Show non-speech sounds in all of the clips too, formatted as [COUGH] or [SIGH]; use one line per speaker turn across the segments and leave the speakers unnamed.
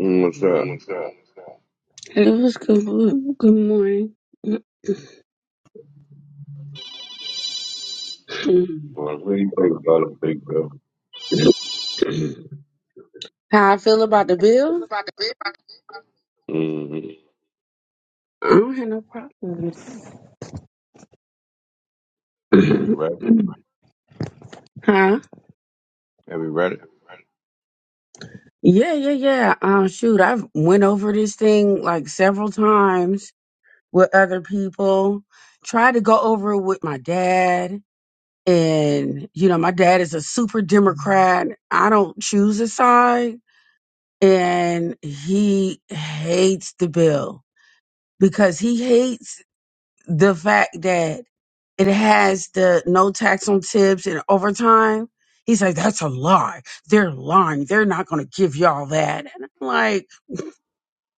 Mm, What's up? What's up?
Lewis, good, good morning. [CLEARS THROAT]
Well,
Well,
what
what
do
do
you think about
about a
it,
big
Big
bro?
Bill?
How I feel about the bill?
Mm-hmm.
I don't have no problems.
Have you
[CLEARS THROAT]
read it?
huh?
Have you read it?
Yeah, yeah, yeah. Um, shoot, I've went over this thing like several times with other people. Tried to go over it with my dad, and you know, my dad is a super Democrat. I don't choose a side, and he hates the bill because he hates the fact that it has the no tax on tips and overtime. He's like, that's a lie. They're lying. They're not going to give y'all that. And I'm like,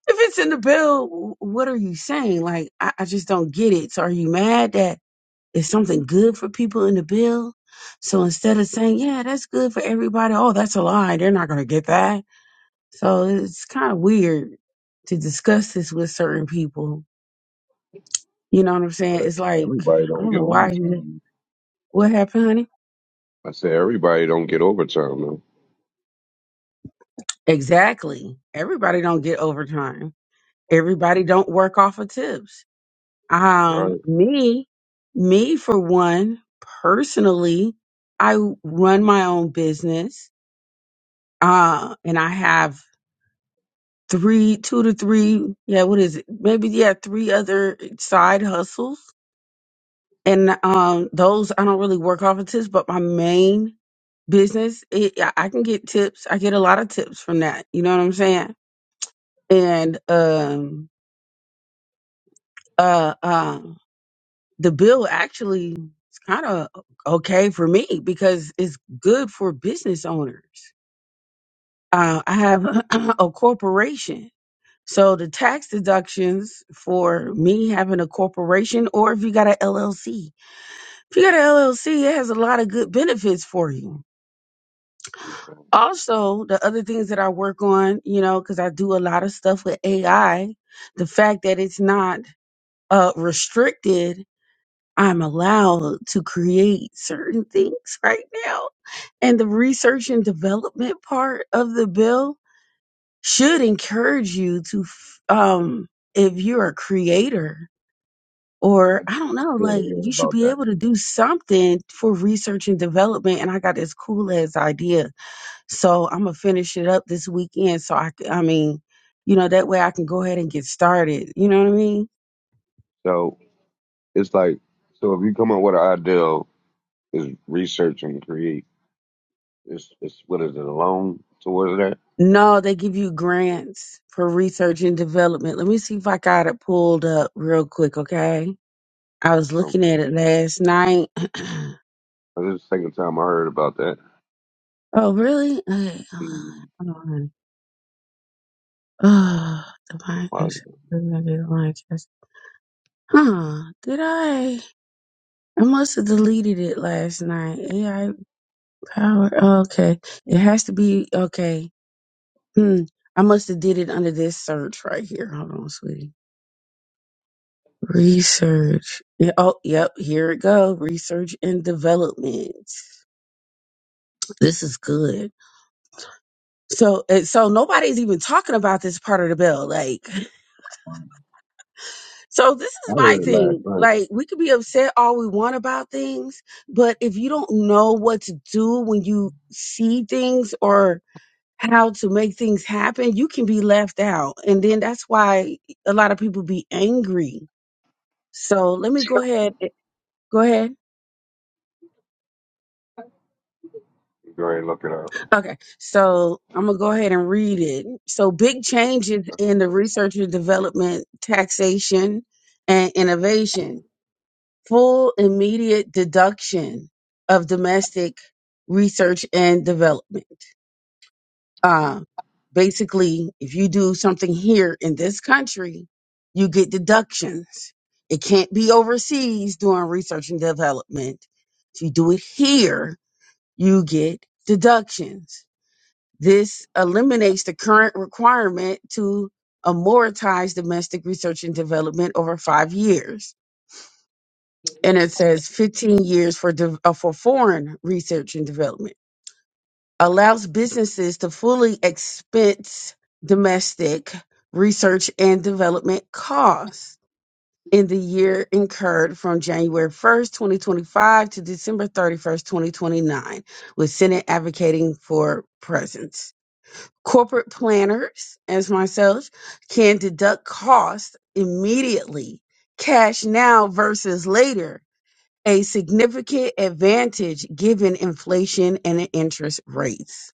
if it's in the bill, wh- what are you saying? Like, I, I just don't get it. So are you mad that it's something good for people in the bill? So instead of saying, yeah, that's good for everybody. Oh, that's a lie. They're not going to get that. So it's kind of weird to discuss this with certain people. You know what I'm
But
saying? It's like,
everybody
I
don't
don't
get
know why
overtime.
What happened, honey?
I say everybody don't get overtime, man.
Exactly. Everybody don't get overtime. Everybody don't work off of tips. Um,
right.
me, me for one, personally, I run my own business. Uh, and I have three, two to three, yeah, what is it? Maybe yeah, three other side hustles. And um, those I don't really work off of tips, but my main business, it, I I can get tips. I get a lot of tips from that. You know what I'm saying? and um uh uh the bill actually is kind of okay for me because it's good for business owners uh, i have [LAUGHS] [CLEARS THROAT] a corporation so the tax deductions for me having a corporation or if you got an llc if you got an llc it has a lot of good benefits for you
Okay.
also the other things that i work on you know because i do a lot of stuff with ai the fact that it's not uh, restricted I'm allowed to create certain things right now. And the research and development part of the bill should encourage you to, f- um, if you're a creator or I don't know,
Yeah, they
like
hear
you should
about
be
that.
able to do something for research and development. And I got this cool ass idea. So I'm going to finish it up this weekend. So I, c- I mean, you know, that way I can go ahead and get started. You know what I mean?
So it's like, so if you come up with an idea, is research and create. It's, it's what is it, a loan towards that?
No, they give you grants for research and development. Let me see if I got it pulled up real quick, okay? I was looking
Okay.
at it last night. [CLEARS THROAT]
This is the second time I heard about that.
oh, really? Okay.
Mm,
Hold on. Oh, [SIGHS] the
wow.
podcast. We're going the podcast. Huh? Did I? I must have deleted it last night. AI power. oh, okay. It has to be okay. Hmm. I must have did it under this search right here. Hold on, sweetie. Research. Yeah, oh, yep. Here it go. Research and development. This is good. So, and so nobody's even talking about this part of the bill. Like, [LAUGHS] so this
I
is my
heard it last
thing.
night.
Like, we could be upset all we want about things, but if you don't know what to do when you see things or how to make things happen, you can be left out. And then that's why a lot of people be angry. So let me go ahead. eh, Go ahead.
Go ahead and look it up.
Okay, so I'm gonna go ahead and read it. So, big changes in the research and development, taxation, and innovation. Full immediate deduction of domestic research and development. Uh, basically, if you do something here in this country, you get deductions. It can't be overseas doing research and development. If you do it here, you get deductions this eliminates the current requirement to amortize domestic research and development over five years. And it says 15 years for, de- uh, for foreign research and development. Allows businesses to fully expense domestic research and development costs in the year incurred from January 1st, 2025 to December 31st, 2029, with Senate advocating for presence. Corporate planners, as myself, can deduct costs immediately, cash now versus later, a significant advantage given inflation and interest rates.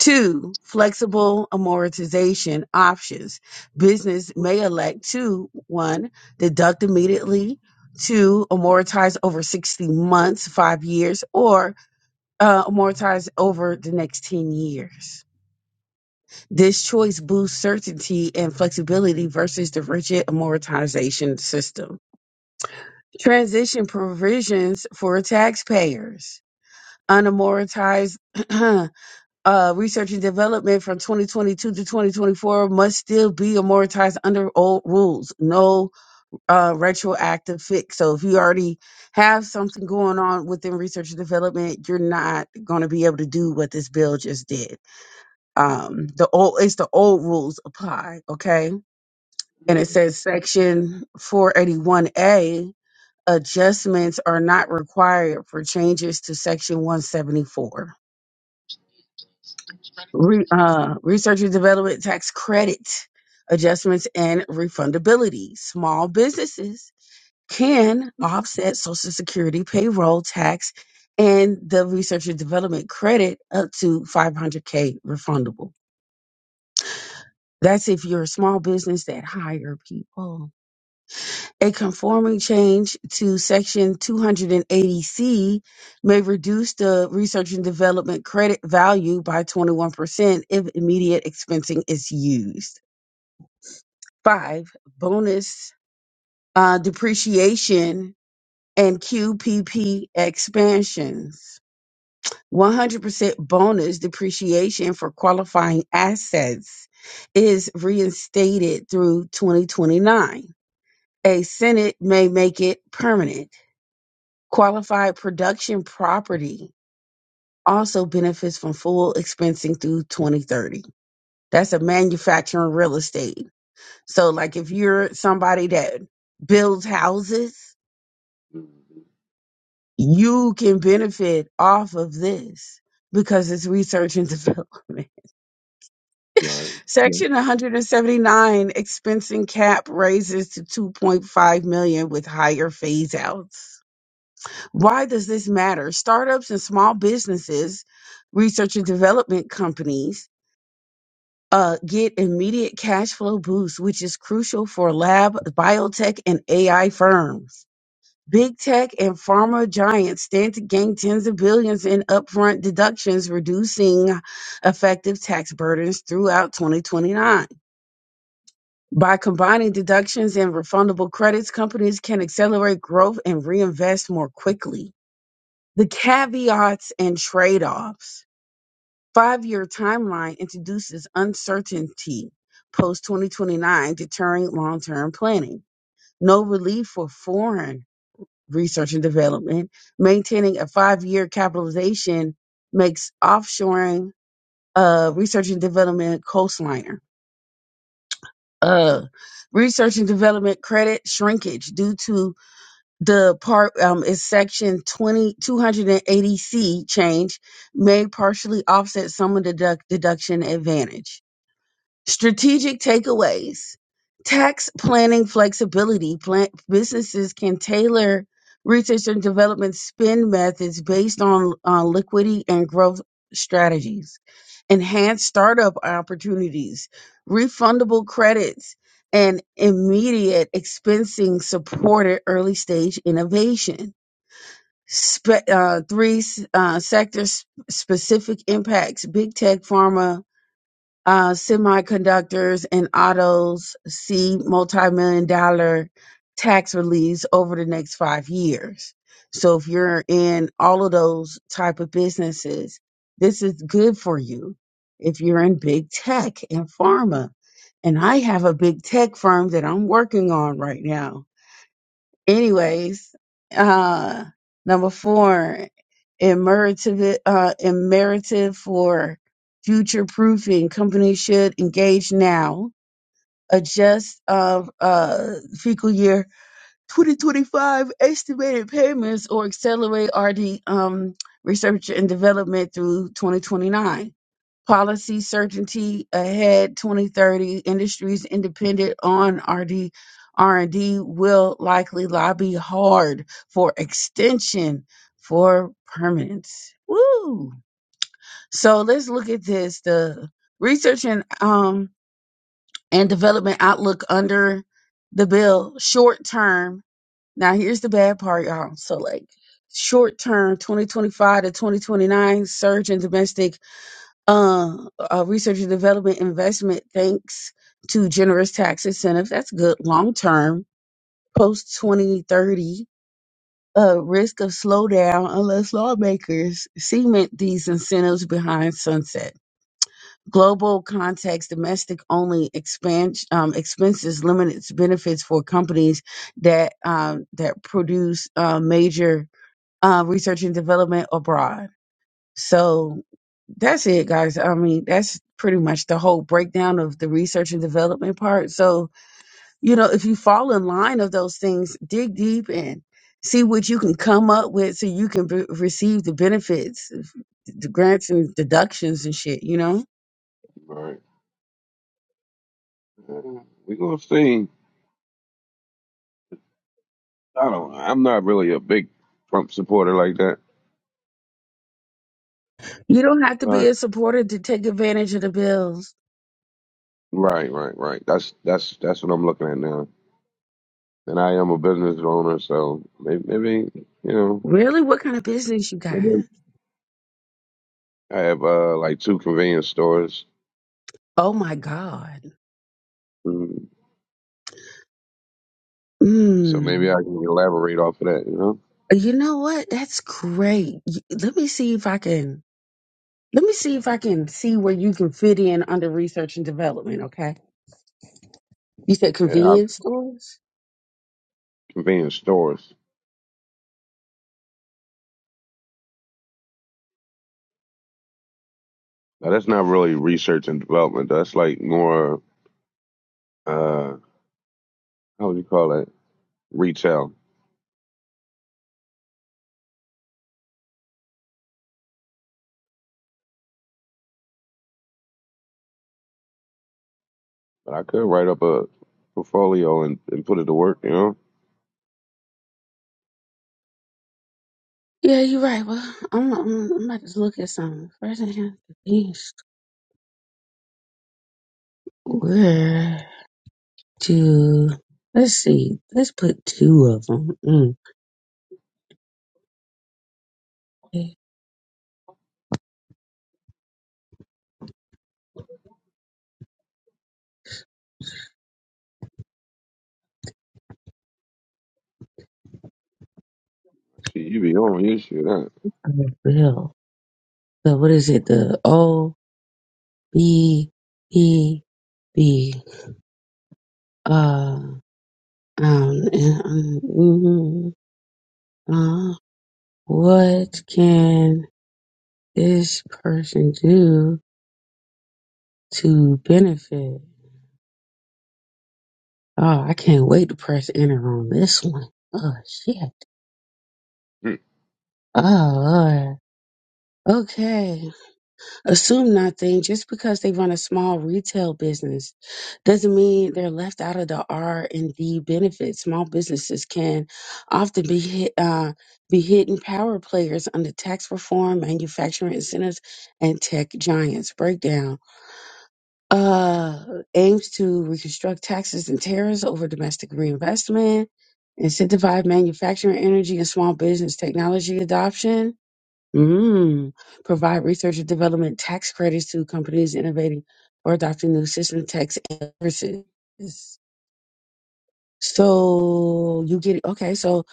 Two, flexible amortization options. Business may elect to one, deduct immediately, two, amortize over 60 months, five years, or uh, amortize over the next 10 years. This choice boosts certainty and flexibility versus the rigid amortization system. Transition provisions for taxpayers. Unamortized [CLEARS THROAT] uh, research and development from 2022 to 2024 must still be amortized under old rules. No uh, retroactive fix. So if you already have something going on within research and development, you're not going to be able to do what this bill just did um the old it's the old rules apply okay and it says section 481A adjustments are not required for changes to section 174. Re, uh, research and development tax credit adjustments and refundability. Small businesses can offset social security payroll tax and the research and development credit up to 500k refundable. That's if you're a small business that hire people. A conforming change to Section 280C may reduce the research and development credit value by 21% if immediate expensing is used. Five, bonus uh, depreciation and QPP expansions. 100% bonus depreciation for qualifying assets is reinstated through 2029. A Senate may make it permanent. Qualified production property also benefits from full expensing through 2030. That's a manufacturing real estate. So, like if you're somebody that builds houses,
Mhm.
you can benefit off of this because it's research and [LAUGHS] development.
Right.
Section 179 expensing cap raises to 2.5 million with higher phase outs. Why does this matter? Startups and small businesses, research and development companies, uh, get immediate cash flow boosts, which is crucial for lab, biotech, and AI firms. Big tech and pharma giants stand to gain tens of billions in upfront deductions, reducing effective tax burdens throughout 2029. By combining deductions and refundable credits, companies can accelerate growth and reinvest more quickly. The caveats and trade offs. Five year timeline introduces uncertainty post 2029, deterring long term planning. No relief for foreign research and development. Maintaining a five year capitalization makes offshoring uh, research and development coastliner. Uh, research and development credit shrinkage due to the part um is section twenty two hundred and eighty c change may partially offset some of the deduct, deduction advantage Strategic takeaways tax planning flexibility. Plan- businesses can tailor research and development spend methods based on uh, liquidity and growth strategies, Enhanced startup opportunities, refundable credits, and immediate expensing supported early stage innovation. Spe- uh, three uh, sector s- specific impacts big tech, pharma, uh, semiconductors and autos see multi-million dollar tax release over the next five years. So if you're in all of those type of businesses, this is good for you. If you're in big tech and pharma, and I have a big tech firm that I'm working on right now anyways, uh, number four, imperative, uh, imperative for future proofing. Companies should engage now. Adjust of uh, fiscal year 2025 estimated payments or accelerate RD um, research and development through 2029 Policy certainty ahead 2030. Industries independent on RD R&D will likely lobby hard for extension for permits. Woo! So let's look at this. The research and um and development outlook under the bill short term. Now here's the bad part, y'all. So like short term 2025 to 2029 surge in domestic uh, uh, research and development investment thanks to generous tax incentives. That's good long term, post 2030. Uh, risk of slowdown unless lawmakers cement these incentives behind sunset. Global context, domestic only expansion um, expenses limits benefits for companies that um, that produce uh, major uh, research and development abroad so that's it, guys. I mean, that's pretty much the whole breakdown of the research and development part. So, you know, if you fall in line of those things, dig deep and see what you can come up with so you can be- receive the benefits, of the grants and deductions and shit, you know?
Right. Uh, we gonna see. I don't. I'm not really a big Trump supporter like that.
You don't have to be
But
a supporter to take advantage of the bills.
right, right, right. That's that's that's what I'm looking at now. And I am a business owner, so maybe, maybe you know,
Really? What kind of business you
maybe
got?
I have uh like two convenience stores.
Oh my God.
Mm, So maybe I
Mm.
can elaborate off of that. You know,
You know what? That's great. Y- Let me see if I can. Let me see if I can see where you can fit in under research and development. Okay, you said
yeah,
convenience stores.
convenience stores. Now that's not really research and development. That's like more uh, how would you call it? Retail. But I could write up a portfolio and, and put it to work, you know?
Yeah, you're right. Well, I'm, I'm, I'm about to look at some first. I have convenience store. where to let's see. Let's put two of them. Mm. Okay,
See, you be on your shit, huh?
I will. So what is it? The O B E B. Uh, um, um, mhm. uh, what can this person do? to benefit. Oh, I can't wait to press enter on this one. Oh shit.
Hmm.
Oh Lord. Okay. Assume nothing. Just because they run a small retail business doesn't mean they're left out of the R and D benefits. Small businesses can often be hit uh be hidden power players under tax reform, manufacturing incentives, and tech giants. Breakdown. uh, aims to reconstruct taxes and tariffs over domestic reinvestment, incentivize manufacturing, energy, and small business technology adoption, mm. provide research and development tax credits to companies innovating or adopting new system tax and services. So you get okay. So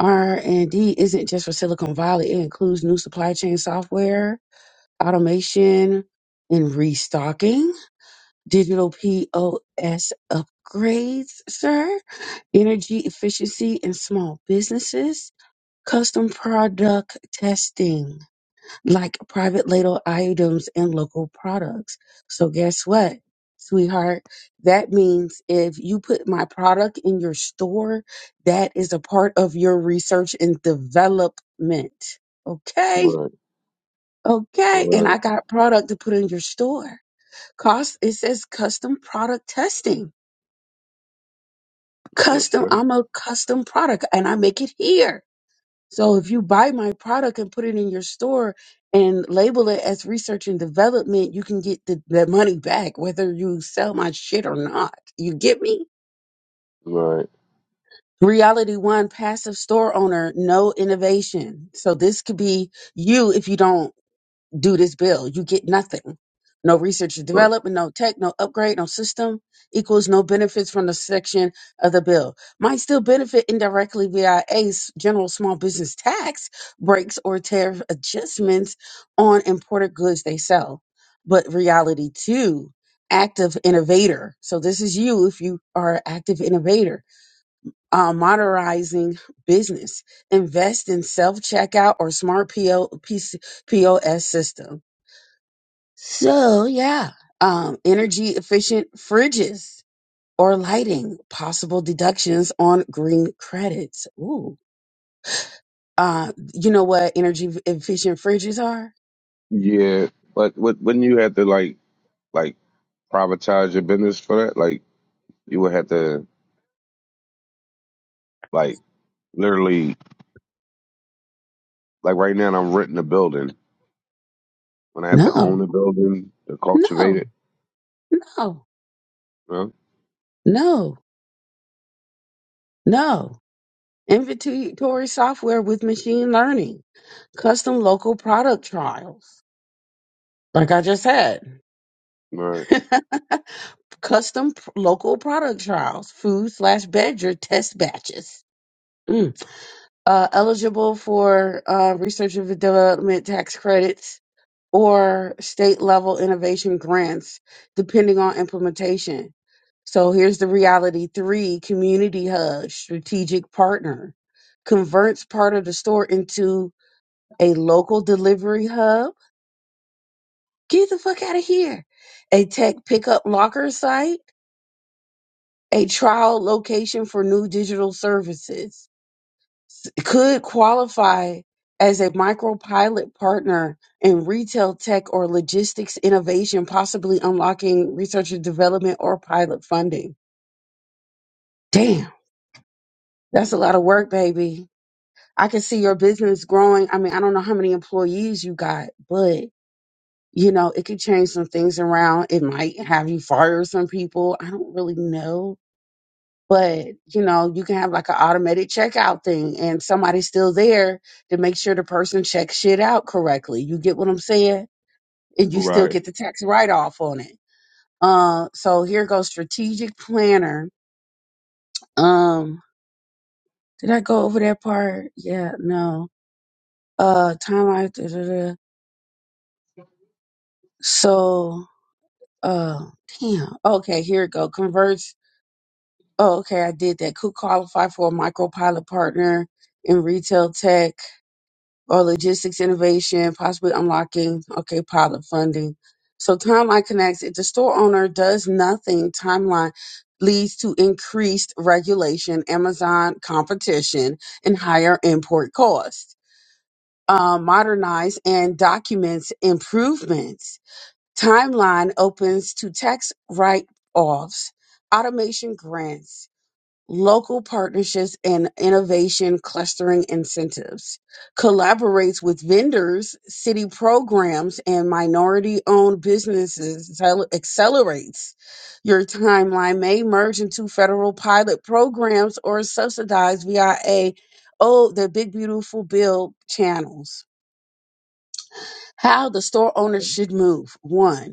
R and D isn't just for Silicon Valley; it includes new supply chain software, automation, and restocking digital POS upgrades, sir, energy efficiency in small businesses, custom product testing, like private label items and local products. So, guess what, sweetheart? That means if you put my product in your store, that is a part of your research and development. Okay.
Right,
Okay, and
right,
I got product to put in your store. Cost, it says custom product testing.
that's
custom
right,
i'm a custom product and i make it here so if you buy my product and put it in your store and label it as research and development you can get the, the money back whether you sell my shit or not you get me
right.
reality one passive store owner no innovation so this could be you if you don't do this bill. You get nothing. No research and
But,
development, no tech, no upgrade, no system equals no benefits from the section of the bill. Might still benefit indirectly via a s- general small business tax breaks or tariff adjustments on imported goods they sell. But reality two, active innovator. So this is you if you are an active innovator, uh, modernizing business. Invest in self checkout or smart PO, POS system so yeah, um, energy efficient fridges or lighting, possible deductions on green credits. Ooh, uh, you know what energy efficient fridges are?
yeah, but would- wouldn't you have to, like, like privatize your business for that? Like, you would have to, like, literally, like right now I'm renting a building. When I have to
No,
own a building to cultivate
no,
it,
no,
huh?
no, no. Inventory software with machine learning, custom local product trials. Like I just had,
Right,
[LAUGHS] custom p- local product trials, food slash beverage test batches. Mm. uh, eligible for uh, research and development tax credits or state level innovation grants, depending on implementation. So here's the reality three community hub, strategic partner, converts part of the store into a local delivery hub. Get the fuck out of here. A tech pickup locker site, a trial location for new digital services s- could qualify as a micro pilot partner in retail tech or logistics innovation, possibly unlocking research and development or pilot funding. Damn, that's a
Mm.
lot of work, baby. I can see your business growing. I mean, I don't know how many employees you got, but you know, it could change some things around. It might have you fire some people. I don't really know but you know you can have like an automated checkout thing and somebody's still there to make sure the person checks shit out correctly you get what i'm saying and you still
right,
get the tax write-off on it uh, so here goes strategic planner um did i go over that part yeah no uh time I, da, da, da. so uh damn okay here it go converts oh okay i did that could qualify for a micro pilot partner in retail tech or logistics innovation, possibly unlocking, okay, pilot funding. So timeline connects. If the store owner does nothing, timeline leads to increased regulation, Amazon competition, and higher import costs. Uh, modernize and documents improvements. Timeline opens to tax write-offs, automation grants, local partnerships and innovation clustering incentives, collaborates with vendors, city programs, and minority owned businesses, Accel- accelerates your timeline, may merge into federal pilot programs or subsidized via a Oh, the big beautiful bill channels. How the store owners should move. One,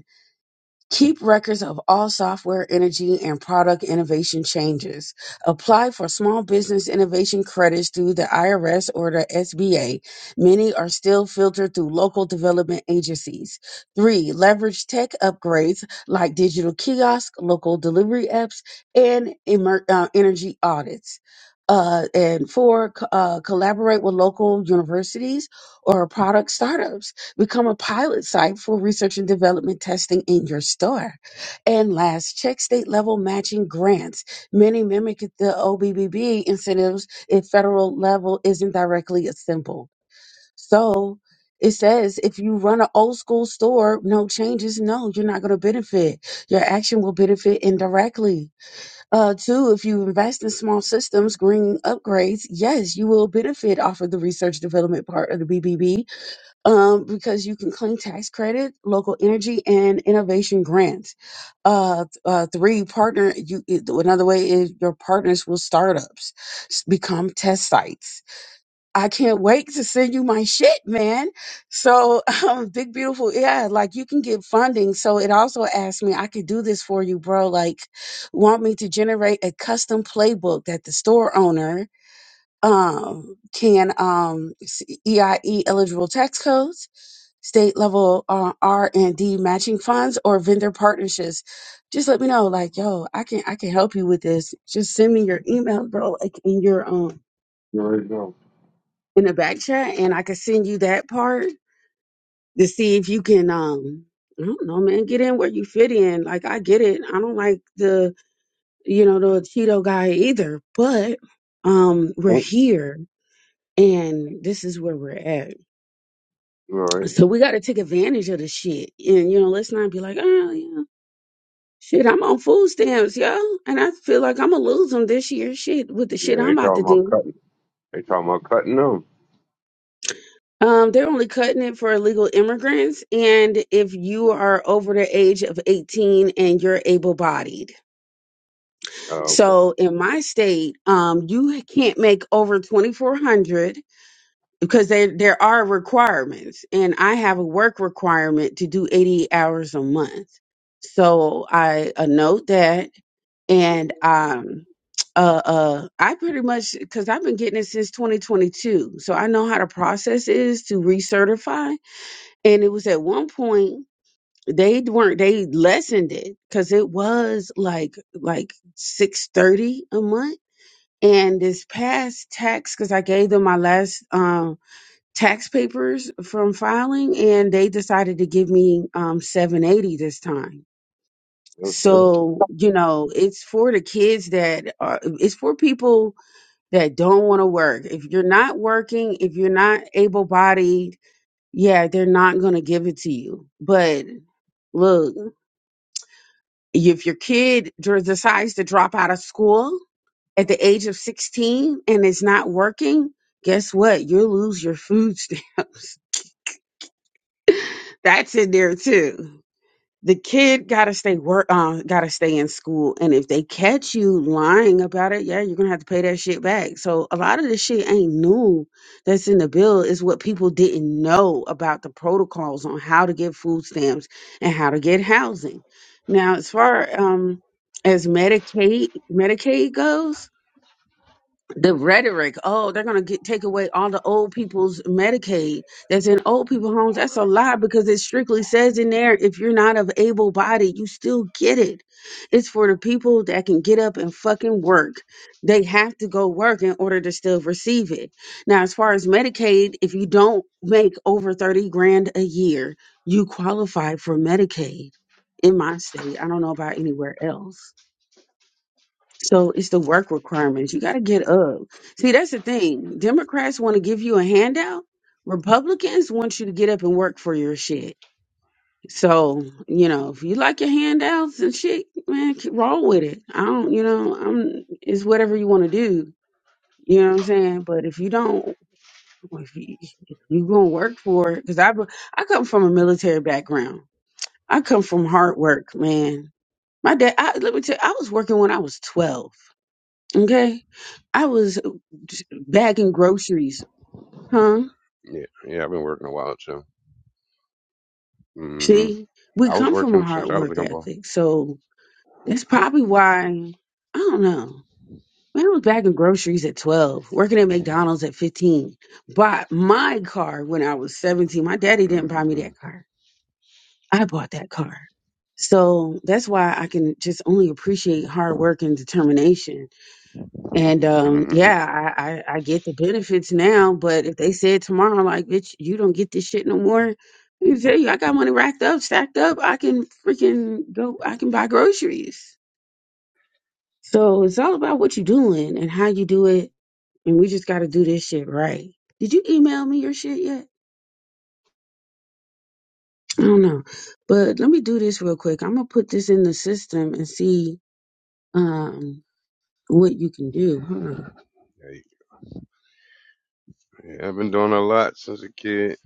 Keep records of all software, energy, and product innovation changes. Apply for small business innovation credits through the IRS or the SBA. Many are still filtered through local development agencies. Three, leverage tech upgrades like digital kiosks, local delivery apps, and emer- uh, energy audits. Uh, and four, co- uh, collaborate with local universities or product startups Become a pilot site for research and development testing in your store. And last, check state level matching grants. Many mimic the OBBB incentives if federal level isn't directly simple. So it says if you run an old school store, no changes, no, you're not going to benefit. Your action will benefit indirectly. Uh, two, if you invest in small systems, green upgrades, yes, you will benefit off of the research development part of the BBB um, because you can claim tax credit, local energy, and innovation grants. Uh, uh, three, partner. You it- another way is your partners will startups s- become test sites. I can't wait to send you my shit, man. So, [LAUGHS] um, big beautiful, yeah. Like you can get funding. So it also asked me, I could do this for you, bro. Like, want me to generate a custom playbook that the store owner um, can um, s- EIE eligible tax codes, state level uh, R and D matching funds, or vendor partnerships. Just let me know, like, yo, I can I can help you with this. Just send me your email, bro, like in your um
right, no.
in the back chat, and I can send you that part to see if you can um. I don't know, man. Get in where you fit in. Like I get it. I don't like the you know the Cheeto guy either, but um, we're
Mm.
here and this is where we're at.
right.
So we got to take advantage of the shit. And, you know, let's not be like, oh, yeah, shit, I'm on food stamps, yo. And I feel like I'm going to lose them this year, shit, with the
Yeah,
shit
they
I'm about to
talking about
do.
cutting. They talking about cutting them.
Um, they're only cutting it for illegal immigrants. And if you are over the age of 18 and you're able bodied.
Oh,
So in my state, um, you can't make over 2400 because there there are requirements and I have a work requirement to do 80 hours a month. So I uh, note that and um uh uh I pretty much cuz I've been getting it since 2022. So I know how the process is to recertify and it was at one point they weren't they lessened it cuz it was like like 630 a month and this past tax cuz I gave them my last um tax papers from filing and they decided to give me um 780 this time
okay.
so you know it's for the kids that are it's for people that don't want to work if you're not working if you're not able-bodied yeah they're not going to give it to you but look if your kid dr- decides to drop out of school at the age of 16 and it's not working guess what you'll lose your food stamps [LAUGHS] that's in there too the kid gotta stay work uh gotta stay in school and if they catch you lying about it yeah you're gonna have to pay that shit back so a lot of this shit ain't new that's in the bill is what people didn't know about the protocols on how to get food stamps and how to get housing now as far um as medicaid medicaid goes the rhetoric oh they're going to get take away all the old people's medicaid that's in old people homes that's a lie because it strictly says in there if you're not of able body you still get it it's for the people that can get up and fucking work they have to go work in order to still receive it now as far as medicaid if you don't make over 30 grand a year you qualify for medicaid in my state i don't know about anywhere else so it's the work requirements. You got to get up. See, that's the thing. Democrats want to give you a handout. Republicans want you to get up and work for your shit. So, you know, if you like your handouts and shit, man, keep- roll with it. I don't, you know, I'm, it's whatever you want to do. You know what I'm saying? But if you don't, if you, if you going to work for it, because I, be- I come from a military background. I come from hard work, man. My dad, I, let me tell you, I was working when I was 12. Okay. I was bagging groceries, huh?
Yeah, yeah, I've been working a while too. hmm
See, we
I was
come from a
working
hard
since I was a
work
young boy.
ethic. So that's probably why, I don't know. Man, I was bagging groceries at 12, working at McDonald's at 15. Bought my car when I was 17. My daddy didn't buy me
hmm
that car. I bought that car. So that's why I can just only appreciate hard work and determination And um,
hmm
yeah, I, I, I get the benefits now, but if they said tomorrow, like, bitch, you don't get this shit no more, let me tell you, I got money racked up, stacked up. I can freaking go, I can buy groceries. So it's all about what you're doing and how you do it. And we just got to do this shit right. Did you email me your shit yet? I don't know. But let me do this real quick. I'm going to put this in the system and see um, what you can do. Hold on.
[LAUGHS] yeah, I've been doing a lot since a kid.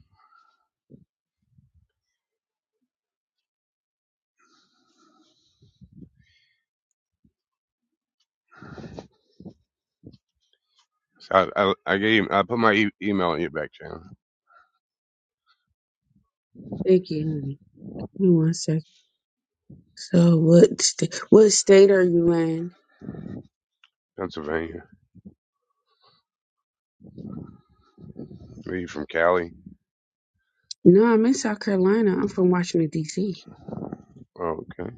So I, I, I gave I put my e- email in your back channel,
Thank you, honey. Give me One second. So what st- what state are you in?
Pennsylvania. Are you from Cali?
No, I'm in South Carolina. I'm from Washington D.C.
Oh, okay.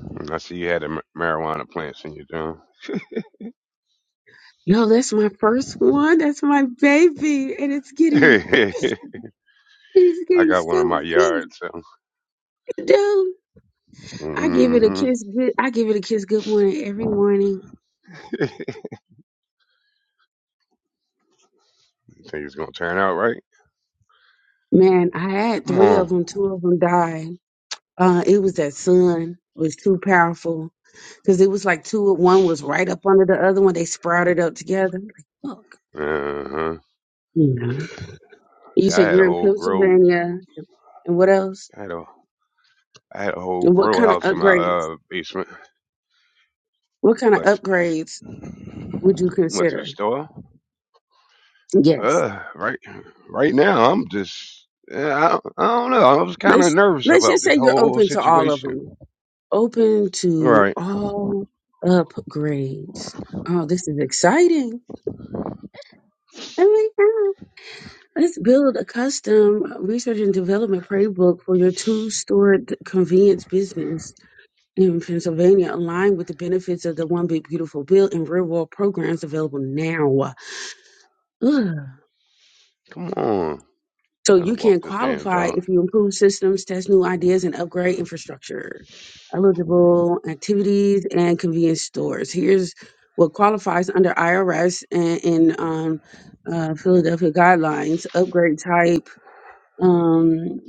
And I see you had a ma- marijuana plants in your town.
Yo, that's my first one. That's my baby, and it's getting
[LAUGHS]
it is
I
getting
got one in my
so big,
yard, so
dude. I give it a
hmm
kiss. Good, I give it a kiss. Good morning every morning.
think it's gonna turn out right.
Man, I had
Come
three of
on.
them. Two of them died. Uh, it was that sun was too powerful because it was like two. One was right up under the other one. They sprouted up together. Like,
Uh-huh.
fuck. You
Yeah, I
said
had a
you're in
whole grow.
Pennsylvania, and what else?
I had a I had a whole
And what
grow
kind of
house in my
upgrades?
uh basement.
What kind of
Went
upgrades would you
went to the
consider?
store.
Yes,
Uh, right right now I'm just yeah, I, I don't know. I was kind of
let's
nervous
let's
about
just
this
say you're
whole
open to all of
situation.
them. Open to
Right?
all upgrades. Oh, this is exciting! Oh my God. Let's build a custom research and development playbook for your two-store d- convenience business in Pennsylvania, aligned with the benefits of the One Big Beautiful Bill and real-world programs available now. Ugh.
come on,
So
trying to
you
walk
can
this damn
qualify
dog.
if you improve systems, test new ideas, and upgrade infrastructure. Eligible activities and convenience stores. Here's what qualifies under IRS and in um, uh, Philadelphia guidelines. Upgrade type, um,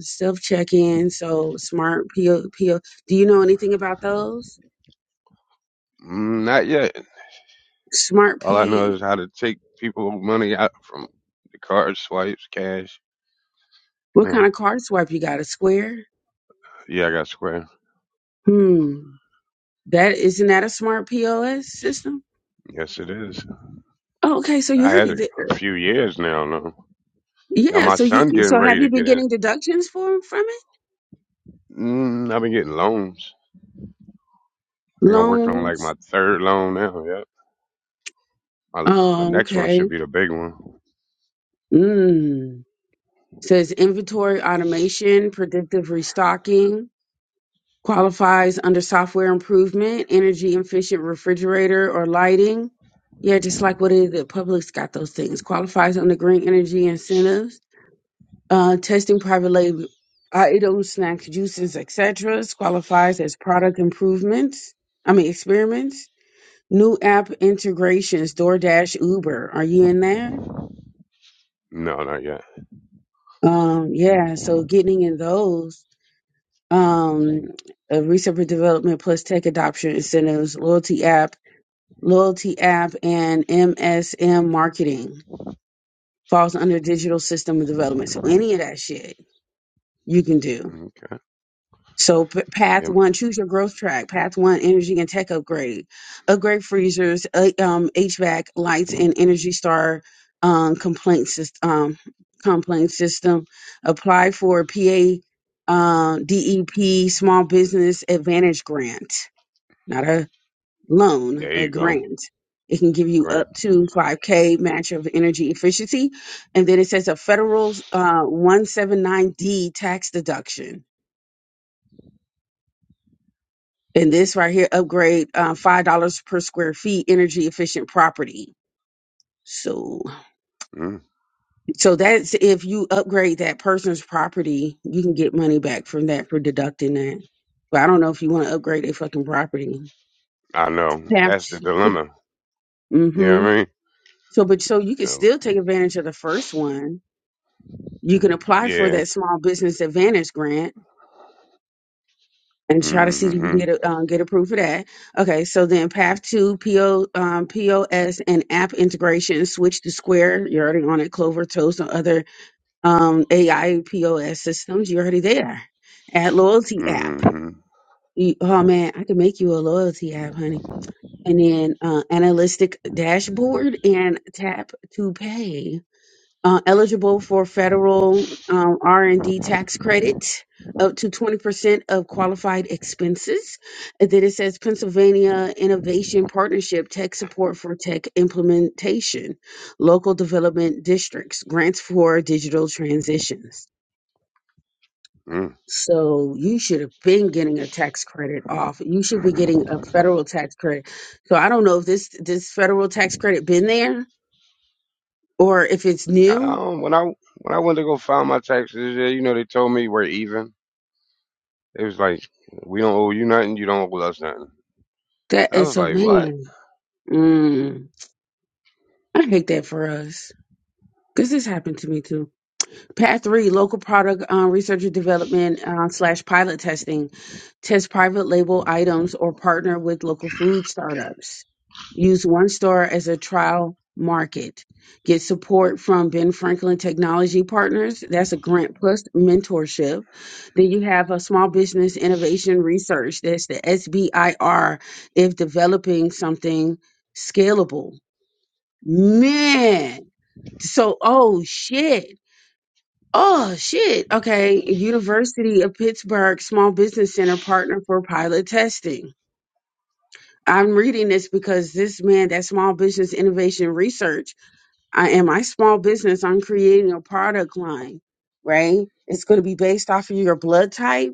self check in. So smart PO, PO. Do you know anything about those?
Mm, not yet.
Smart
All I know
P.
is how to take people money out from the card swipes, cash. You
What kind
know.
of card swipe you got? A square?
Yeah, I got Square.
Hmm. That isn't that a smart POS system?
Yes, it is.
Oh, okay, so you
I had
already
it
there.
a few years now. Now, now
Yeah,
my
so you
son getting
so have
ready to
you been
get in it.
getting deductions for from it?
Mm, I've been getting loans. I think I'm working on like my
Loans.
third loan now. Yep. My my
Oh,
next one should
okay.
be the big one.
Mm. Says inventory automation, predictive restocking, qualifies under software improvement, energy efficient refrigerator or lighting. Yeah, just like what is it? Public's got those things. Qualifies under green energy incentives. Uh, testing private label uh, items, snacks, juices, etc. Qualifies as product improvements. I mean experiments New app integrations, DoorDash, Uber. Are you in there?
No, not yet.
Um, yeah, so getting in those, um, uh, research and development plus tech adoption incentives, loyalty app, loyalty app, and MSM marketing falls under digital system development. So any of that shit you can do.
Okay.
So p- path
Yep.
one, choose your growth track. Path one, energy and tech upgrade, upgrade freezers, uh, um, HVAC lights and Energy Star um, complaint system. Um, complaint system. Apply for PA uh, DEP Small Business Advantage Grant, not a loan,
There
a
you go. A
grant. It can give you
Grant.
up to 5K match of energy efficiency. And then it says a federal uh, 179D tax deduction And this right here, upgrade uh, five dollars per square feet, energy efficient property. So,
Mm.
so that's if you upgrade that person's property, you can get money back from that for deducting that. But I don't know if you want to upgrade a fucking property.
I know.
Have
That's the
to.
dilemma. You know
Mm-hmm.
what I mean?
So, but so you can
Uh,
still take advantage of the first one. You can apply for
yeah.
that small business advantage grant and try to see if you can
Mm-hmm.
get a, um, get approved for that. Okay, so then path two, PO, um, POS and app integration, switch to Square. You're already on it, Clover, Toast, and other um, AI systems. You're already there. Add loyalty app.
Mm-hmm.
You, oh man, I could make you a loyalty app, honey. And then uh, analytic dashboard and tap to pay uh, eligible for federal um, r&d tax credit up to 20% of qualified expenses and then it says pennsylvania innovation partnership tech support for tech implementation local development districts grants for digital transitions
Mm.
so you should have been getting a tax credit off you should be getting a federal tax credit so i don't know if this this federal tax credit been there or if it's
I
new
don't, when I when I went to go file my taxes, yeah, you know, they told me we're even. It was like, we don't owe you nothing, you don't owe us nothing.
that
I
is
was
so
like, what?
man mm. I hate that for us. Because this happened to me too. Path three, local product um, research and development uh, slash pilot testing. Test private label items or partner with local food startups. Use one store as a trial market. Get support from Ben Franklin Technology Partners. That's a grant plus mentorship. Then you have a small business innovation research. That's the SBIR if developing something scalable Man. So, oh shit. Oh shit. Okay. University of Pittsburgh Small Business Center partner for pilot testing. I'm reading this because this man, that small business innovation research, I am my small business. I'm creating a product line, right? It's going to be based off of your blood type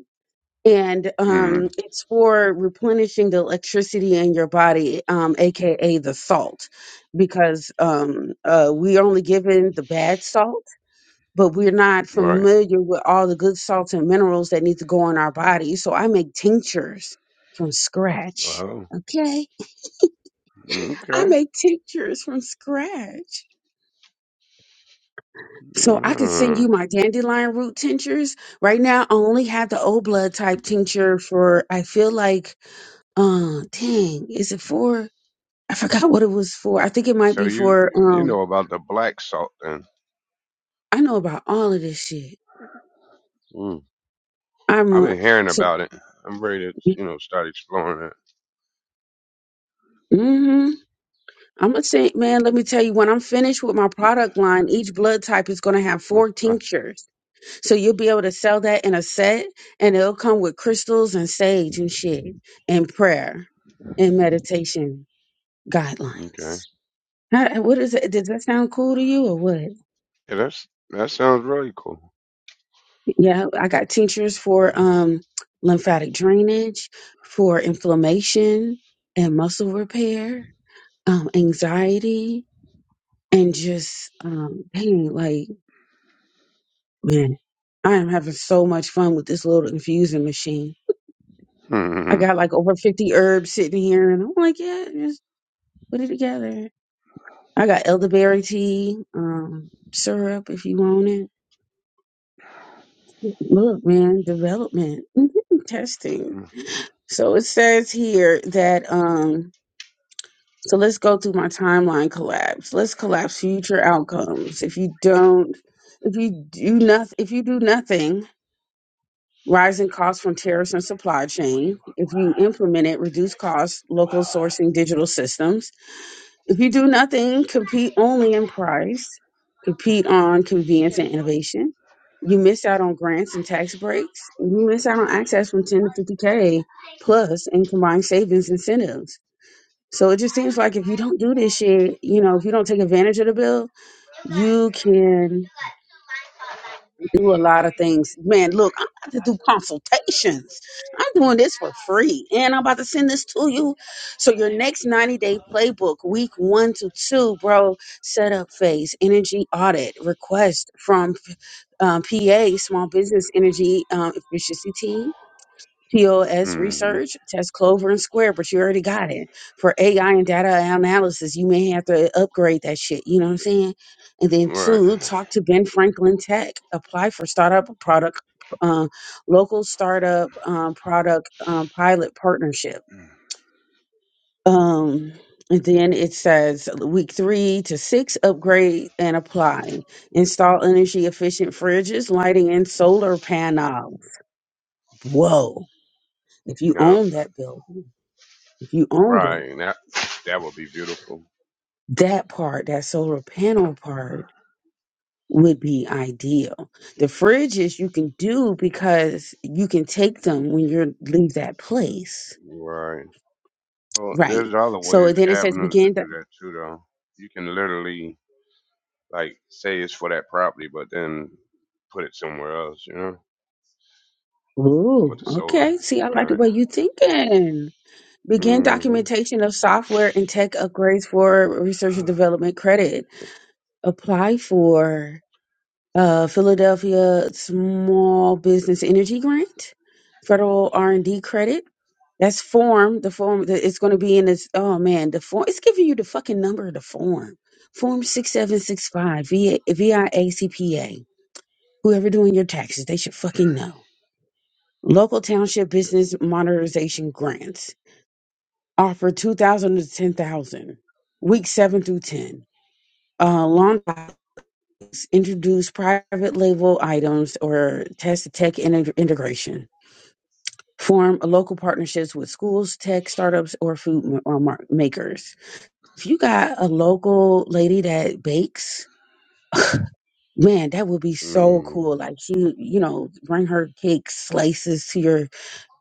and um,
Mm.
it's for replenishing the electricity in your body, um, aka the salt, because um, uh, we only given the bad salt, but we're not
Right.
familiar with all the good salts and minerals that need to go in our body. So I make tinctures from scratch.
Oh.
Okay, I
Okay.
make tinctures from scratch. So I could send
Mm.
you my dandelion root tinctures. Right now, I only have the O blood type tincture for I feel like Uh, dang, is it for? I forgot what it was for. I think it might
So
be
you
for.
you
Um,
know about the black salt then.
I know about all of this shit.
Mm. I've
I'm uh,
been hearing
so.
about it. I'm ready to, you know, start exploring it.
Mm-hmm. I'm gonna say, man. Let me tell you, when I'm finished with my product line, each blood type is gonna have
Come
four
on,
tinctures, so you'll be able to sell that in a set, and it'll come with crystals and sage and shit, and prayer, and meditation
go. Okay.
guidelines. How- What is it? Does that sound cool to you or what?
Yeah, that's that sounds really cool.
Yeah, I got tinctures for um lymphatic drainage, for inflammation and muscle repair, um, anxiety, and just um pain. Like, man, I am having so much fun with this little infusing machine. I
Hmm.
got like over fifty herbs sitting here and I'm like, yeah, just put it together. I got elderberry tea, um, syrup if you want it. Look, man, development, [LAUGHS] testing. So it says here that um So let's go through my timeline collapse. Let's collapse future outcomes. If you don't, if you do nothing, if you do nothing, rising costs from tariffs and supply chain. If you implement it, reduce costs, local sourcing, digital systems. If you do nothing, compete only in price, compete on convenience and innovation. You miss out on grants and tax breaks. You miss out on access from 10 to 50K plus and combined savings incentives so it just seems like if you don't do this shit, you know, if you don't take advantage of the bill, you can do a lot of things. Man, look, I'm about to do consultations. I'm doing this for free and I'm about to send this to you. So your next 90 day playbook, week one to two, bro, setup phase, energy audit, request from um, PA, small business energy um, efficiency team POS
hmm
research, test Clover and Square, but you already got it. For AI and data analysis, you may have to upgrade that shit. You know what I'm saying? And then
Right.
two, talk to Ben Franklin Tech. Apply for startup product, uh, local startup um, product um, pilot partnership. Um, and then it says week three to six, upgrade and apply. Install energy efficient fridges, lighting, and solar panel. Whoa! If you
No.
own that building. if you owned it,
Right. That that would be beautiful.
that part, that solar panel part would be ideal. The fridges you can do because you can take them when you leave that place.
Right. Well,
Right.
there's other ways,
So then it says
avenues to
begin.
do
Do-
that too, though. You can literally like say it's for that property, but then put it somewhere else. You know, with
Ooh,
the solar.
okay. See, I like the
Right.
way you thinking. Begin
Mm-hmm.
documentation of software and tech upgrades for research and
[SIGHS]
development credit. Apply for uh, Philadelphia Small Business Energy Grant, federal R and D credit That's form. The form that it's going to be in this. Oh man, the form. It's giving you the fucking number of the form. Form six seven six five. V V I A C P A. Whoever doing your taxes, they should fucking know. Local township business modernization grants offer two thousand to ten thousand. Week seven through ten. Uh, lawn products introduce private label items or test tech in- integration. Form local partnerships with schools, tech startups, or food uh, ma- or mar- makers If you got a local lady that bakes, [LAUGHS] man, that would be so
Mm.
cool. Like she, you know, bring her cake slices to your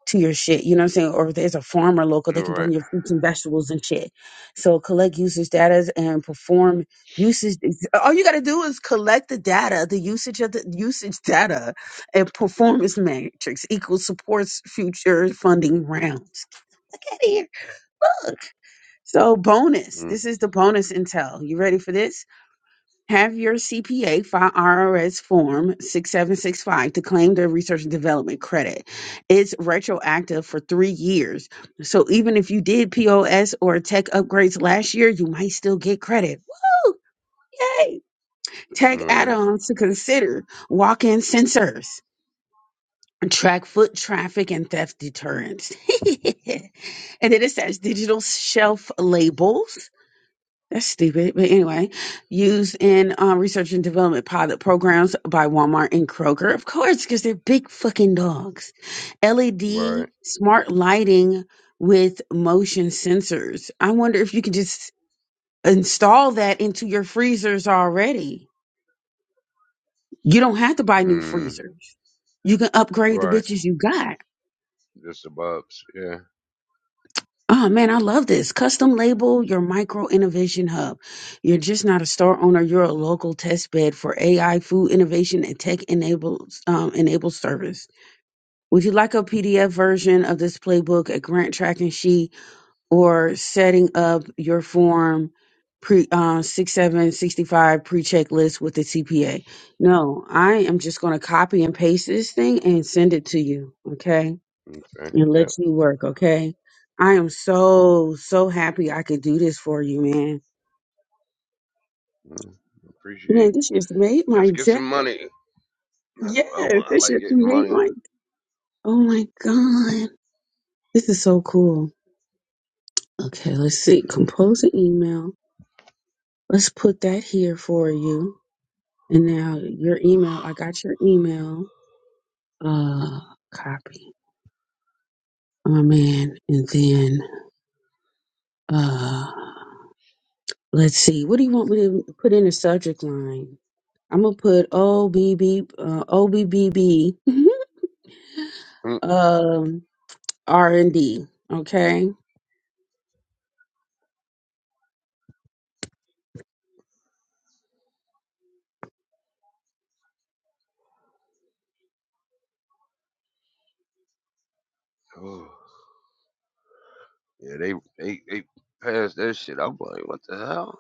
to your shit. You know what I'm saying? Or if there's a farmer local, they can bring
Right.
your fruits and vegetables and shit. So collect usage data and perform usage. All you gotta do is collect the data, the usage of the usage data, and performance matrix equals supports future funding rounds. Get here, look. So bonus.
Mm.
This is the bonus intel. You ready for this? Have your CPA file IRS Form 6765 to claim the research and development credit. It's retroactive for three years. So even if you did POS or tech upgrades last year, you might still get credit. Woo! Yay! Tech add
Right.
ons to consider walk in sensors, track foot traffic, and theft deterrence. [LAUGHS] and then it says digital shelf labels that's stupid. But anyway, used in um, research and development pilot programs by Walmart and Kroger. Of course, because they're big fucking dogs. LED
Right.
smart lighting with motion sensors. I wonder if you could just install that into your freezers already. You don't have to buy new
Mm-hmm.
freezers. You can upgrade the
Right.
bitches you got.
Just the above. Yeah.
Oh man, I love this. Custom label your micro innovation hub. You're just not a store owner, you're a local test bed for AI, food innovation, and tech enables um, enabled service. Would you like a PDF version of this playbook, a grant tracking sheet, or setting up your form pre uh, six seven sixty five pre checklist with the CPA? No, I am just going to copy and paste this thing and send it to you. Okay
Okay.
and
Yep.
let you work, okay? I am so, so happy I could do this for you, man.
Mm.
Man,
Appreciate.
this just made my
Let's get
day.
some money. That's what I
Yes,
want. I
this
like
just
getting
made
money.
my Oh my God. This is so cool. Okay, let's see. Compose an email. Let's put that here for you. And now your email. I got your email. Uh copy. Oh man. And then uh let's see. What do you want me to put in the subject line? I'm gonna put O B B uh, O B B B [LAUGHS]
Mm.
um R and D. Okay.
Oh. Yeah. They they they passed that shit. I'm like, what the hell?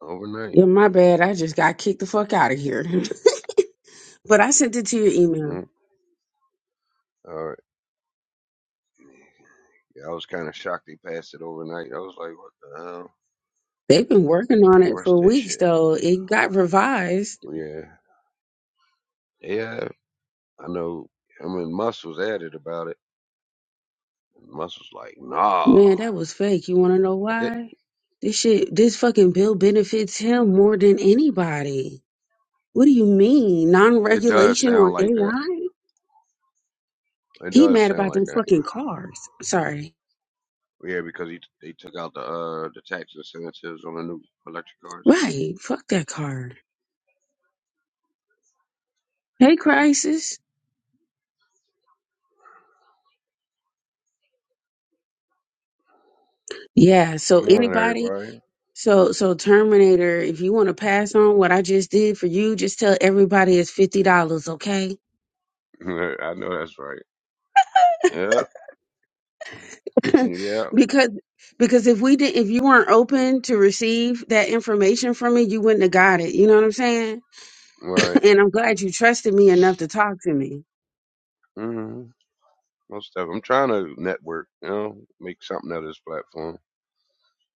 Overnight.
Yeah, my bad. I just got kicked the fuck out of here. [LAUGHS] but I sent it to your email.
Mm. All right. Yeah. I was kind of shocked they passed it overnight. I was like, what the hell?
They've been working
They
on it
rushed
for
that
weeks
shit.
though. It got revised.
Yeah. Yeah. I know. I mean, Muscles added about it. Muscles like, nah.
Man, that was fake. You wanna know
But It,
why? This shit this fucking bill benefits him more than anybody. What do you mean? Non
it does
regulation
sound
on
like that.
AI?
It
He
does
mad
sound
about
like
them
that.
fucking cars. Sorry.
Yeah, because he, they took out the uh the tax incentives on the new electric cars.
Right. Fuck that car. Hey, crisis. Yeah.
Good
So
morning,
anybody,
everybody.
so so Terminator, if you want to pass on what I just did for you, just tell everybody it's fifty dollars, okay?
[LAUGHS] I know that's right. Yeah,
[LAUGHS]
yeah,
because because if we didn't, if you weren't open to receive that information from me, you wouldn't have got it. You know what I'm saying?
right.
[LAUGHS] And I'm glad you trusted me enough to talk to me.
hmm Most stuff. I'm trying to network. You know, make something out of this platform.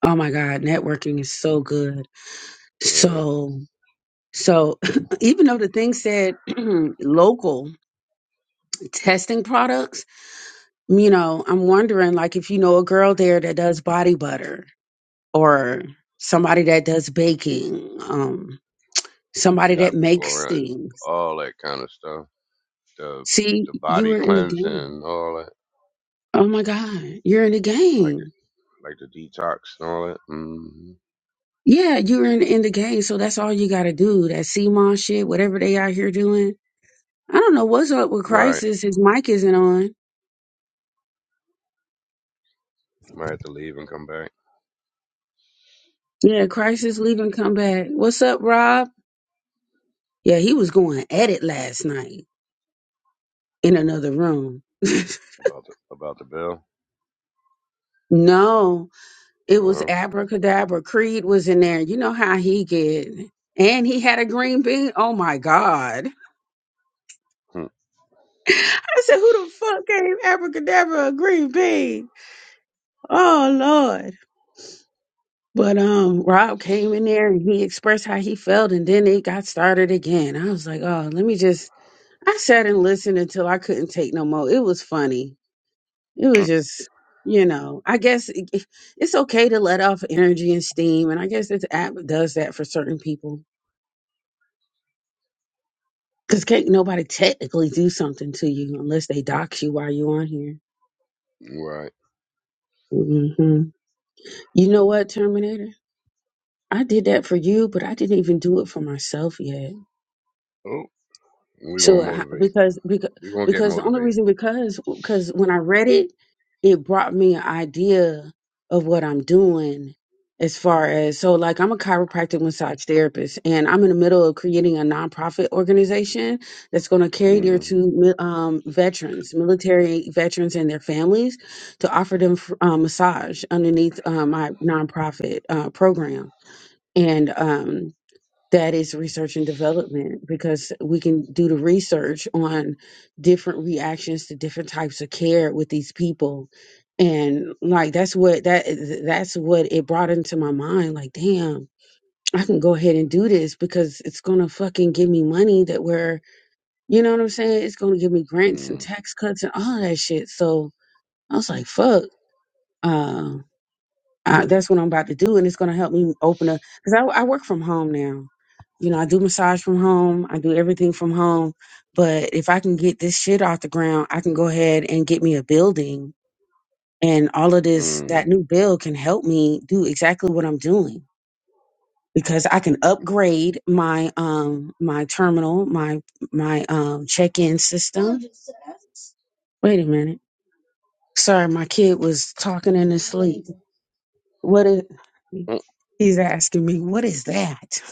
Oh my God,
Mm-hmm.
networking is so good.
Yeah,
So so [LAUGHS] [CLEARS THROAT] even though the thing said [CLEARS THROAT] local testing products you know, I'm wondering like if you know a girl there that does body butter or somebody that does baking, um,
we
somebody that
got people
makes
around
things.
all that kind of stuff. The
See,
the
you
body
were in the game.
cleansing, all that,
Oh my God, you're in the
like the
game.
like the detox and all that. hmm
Yeah, you were in, in the game. So that's all you got to do. That CMON shit, whatever they out here doing. I don't know what's up with
Right.
Crisis. His mic isn't on.
Might have to leave and come back
Yeah, Crisis leave and come back. What's up, Rob? Yeah, he was going at it last night in another room. [LAUGHS]
about the about the bill.
No, It was
Uh,
abracadabra. Creed was in there. You know how he get. And he had a green bean. Oh my God.
hmm,
[LAUGHS] I said, who the fuck gave abracadabra a green bean? Oh Lord. But um Rob came in there and he expressed how he felt and then it got started again. I was like, oh, let me just I sat and listened until I couldn't take no more. It was funny. It
hmm,
was just you know, I guess it- it's okay to let off energy and steam, and I guess this app does that for certain people Because can't nobody technically do something to you unless they dox you while you're on here.
[LAUGHS] right.
hmm You know what, Terminator? I did that for you, but I didn't even do it for myself yet.
Oh, we're gonna
So h-
motivate.
because because
We're gonna get
because the only
motivated.
reason because because when I read it, it brought me an idea of what I'm doing as far as so like I'm a chiropractic massage therapist and I'm in the middle of creating a nonprofit organization that's going to cater
Mm-hmm.
to mi- um, veterans, military veterans and their families to offer them f- uh, massage underneath uh, my nonprofit uh, program. And um, that is research and development because we can do the research on different reactions to different types of care with these people and like that's what that that's what it brought into my mind like damn i can go ahead and do this because it's gonna fucking give me money that where you know what i'm saying it's gonna give me grants
Mm-hmm.
and tax cuts and all that shit so i was like fuck uh, uh, that's what I'm about to do, and it's going to help me open up because I, I work from home now. You know, I do massage from home, I do everything from home. But if I can get this shit off the ground, I can go ahead and get me a building, and all of this that
mm
new bill can help me do exactly what I'm doing because I can upgrade my um my terminal, my my um check in system. Wait a minute. Sorry, my kid was talking in his sleep. What is, he's asking me, what is that?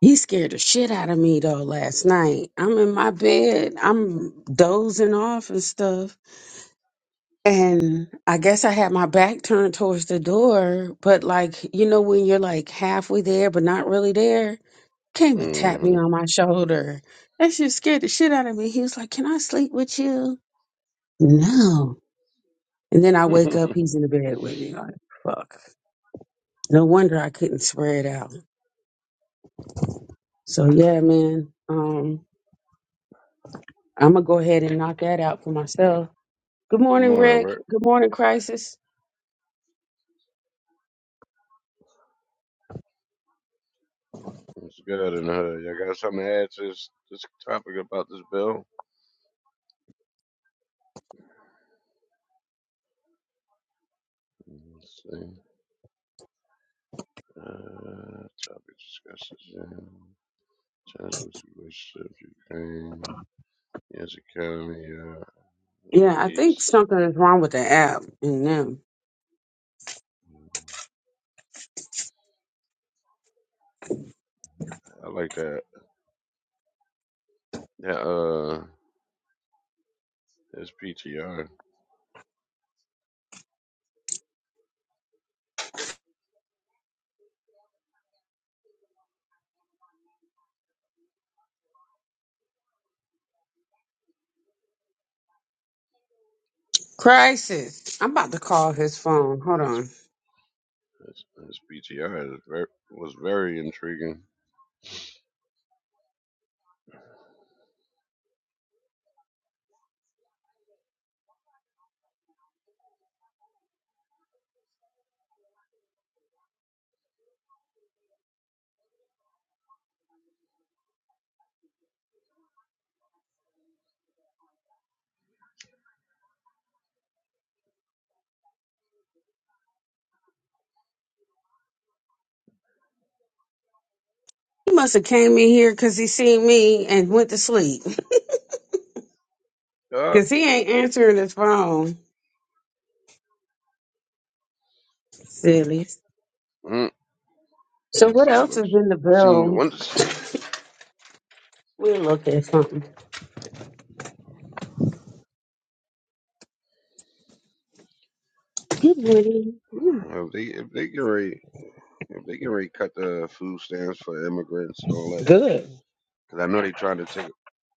He scared the shit out of me though last night. I'm in my bed, I'm dozing off and stuff. And I guess I had my back turned towards the door, but like, you know, when you're like halfway there, but not really there, came and tapped me
Mm.
on my shoulder. That shit scared the shit out of me. He was like, Can I sleep with you? No. And then I
mm-hmm. [LAUGHS]
wake up,
Good
he's in the bed with me. Like, fuck. No wonder I couldn't spread out. So yeah, man. Um, I'm gonna go ahead and knock that out for myself. Good morning,
morning,
Rick.
Rick.
Good morning, Crisis.
It's good in the hood. Y'all got something to add to this, this topic about this bill? Let's see. Uh, topic discussed. Transfer relationships, Ukraine, yes, economy, uh, uh,
Yeah, I think
East.
something is wrong with the app and them.
Mm, I like that. That uh, his PTR,
Crisis. I'm about to call his phone. Hold
his
on.
his, his PTR is ver was very intriguing.
He must have came in here because he seen me and went to sleep. [LAUGHS]
Uh,
Cause he ain't answering his phone. Silly.
mm,
So
let's
what
see.
else
Once,
is in the
seeing you
bill?
went to sleep.
We'll look at something. Good morning. Yeah.
If they if they can already, if they can already cut the food stamps for immigrants and all that,
Good.
because I know they trying to take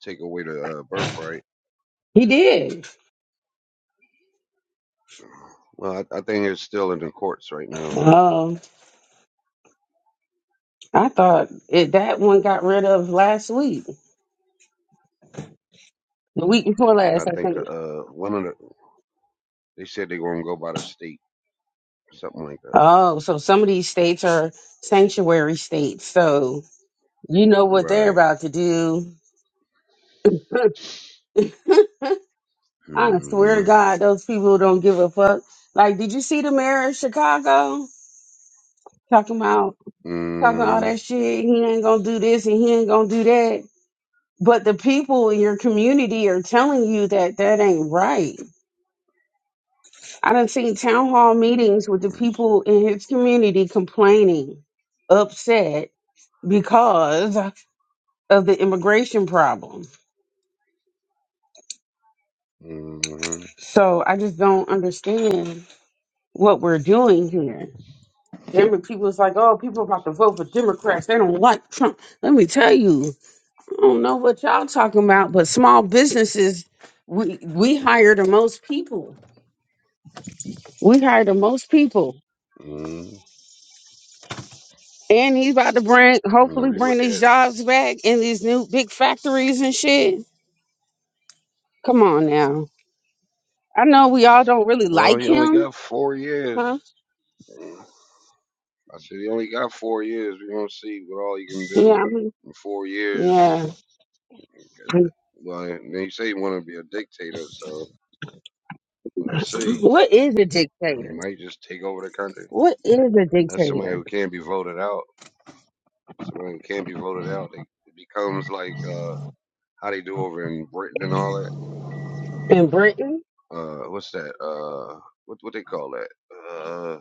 take away the uh, birthright.
He did.
Well, I, I think it's still in the courts right now.
I thought it, that one got rid of last week, the week before
Though. I
last, I
think the,
think.
uh one of the they said they're gonna go by the state, something like that.
Oh, so some of these states are sanctuary states. So you know what they're
Right.
about to do. [LAUGHS] I swear to
Mm
God, those people don't give a fuck. Like, did you see the mayor of Chicago talking about talking all
hmm
that shit? He ain't gonna do this and he ain't gonna do that. But the people in your community are telling you that that ain't right. I done seen town hall meetings with the
hmm
people in his community complaining, upset because of the immigration problem.
hmm
So I just don't understand what we're doing here. Remember, people was like, oh, people about to vote for Democrats. They don't like Trump. Let me tell you, I don't know what y'all talking about, but small businesses, we we hire the most people. We hire the most people.
hmm
And he's about to bring,
Now
hopefully,
you
bring
look
these
at
jobs back in these new big factories and shit. Come on now. I know we all don't really
well,
like
he only
him,
got four years.
huh?
I said, you only got four years. We're going to see what all you can
Yeah,
do
I mean,
in four years.
yeah.
Well, they say you want to be a dictator, so let's see.
What is a
You
dictator?
might just take over the country.
What is a
That's somebody
dictator
who can't be voted out. Somebody who can't be voted out. They, it becomes like uh, how they do over in Britain and all that.
in Britain?
Uh, what's that? Uh, what what they call that? Uh,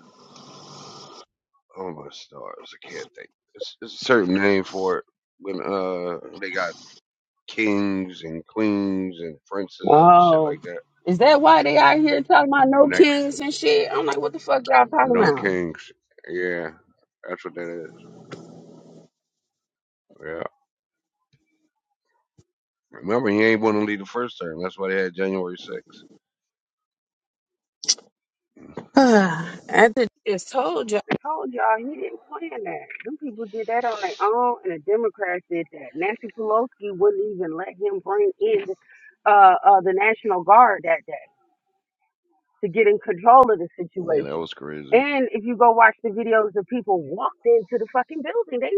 oh my stars! I can't think. It's, it's a certain name for it when uh they got kings and queens and princes and shit
Oh,
like that.
is that why they out here talking about no
Next,
kings and shit? I'm like, what the fuck y'all talking
no
about?
kings. Yeah, that's what that is. Yeah. Remember, he ain't want to leave the first term. That's why they had January 6th.
[SIGHS] I did- just told you, I told y'all he didn't plan that. Them people did that on their own, and the Democrats did that. Nancy Pelosi wouldn't even let him bring in uh, uh, the National Guard that day to get in control of the
Yeah, that
situation.
was crazy.
And if you go watch the videos, the people walked into the fucking building. They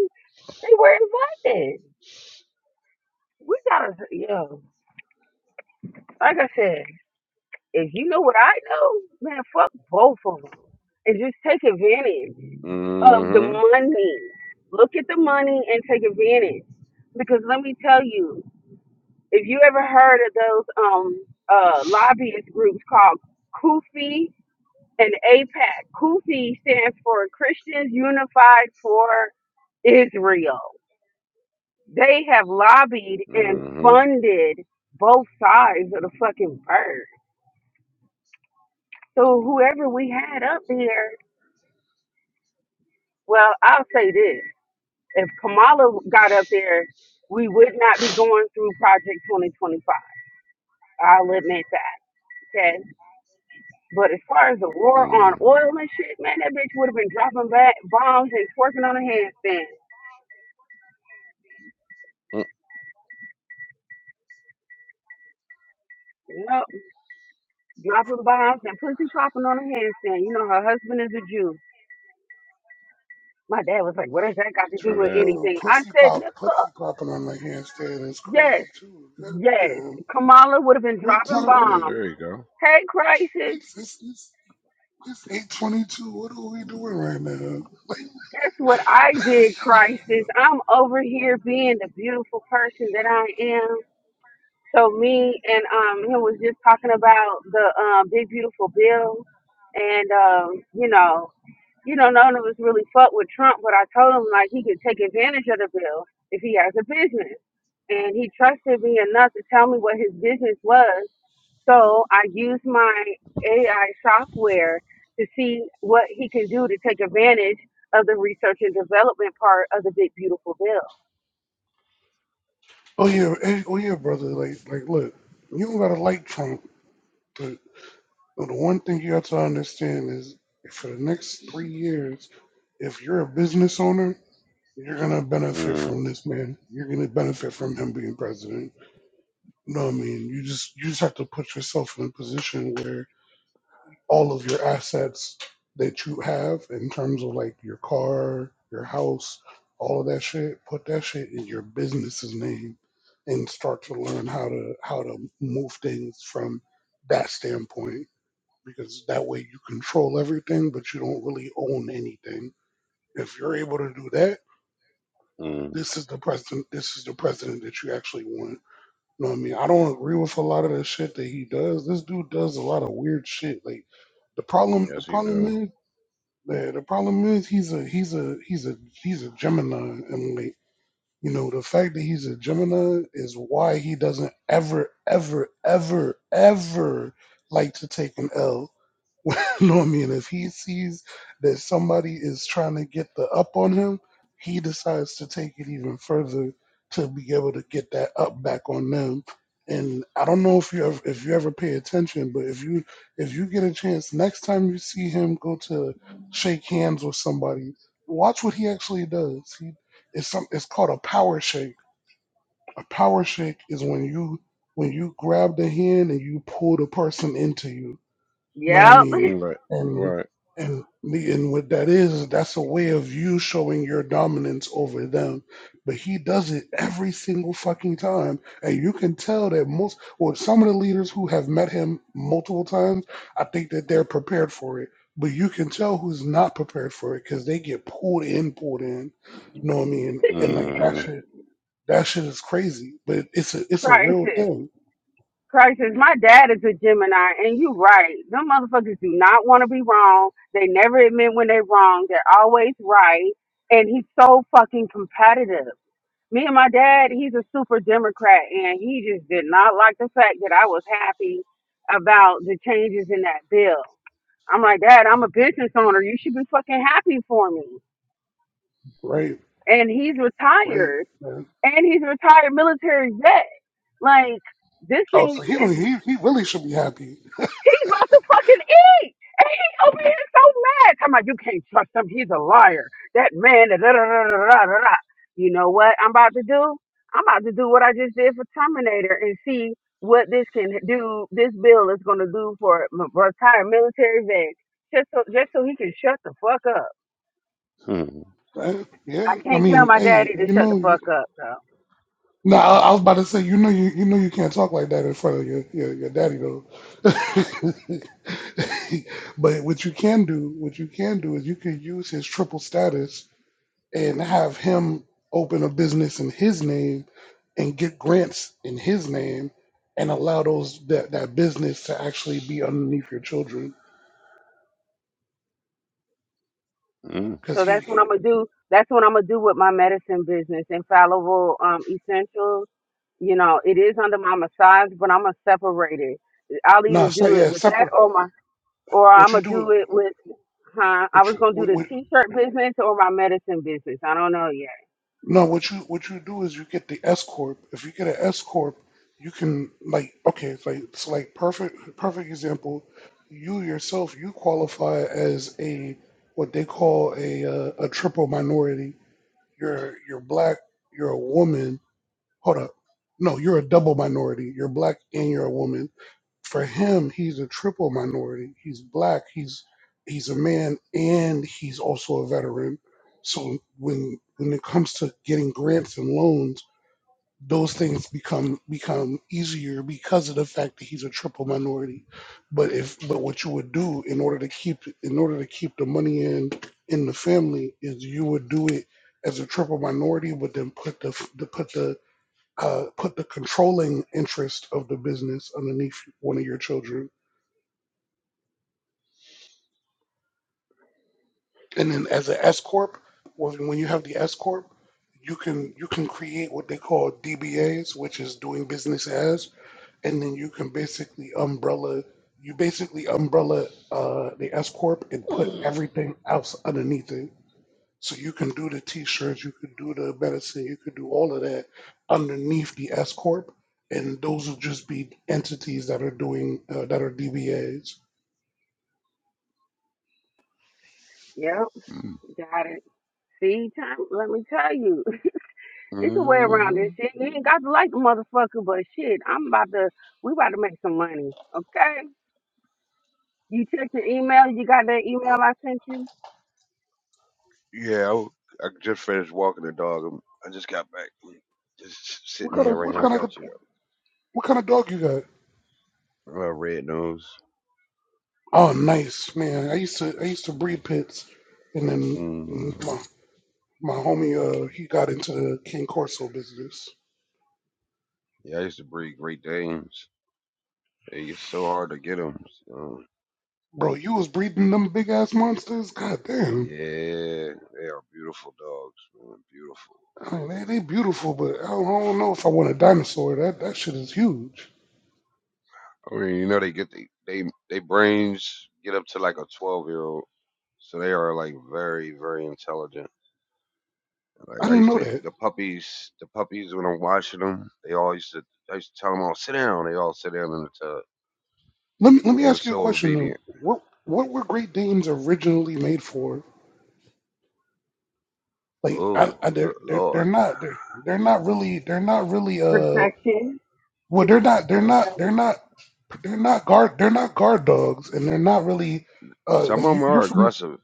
they were invited. We gotta, yeah. Like I said. If you know what I know, man, fuck both of them. And just take advantage of the
Mm-hmm.
money. Look at the money and take advantage. Because let me tell you, if you ever heard of those um uh lobbyist groups called Kufi and APAC, Kufi stands for Christians Unified for Israel. They have lobbied and
Mm-hmm.
funded both sides of the fucking bird. So whoever we had up there Well, I'll say this. If Kamala got up there, we would not be going through Project 2025. I'll admit that. Okay. But as far as the war on
Mm-hmm.
oil and shit, man, that bitch would have been dropping ba bombs and twerking on a handstand.
Oh,
Yep. Dropping bombs and pussy popping on a handstand. You know, her husband is a Jew. My dad was like, what has that got to do
True
with
that.
Bro,
anything? I
pussy
said,
pop,
nigga,
pussy popping on the handstand is
yes,
crazy too.
yes.
Goddamn.
Kamala would have been
What
dropping
time?
Yeah,
We,
bombs.
there you go.
Hey, crisis.
it's it's it's, it's eight twenty two. What are we doing right now?
That's what I did, crisis. I'm over here being the beautiful person that I am. So me and um he was just talking about the um big beautiful bill and um, you know, you know, none of us really fuck with Trump, but I told him like he could take advantage of the bill if he has a business. And he trusted me enough to tell me what his business was so I use my AI software to see what he can do to take advantage of the research and development part of the big beautiful bill.
Oh yeah, eh, oh yeah, brother. Like like, look, you don't gotta like Trump, but but the one thing you have to understand is for the next three years, if you're a business owner, you're gonna benefit
Mm-hmm.
from this man. You're gonna benefit from him being president. You know what I mean? You just you just have to put yourself in a position where all of your assets that you have in terms of like your car, your house, all of that shit, put that shit in your business's name and start to learn how to how to move things from that standpoint because that way you control everything but you don't really own anything. If you're able to do that, this is the president this is the president that you actually want. You know what I mean? I don't agree with a lot of the shit that he does. This dude does a lot of weird shit. Like the problem the
Yes, he
problem
do.
is yeah, the problem is he's a he's a he's a he's a Gemini, and like you know, the fact that he's a Gemini is why he doesn't ever ever ever ever like to take an L. [LAUGHS] no, I mean, if he sees that somebody is trying to get the up on him, he decides to take it even further to be able to get that up back on them. And I don't know if you ever, if you ever pay attention, but if you if you get a chance next time you see him go to shake hands with somebody, watch what he actually does. He it's some it's called a power shake. A power shake is when you when you grab the hand and you pull the person into you know what I
Yep.
mean?
Mm, Right.
And
Right.
and the- and what that is, that's a way of you showing your dominance over them. But he does it every single fucking time. And you can tell that most or some of the leaders who have met him multiple times, I think that they're prepared for it. But you can tell who's not prepared for it because they get pulled in, pulled in. know what I mean? And like that
Mm-hmm.
shit that shit is crazy. But it's a
[LAUGHS]
it's a real
Crisis.
thing.
Crisis. My dad is a Gemini, and you're right. Them motherfuckers do not want to be wrong. They never admit when they're wrong. They're always right. And he's so fucking competitive. Me and my dad, he's a super Democrat, and he just did not like the fact that I was happy about the changes in that bill. I'm like, Dad, I'm a business owner. You should be fucking happy for me.
Right,
And he's
right.
retired.
man.
And he's a retired military vet. Like, this
Oh,
thing
so he
is,
don't he, he really should be happy.
he's about to fucking eat. And he over here so mad. Talking about, you can't trust him. He's a liar. That man, da da da da da da da. da." You know what I'm about to do? I'm about to do what I just did for Terminator and see what this can do. This bill is going to do for m- retired military vets. Just so, just so he can shut the fuck up.
Hmm.
Uh, yeah,
I
I
can't tell
mean,
my
hey,
daddy to
you
shut the
know, you,
fuck up though.
no, I, I was about to say, you know, you you know, you can't talk like that in front of your your, your daddy though. [LAUGHS] but what you can do, what you can do, is you can use his triple status and have him open a business in his name and get grants in his name and allow those that that business to actually be underneath your children
Mm-hmm.
because
So
he
that's what I'm gonna do. That's what I'm gonna do with my medicine business, infallible um essentials. You know, it is under my massage, but I'm gonna separate it. I'll either
no, so,
do it
yeah,
with that
separate.
or my or
What
I'm
you
gonna
do is
do it with huh. I
what
was
you
gonna do the
what,
t shirt business or my medicine business. I don't know yet.
No, what you what you do is you get the S corp. If you get an S corp, you can like okay, it's like it's like perfect perfect example. You yourself you qualify as a what they call a uh, a triple minority. You're you're black. You're a woman. Hold up. No, you're a double minority. You're black and you're a woman for him, he's a triple minority. He's black. He's he's a man, and he's also a veteran. So when when it comes to getting grants and loans, those things become become easier because of the fact that he's a triple minority. But if but what you would do in order to keep in order to keep the money in in the family is you would do it as a triple minority, but then put the the put the uh, put the controlling interest of the business underneath one of your children And then as an S corp, when when you have the S corp, you can you can create what they call DBAs, which is doing business as, and then you can basically umbrella you basically umbrella uh, the S corp and put everything else underneath it. So you can do the T-shirts, you can do the medicine, you can do all of that underneath the S corp, and those will just be entities that are doing uh, that are DBAs.
Yep, got it. See, time let me tell you. [LAUGHS] It's a way around
Mm-hmm.
this shit. You ain't got to like the motherfucker, but shit, I'm about to we about to make some money. Okay? You checked your email. You got that email I sent you.
Yeah, I, w- I just finished walking the dog. I'm, I just got back. I'm just
What
sitting
kind
here
of
right
what
now. I
kind of
got you
what kind of dog you got?
though. Uh, red nose.
Oh, nice man. I used to I used to breed pits, and then
Mm.
my, my homie uh he got into the King Corso business.
Yeah, I used to breed Great Danes. They get so hard to get them. So,
Bro, you was breeding them big ass monsters. God damn.
yeah, they are beautiful dogs. Man, beautiful.
I mean, they, they beautiful, but I don't, I don't know if I want a dinosaur. That that shit is huge.
I mean, you know, they get the they they brains get up to like a twelve year old, so they are like very very intelligent. Like
I
I
didn't
used
know
to
that.
the puppies, the puppies when I'm washing them, they all used to. I used to tell them all sit down. They all sit down in the tub.
Let me let me
They were
ask you a
so
question though.
obedient.
What what were Great Danes originally made for? Like, I,
Oh,
I,
good
they're they're they're
lord!
not they're they're not really they're not really uh
Protection.
well they're not they're
Uh,
not
health-
they're not they're not guard they're not guard dogs and they're not really uh
Some
like
of
you,
them
you're
are
from
aggressive.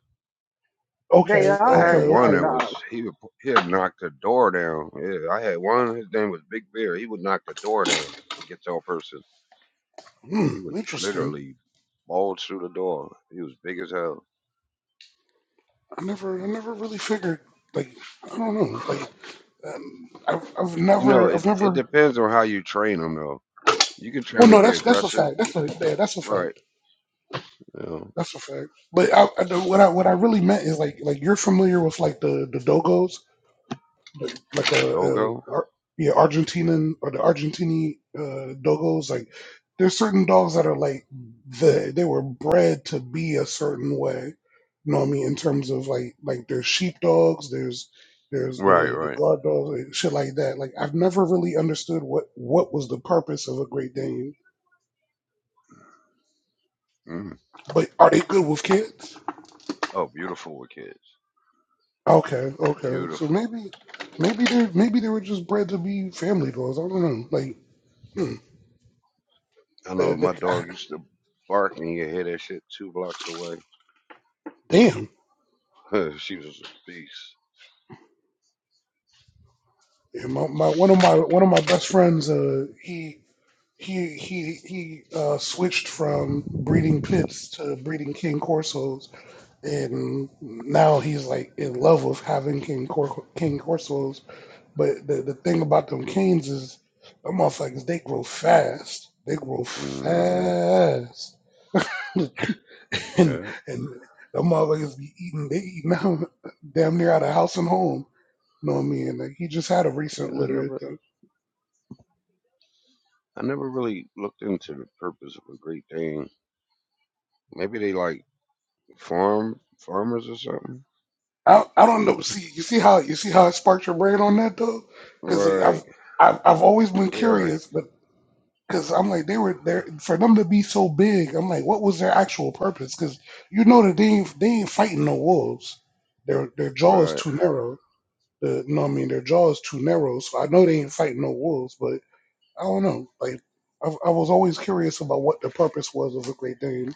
They
okay
I
okay
had
are
one
guard
that
okay
was
dogs.
he would pu- he had knocked the door down. Yeah, I had one. His name was Big Bear. He would knock the door down to get to a person.
hmm,
He would
interesting
literally bulge through the door. He was big as hell.
i never i never really figured like i don't know like um, I've, I've
You know,
never
it
i've
it
never
depends on how you train them though. You can train
well
them to
no
be
that's that's a
aggressive.
fact
You
that's a
can,
yeah, that's a
right.
fact
Yeah.
that's a fact but I, I- what i what i really meant is like like you're familiar with like the the dogos like like
The
a,
dogo?
a Ar- yeah Argentinian or the Argentini uh, dogos. Like there's certain dogs that are like the they were bred to be a certain way. You know what I mean? In terms of like like there's sheep dogs, there's there's
Right,
the the
right.
guard dogs, and shit like that. Like I've never really understood what what was the purpose of a Great Dane.
Mm.
But are they good with kids?
Oh, beautiful with kids.
Okay, okay. So
Beautiful.
maybe maybe they maybe they were just bred to be family dogs. I don't know. Like hmm,
I
the,
know my dog
the,
used to bark and you could hear that shit two blocks away.
[SIGHS] damn.
[LAUGHS] she was a beast.
Yeah, my, my one of my one of my best friends, uh, he he he he uh, switched from breeding pits to breeding king corsos, and now he's like in love with having king cor- king corsos. But the, the thing about them canes is, them motherfuckers they grow fast. They grow
hmm
fast, [LAUGHS] and and
Yeah.
them motherfuckers be eating. They eating [LAUGHS] out damn near out of house and home. You know what I mean? Like he just had a recent
And I
litter.
never, I never really looked into the purpose of a Great Dane. Maybe they like farm farmers or something.
I, I don't know. See, you see how you see how it sparked your brain on that though, because like,
Right.
I've, I've I've always been
'Cause they are.
curious, but because I'm like they were there for them to be so big. I'm like, what was their actual purpose? Because you know that they ain't, they ain't fighting no wolves. Their their jaw is
Right.
too narrow. The, you know what I mean? Their jaw is too narrow, so I know they ain't fighting no wolves. But I don't know. Like I, I was always curious about what the purpose was of a Great Dane.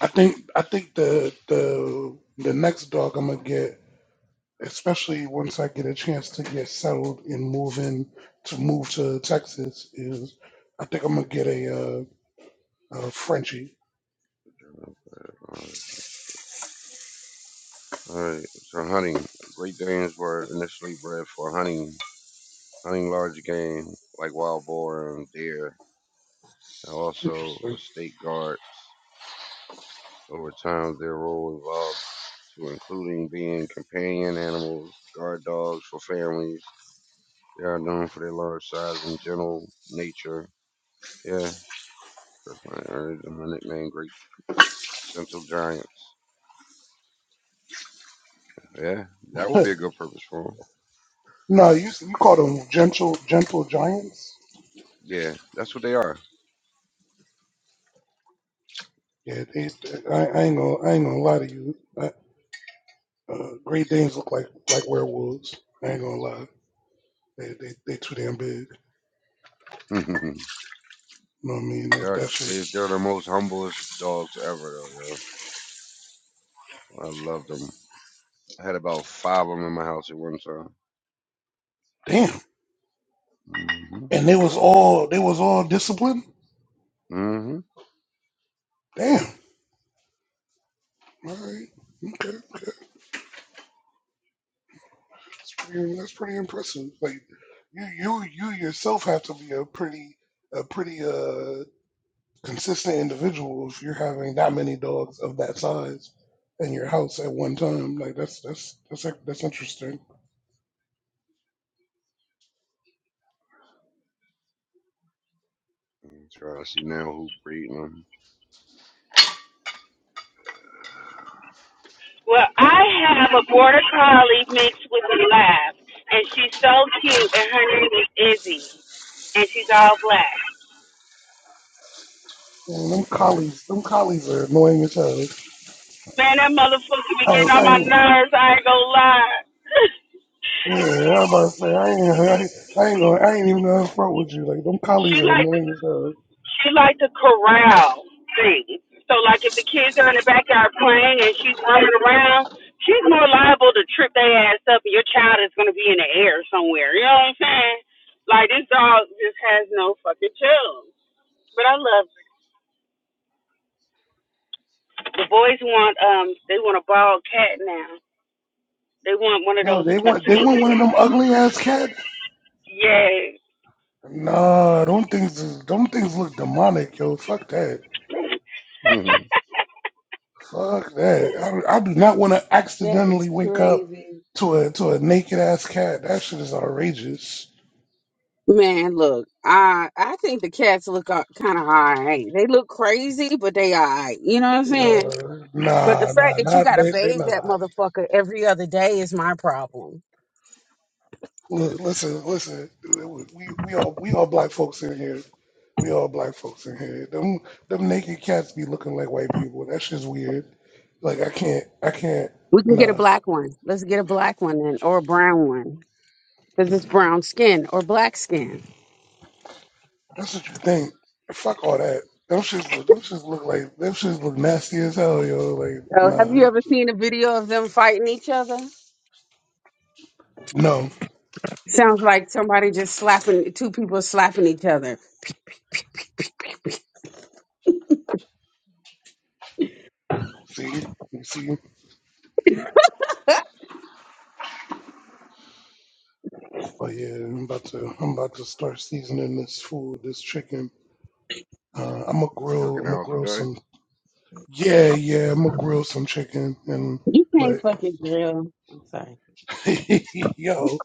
I think I think the the the next dog I'm gonna get especially once I get a chance to get settled and move in to move to Texas is I think I'm gonna get a uh, a Frenchie.
All right. So hunting. Great Danes were initially bred for hunting hunting large game like wild boar and deer, and also
Interesting.
estate guards. Over time, their role evolved to including being companion animals, guard dogs for families. They are known for their large size and gentle nature. Yeah, that's my, that's my nickname, Great Gentle Giants. Yeah, that would be
[LAUGHS]
a good purpose for them.
no, you you call them gentle gentle giants.
Yeah, that's what they are.
Yeah, they, I, I ain't gonna I ain't gonna lie to you. I, uh, Great Danes look like like werewolves. I ain't gonna lie. They they they too damn big.
[LAUGHS] they
You know what I mean? That,
are
that
they-
shit.
they're the most humblest dogs ever, though, yo. I love them. I had about five of them in my house at one time.
Damn.
hmm
And they was all they was all disciplined.
hmm
Damn. All right. Okay. That's pretty, that's pretty impressive. Like you, you, you yourself have to be a pretty, a pretty uh, consistent individual if you're having that many dogs of that size in your house at one time. Like that's that's that's that's interesting.
trying to see now who breeding them.
Well, I have a border collie mixed with a lab, and she's so cute, and her name is Izzy, and she's all black.
And them
Okay.
collies, them collies are annoying as hell.
Man, that motherfucker be
I,
getting
ain't-
on
I,
my
ain't-
nerves. I ain't gonna lie. [LAUGHS]
yeah, I'm about to say I ain't, I, ain't- I ain't gonna, I ain't even gonna front with you. Like them
She
collies are
like.
annoying as hell.
she liked to corral things. So like if the kids are in the backyard playing and she's running around, she's more liable to trip their ass up and your child is gonna be in the air somewhere. You know what I'm saying? Like this dog just has no fucking chill. But I love it. the boys want um they want a bald cat now. They want one of
Yo,
those
they
a
want, they
sneak.
want one of them ugly ass cats
Yeah.
Nah, them things, them things look demonic, yo. Fuck that.
hmm
Fuck that. I, I do not want to
That is
accidentally wake up
crazy.
to a to a naked ass cat. That shit is outrageous.
Man, look, I I think the cats look kind of all right. They look crazy, but they all right. You know what I'm saying?
Uh,
But the
nah,
fact
nah,
that you
not
gotta
they. They're
bathe
not
that
I.
motherfucker every other day is my problem.
Look, listen, listen. We we all we all black folks in here. We all black folks in here. Them them naked cats be looking like white people. That shit's weird. Like I can't, I can't.
We can get a
nah.
black one. Let's get a black one then, or a brown one, because it's brown skin or black skin.
That's what you think. Fuck all that. Them shits look. Them shits look like. Them shits look nasty as hell, yo. Like
So, have you
nah,
ever seen a video of them fighting each other?
no.
Sounds like somebody just slapping two people slapping each other.
See, you see. Oh yeah, I'm about to. I'm about to start seasoning this food. This chicken. Uh, I'm gonna grill. I'm
Cooking
gonna
out
grill
today.
some. Yeah, yeah. I'm gonna grill some chicken and.
You
But
can't fucking drill.
[LAUGHS] yo, [LAUGHS]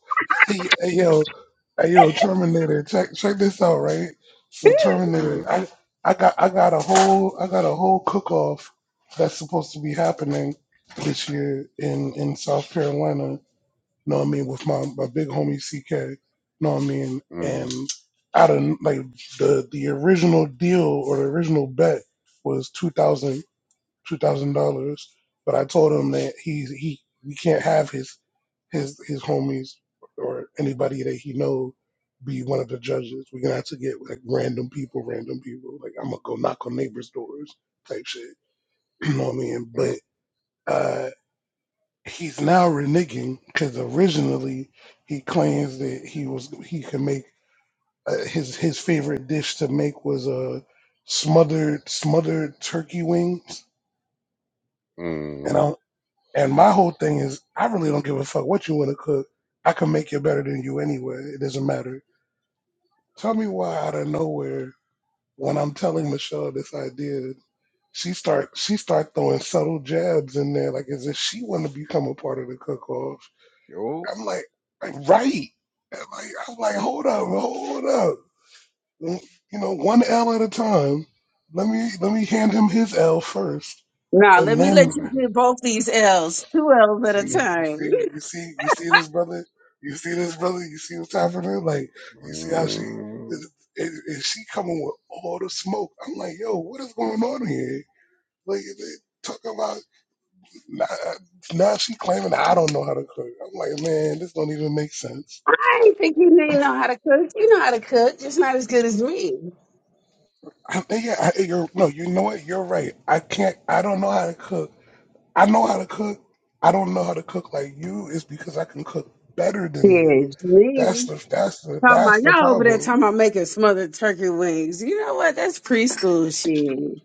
yo, hey, yo, Terminator, check check this out, right? So
mm
Terminator, I I got I got a whole I got a whole cook off that's supposed to be happening this year in in South Carolina. Know what I mean with my my big homie CK. Know what I mean
mm
and out of like the the original deal or the original bet was two thousand two thousand dollars, but I told him that he he we can't have his his his homies or anybody that he know be one of the judges. We're gonna have to get like random people, random people. Like I'm gonna go knock on neighbors' doors type shit. [CLEARS THROAT] You know what I mean? But uh he's now reneging because originally he claims that he was he can make uh, his his favorite dish to make was a uh, smothered smothered turkey wings. And I and my whole thing is I really don't give a fuck what you want to cook. I can make it better than you anyway. It doesn't matter Tell me why out of nowhere, when I'm telling Michelle this idea, she start she start throwing subtle jabs in there, like as if she want to become a part of the cook off.
Yo.
I'm like, like right. And like I'm like, hold up, hold up. Mm, You know, one L at a time. Let me let me hand him his L first,
Nah, let
and
[LAUGHS]
me let
then
you
mm
get both these L's, two L's at
See,
a
you
time. [LAUGHS]
see, you see, you see this brother. You see this brother. You see what's happening. Like, you see how she
mhm,
and, and and she coming with all the smoke. I'm like, yo, what is going on here? Like, they talk about now, now she claiming I don't know how to cook. I'm like, man, this don't even make sense.
I ain't think you didn't know how to cook. You know how to cook, just not as good as me.
I, yeah, I, you're no, you know what? You're right. I can't. I don't know how to cook. I know how to cook. I don't know how to cook like you. It's because I can cook better than you.
Bitch, me.
That's the that's the
Talking
that's
about
the
y'all over there
problem
talking about making smothered turkey wings. You know what? That's preschool shit.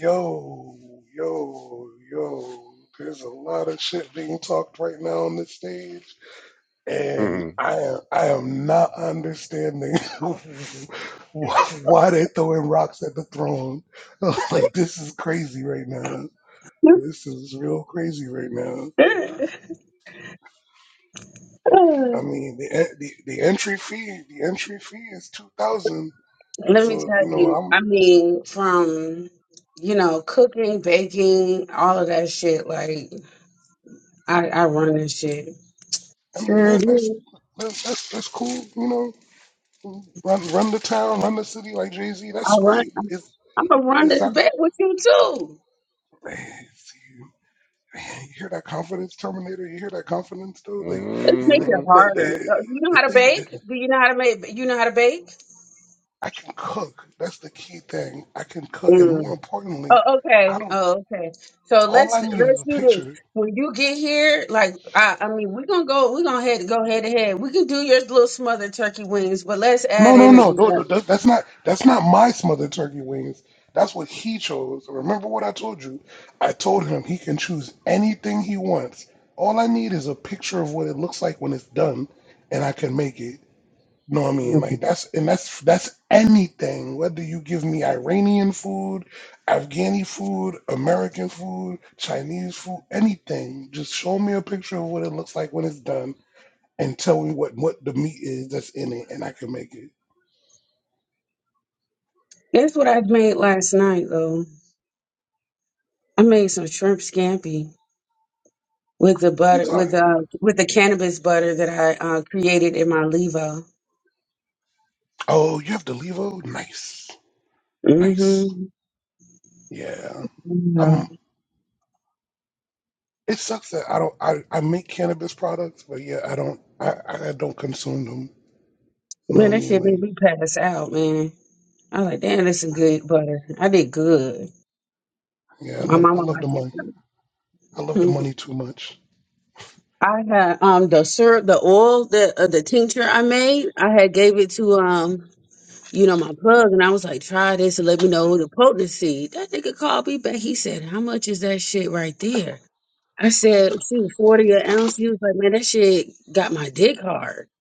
Yo, yo, yo. There's a lot of shit being talked right now on the stage, and
mm
I am I am not understanding [LAUGHS] wh- why they throwing rocks at the throne. [LAUGHS] like this is crazy right now. This is real crazy right now.
[LAUGHS]
I mean, the en- the, the entry fee the entry fee is two thousand.
Let me
So
tell
you know,
you, I
I'm
mean, from you know, cooking, baking, all of that shit, like I, I run this shit.
I mean
Sure
that, that's
do.
that's that's that's cool. You know, Run, run the town, run the city like Jay Z.
I
That's
run
great. It's
I'm gonna run
it
this
sounds.
bake with you too.
Man, see, man, you hear that confidence, Terminator? You hear that confidence, though? Like
Let's
yeah,
make
the,
it
mhm.
the,
harder. Do
the,
You know
the
how to
thing that
bake? Do you know how to make you know how to bake?
I can cook. That's the key thing. I can cook, and more importantly,
Oh,
I
okay.
don't.
Oh, okay. So
All
let's
I need is
let's
a
do this.
picture
When you get here, like I, I mean, we're gonna go. We're gonna head go head to head. We can do your little smothered turkey wings, but let's
No,
add
no,
in a
no, no, no
dessert.
that, that's not that's not my smothered turkey wings. That's what he chose. Remember what I told you? I told him he can choose anything he wants. All I need is a picture of what it looks like when it's done, and I can make it. You know what I mean? Like that's and that's that's anything. Whether you give me Iranian food, Afghani food, American food, Chinese food, anything, just show me a picture of what it looks like when it's done, and tell me what what the meat is that's in it, and I can make it.
That's what I made last night, though. I made some shrimp scampi with the
You
butter
tell
with
him.
uh with the cannabis butter that I uh, created in my levo.
Oh, you have to leave. Oh, nice, nice.
Mm-hmm.
Yeah,
Yeah.
I'm. It sucks that I don't. I, I make cannabis products, but yeah, I don't. I, I don't consume them. You know what
Man,
I
that
mean?
shit made
Like,
me pass out, man. I was like, damn, that's some good butter. I did good.
yeah, I
My
love. I
mama
love the
liked
money. I
it.
love the
[LAUGHS]
money too much.
I had um the syrup, the oil, the uh, the tincture I made. I had gave it to um you know my plug, and I was like, try this and let me know the potency. That nigga called me back. He said, how much is that shit right there? I said, shoot, forty an ounce. He was like, man, that shit got my dick hard. I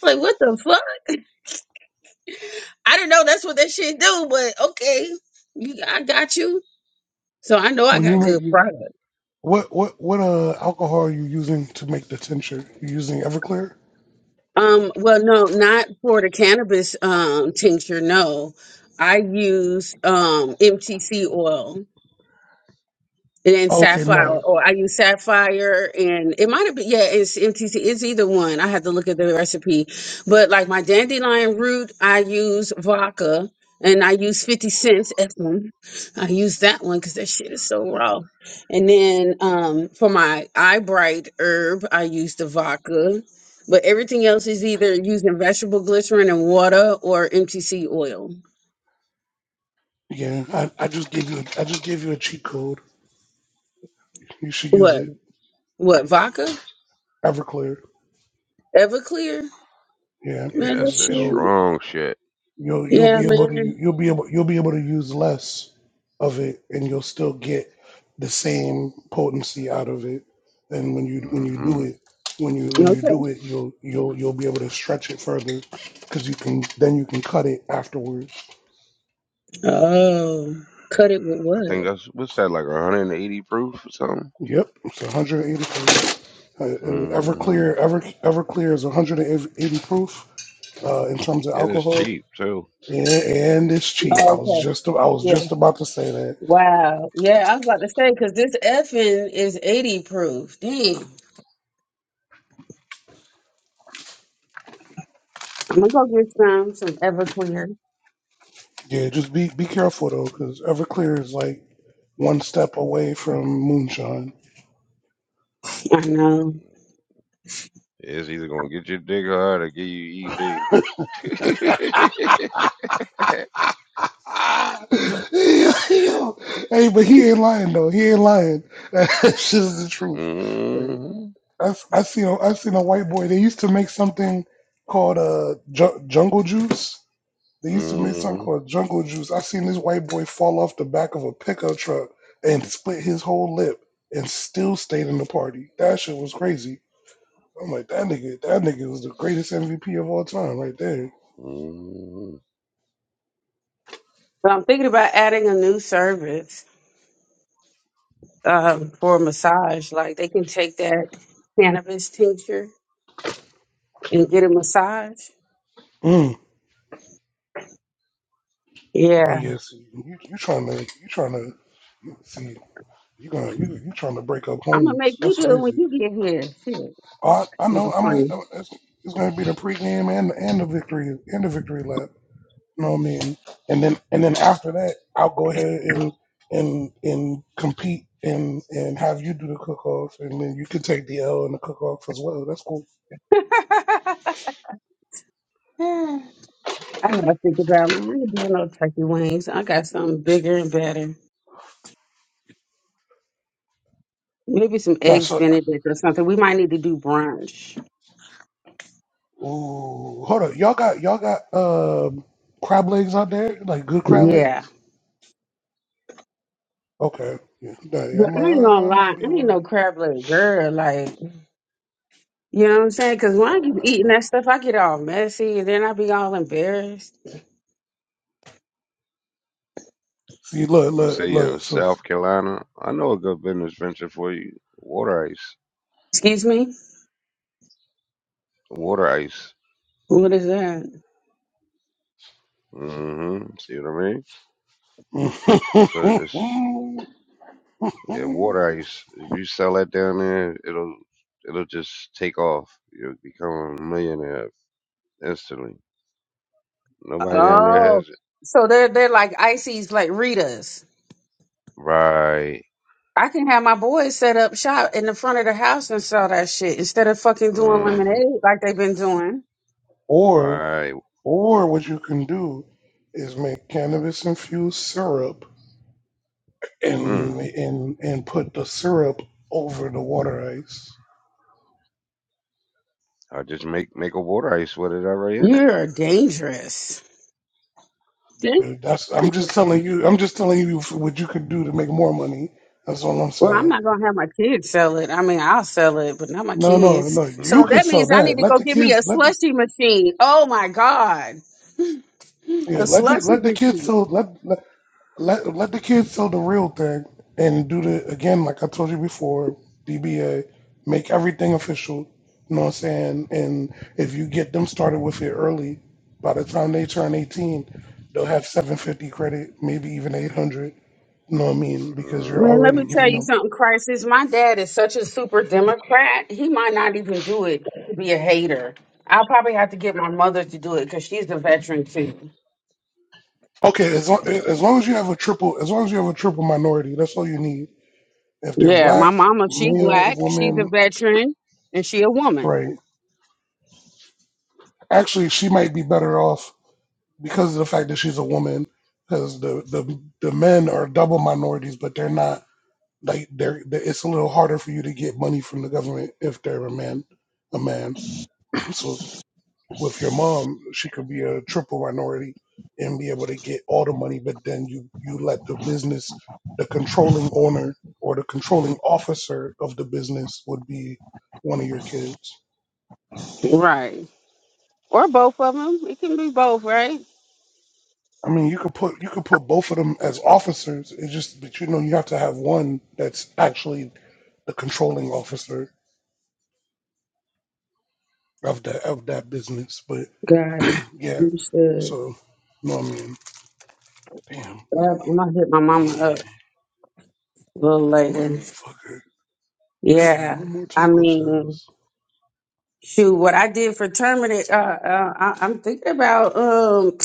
was like, what the fuck? I didn't know that's what that shit do, but okay, you, I got you. So I know I
When you
got
make
good
you,
product.
what what what uh alcohol are you using to make the tincture? You using Everclear?
Um, well, no, not for the cannabis um tincture. No, I use um MTC oil. And then
Okay,
Sapphire,
no.
or I use Sapphire, and it might have been, yeah, it's MTC, it's either one. I have to look at the recipe. But like my dandelion root, I use vodka and I use 50 cents Ephraim. I use that one because that shit is so raw. And then um, for my eye bright herb, I use the vodka. But everything else is either using vegetable glycerin and water or MTC oil.
Yeah, I, I just gave you. A, I just gave you a cheat code. You should use
What?
it.
What? Vodka?
Everclear.
Everclear?
Yeah,
Yeah,
Man, that
that's
because
that
shit.
it'll
strong shit.
You'll you'll
Yeah,
be able to u-
man.
you'll be able you'll be able to use less of it, and you'll still get the same potency out of it. And when you when you do
hmm
it when you when you
Okay.
do it, you'll you'll you'll be able to stretch it further because you can then you can cut it afterwards.
Oh, cut it with
I think
what?
that's what's that like 180 proof or something.
Yep, it's 180 proof. Uh, uh,
hmm
Everclear, Ever Everclear is 180 proof uh, in terms of
And it's
alcohol,
cheap too.
and, and it's cheap.
Oh,
I was
okay.
just I was
Yeah.
just about to say that.
Wow. Yeah, I was about to say because this effing is eighty proof. Dang. I'm gonna go get some some Everclear.
Yeah, just be be careful though, because Everclear is like one step away from moonshine.
I know,
It's either gonna get you dick hard or give you ED. [LAUGHS]
Ah, [LAUGHS] yo, hey, but he ain't lying though. He ain't lying. [LAUGHS] That's just the truth. Like,
hmm
I s- I seen a, I seen a white boy. They used to make something called uh ju- jungle juice. They used to make something
hmm
called jungle juice. I seen this white boy fall off the back of a pickup truck and split his whole lip and still stayed in the party. That shit was crazy. I'm like that nigga. That nigga was the greatest MVP of all time, right there.
hmm
but I'm thinking about adding a new service um, for a massage. Like they can take that cannabis tincture and get a massage.
Mm. Oh
Yeah,
yeah, see, you you trying to you trying to you, see you gonna you, you trying to break up
I'm gonna make
homes?
you
That's
do it when
crazy.
you get here. Shit,
Oh, I, I know. I'm. A,
I'm
I'm it's, it's gonna be the pregame and and the victory and the victory lap. You know what I mean? And then and then after that, I'll go ahead and and and compete and and have you do the cook off, and then you can take the L in the cook off as well. That's cool.
just playing. [LAUGHS] I gotta think about man. I ain't doing no turkey wings. I got something bigger and better. Maybe some
Now,
eggs
so
Benedict or something. We might need to do brunch.
Ooh, hold on. Y'all got y'all got um crab legs out there, like good crab
Yeah,
legs. Okay, yeah, nah, yeah, I
but I
might
ain't gonna
I, I
lie.
might be
I
able
ain't
to
no crab leg girl. Like you know what I'm saying? Because when I keep eating that stuff, I get all messy and then I be all embarrassed.
see. Look,
You say
look,
you're in
look. So,
South Carolina. I know a good business venture for you. Water ice.
Excuse me.
Water ice.
What is that?
hmm See what I mean? So it's
[LAUGHS]
yeah, water ice. If you sell that down there, it'll it'll just take off. You'll become a millionaire instantly. Nobody down there
Oh,
has it.
so they're they're like ices like Ritas.
Right.
I can have my boys set up shop in the front of the house and sell that shit instead of fucking doing
hmm
lemonade like they've been doing.
or
Right.
or what you can do is make cannabis infused syrup
Mm.
and and and put the syrup over the water ice.
I just make make a water ice with it already in it.
You're dangerous. Dang-
That's I'm just telling you. I'm just telling you what you could do to make more money. That's all I'm
Well,
saying.
I'm not gonna have my kids sell it. I mean, I'll sell it, but not my
No, no,
kids.
no. You
So
Mm-hmm.
can
that
sell
means I need
that.
to
Let
go
the
get me a
kids let the
slushy machine. Oh my god, [LAUGHS]
yeah,
a
let the
slushy
let the kids
machine.
sell let let let, let the kids sell the real thing and do the again like I told you before, DBA, make everything official. You know what I'm saying? And if you get them started with it early, by the time they turn 18, they'll have 750 credit, maybe even 800. You know what I mean? Because you're
Well, let
already
me
Mm-hmm.
tell
giving
you
them.
something, Crisis. My dad is such a super Democrat. He might not even do it to be a hater. I'll probably have to get my mother to do it because she's a veteran too.
Okay, as long, as long as you have a triple, as long as you have a triple minority, that's all you need If they're
Yeah, my
black,
mama, she
male,
black, she's a
woman,
veteran, and she a woman.
right? Actually, she might be better off because of the fact that she's a woman, because the, the the men are double minorities, but they're not like they're. they it's a little harder for you to get money from the government if they're a man, a man. [CLEARS THROAT] So with your mom, she could be a triple minority and be able to get all the money, but then you you let the business, the controlling owner or the controlling officer of the business would be one of your kids.
Right. Or both of them. It can be both, right?
I mean, you could put you could put both of them as officers. It's just that you know you have to have one that's actually the controlling officer of that of that business. But
God,
yeah,
you should.
so no, I mean, damn,
Uh,
Oh,
I'm gonna hit my
man,
mama up a little later.
motherfucker, I ain't got
Yeah,
no more
I
taco
mean,
shells.
shoot, what I did for terminating, uh, uh, I, I'm thinking about, um.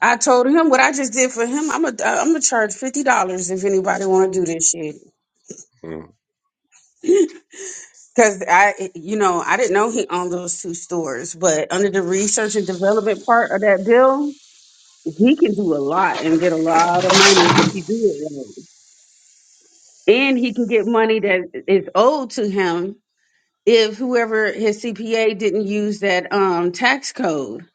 I told him what I just did for him. I'm a, I'm gonna charge fifty dollars if anybody want to do this shit. [LAUGHS] Cause I, you know, I didn't know he owned those two stores, but under the research and development part of that bill, he can do a lot and get a lot of money if you do it right. And he can get money that is owed to him if whoever his CPA didn't use that um tax code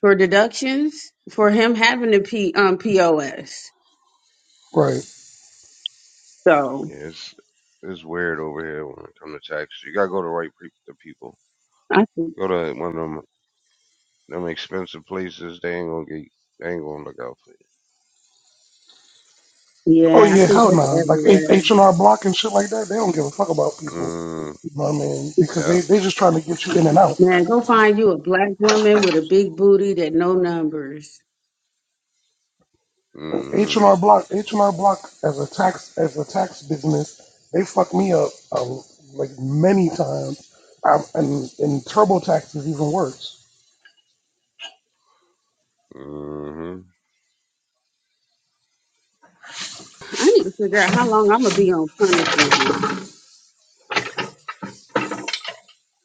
for deductions for him having the P, um, POS.
Right?
So
Yeah, it's it's weird over here when it comes to taxes. You gotta go to right pe- the people.
I
Go to one of them them expensive places. They ain't gonna get. They ain't gonna look out for
Oh
Yeah, I
yeah,
think
hell
that's
nah. Like
everywhere.
H and R Block and shit like that, they don't give a fuck about
you.
people.
Mm,
No, I mean, because
yeah.
they they just trying to get you in and out.
Man, go find you a black woman with a big booty that know numbers.
hmm
H&R Block, H&R Block as a tax as a tax business, they fucked me up um, like many times, um, and and TurboTax is even worse.
hmm
I need to figure out how long I'm gonna be on punishment.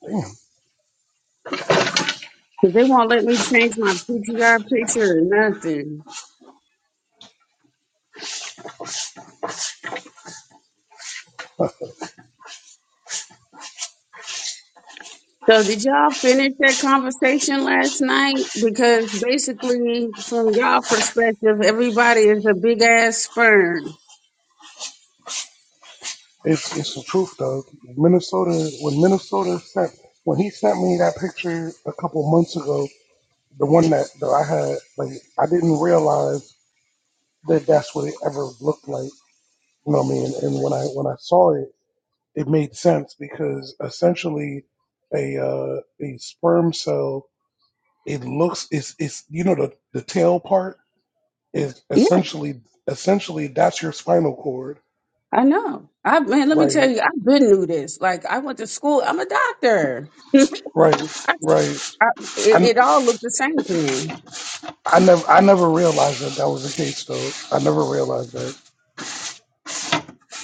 Damn,
Cause they won't let me change my PTR picture or nothing. So did y'all finish that conversation last night? Because basically, from y'all perspective, everybody is a big ass sperm.
it's it's the truth though. Minnesota, when Minnesota sent when he sent me that picture a couple months ago, the one that, that I had, like I didn't realize that that's what it ever looked like. You know what I mean? And when I when I saw it, it made sense because essentially a uh, a sperm cell it looks it's it's you know the the tail part is
Yeah,
essentially essentially that's your spinal cord
I know. I man, let me tell
right
you, I've been knew this. Like I went to school. I'm a doctor. [LAUGHS]
right
I
right
I, it,
i
it all looked the same to me.
i never i never realized that that was the case though i never realized that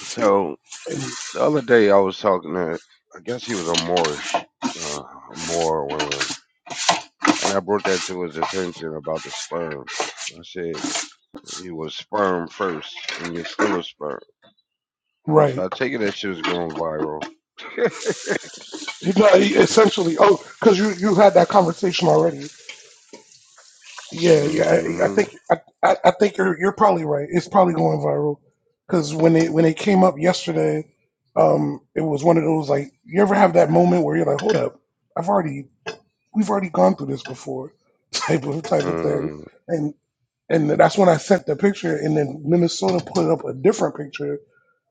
So
And-
the other day I was talking to. I guess he was a Moorish, uh, Moor, one of them. And I brought that to his attention about the sperm. I said you was sperm first, and you're still a sperm. So
right
I take it that shit was going viral.
you know essentially oh because you you had that conversation already yeah yeah i, I
Mm-hmm.
think I, I I think you're you're probably right it's probably going viral because when it when it came up yesterday um it was one of those like you ever have that moment where you're like hold up i've already we've already gone through this before [LAUGHS] type of type of thing
Mm-hmm.
and and that's when i sent the picture and then minnesota put up a different picture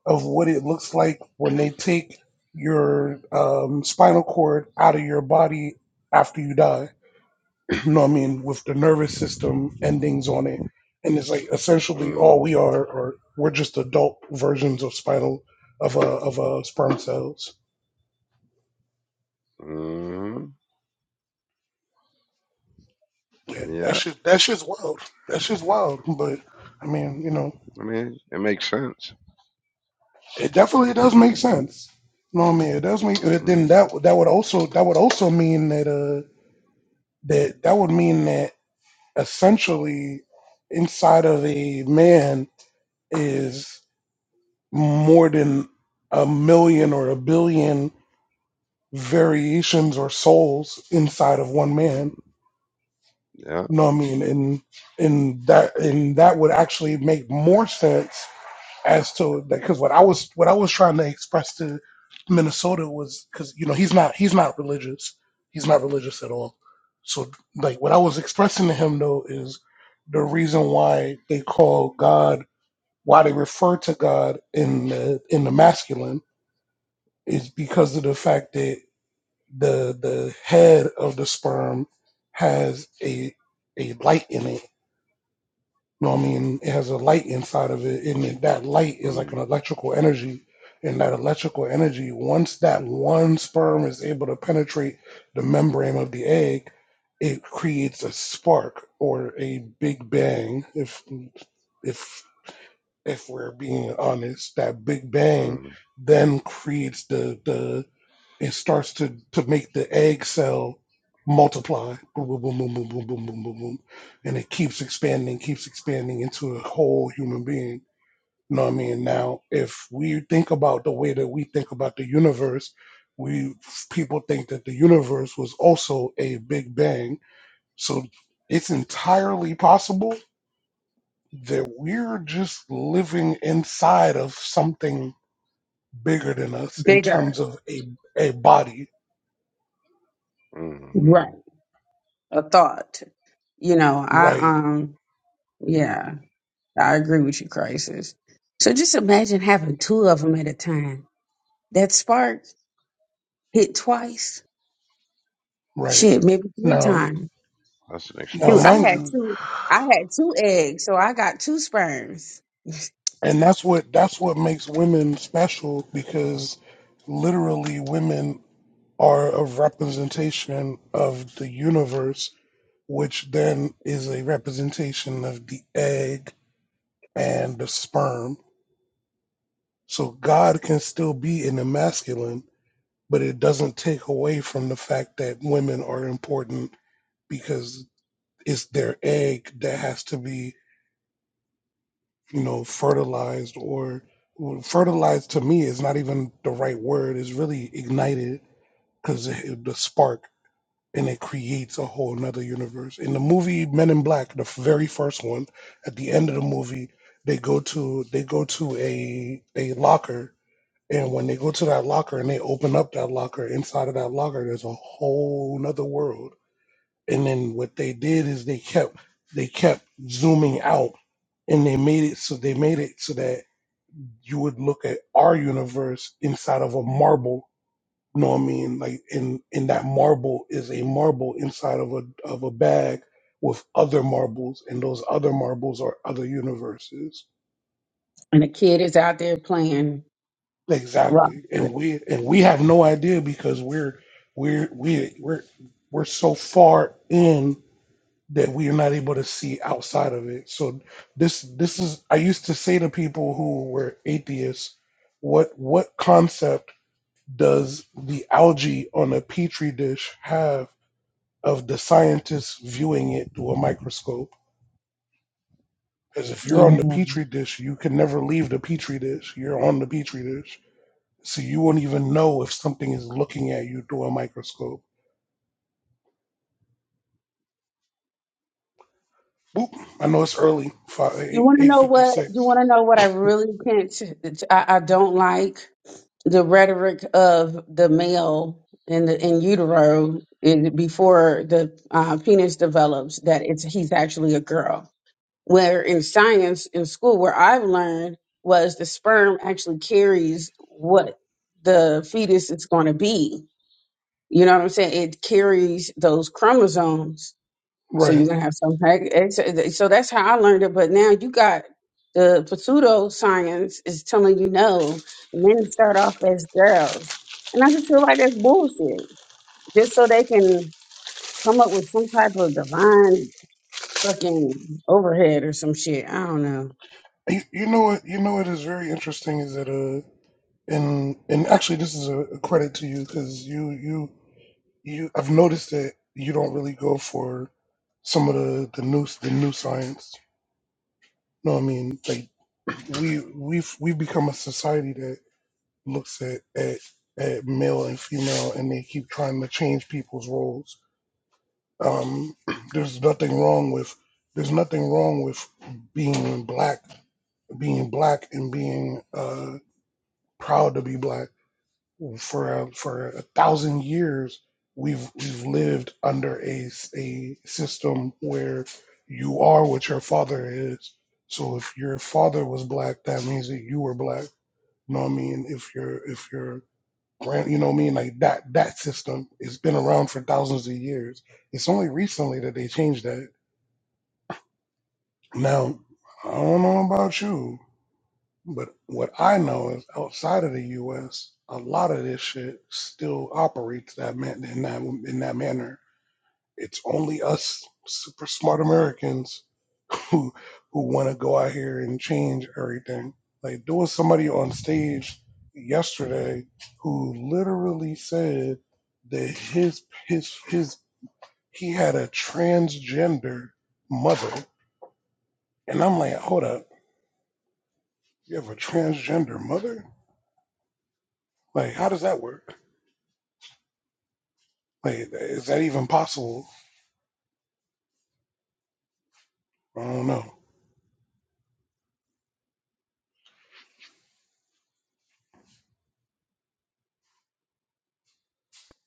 of what it looks like when they take your um, spinal cord out of your body after you die [CLEARS THROAT] you know what i mean with the nervous system endings on it and it's like essentially all
Mm,
we are are we're just adult versions of spinal of a of a sperm cells
mm,
yeah, that
yeah,
shit that shit's wild that shit's wild but i mean you know
I mean, it makes sense.
It definitely does make sense. You know what I mean? It does make it, then
Mm,
that that would also that would also mean that uh that that would mean that essentially inside of a man is more than a million or a billion variations or souls inside of one man.
mm, yeah,
You know what I mean? And and that and that would actually make more sense as to because what I was what I was trying to express to Minnesota was because you know he's not he's not religious he's not religious at all so like what I was expressing to him though is the reason why they call God why they refer to God in the in the masculine is because of the fact that the the head of the sperm has a a light in it you know what I mean? It has a light inside of it, and it- that light is like an
mm,
electrical energy. And that electrical energy, once that one sperm is able to penetrate the membrane of the egg, it creates a spark or a big bang. If if if we're being honest, that big bang
mmm, mm,
then creates the the it starts to to make the egg cell multiply. Boom, boom, boom, boom, boom, boom, boom, boom, boom, boom. And it keeps expanding, keeps expanding into a whole human being. You know what I mean? Now, if we think about the way that we think about the universe, we people think that the universe was also a big bang. So it's entirely possible that we're just living inside of something bigger than us in
Bigger,
terms of a a body,
mm.
right? A thought. You know, I
right?
um, yeah, I agree with you, crisis. So just imagine having two of them at a time. That spark hit twice.
Right.
Shit, maybe three
Now,
times.
that's an
now,
Dude,
explosion.
I
mind
had
you,
two. I had two eggs, so I got two sperms.
and that's what that's what makes women special because literally women are a representation of the universe, which then is a representation of the egg and the sperm. So God can still be in the masculine, but it doesn't take away from the fact that women are important because it's their egg that has to be you know, fertilized or well, fertilized to me is not even the right word. It's really ignited because the spark and it creates a whole another universe. In the movie Men in Black, the f- very first one, at the end of the movie, they go to they go to a a locker, and when they go to that locker and they open up that locker, inside of that locker, there's a whole another world. And then what they did is they kept they kept zooming out and they made it so they made it so that you would look at our universe inside of a marble. You know what I mean? Like in in that marble is a marble inside of a of a bag with other marbles, and those other marbles are other universes.
And a kid is out there playing rock
Exactly. And
with it.
we and we have no idea because we're we're we we're we're so far in that we are not able to see outside of it. So this this is I used to say to people who were atheists, what what concept does the algae on a petri dish have of the scientists viewing it through a microscope? Because if
Yeah.
you're on the petri dish, you can never leave the petri dish. You're on the petri dish. So you won't even know if something is looking at you through a microscope. Oop, I know it's early,
You want to know what? You
8.56.
want to know what I really can't? I, I don't like. the rhetoric of the male in the in utero in, before the uh, penis develops that it's he's actually a girl. Where in science in school, where I've learned was the sperm actually carries what the fetus is going to be. You know what I'm saying? It carries those chromosomes so you're
Right.
gonna have some hack. ex- So that's how I learned it. But now you got the pseudo science is telling you no. Men start off as girls, and I just feel like that's bullshit. Just so they can come up with some type of divine fucking overhead or some shit. I don't know.
You, you know what? You know what is very interesting is that uh, and and actually this is a, a credit to you because you you You, I've noticed that you don't really go for some of the the new the new science. No, I mean like we we've we've become a society that looks at at at male and female, and they keep trying to change people's roles. Um, [CLEARS THROAT] there's nothing wrong with there's nothing wrong with being black, being black, and being uh, proud to be black for a, for a thousand years we've we've lived under a s- a system where you are what your father is. So if your father was black, that means that you were black. You know what I mean? If your if your grand, you know what I mean? Like that that system has been around for thousands of years. It's only recently that they changed that. Now I don't know about you, But what I know is outside of the U.S., a lot of this shit still operates that man in that in that manner. It's only us super smart Americans who who want to go out here and change everything. Like there was somebody on stage yesterday who literally said that his his his he had a transgender mother, and I'm like, hold up, you have a transgender mother? Like, how does that work? Wait, is that even possible? I don't know.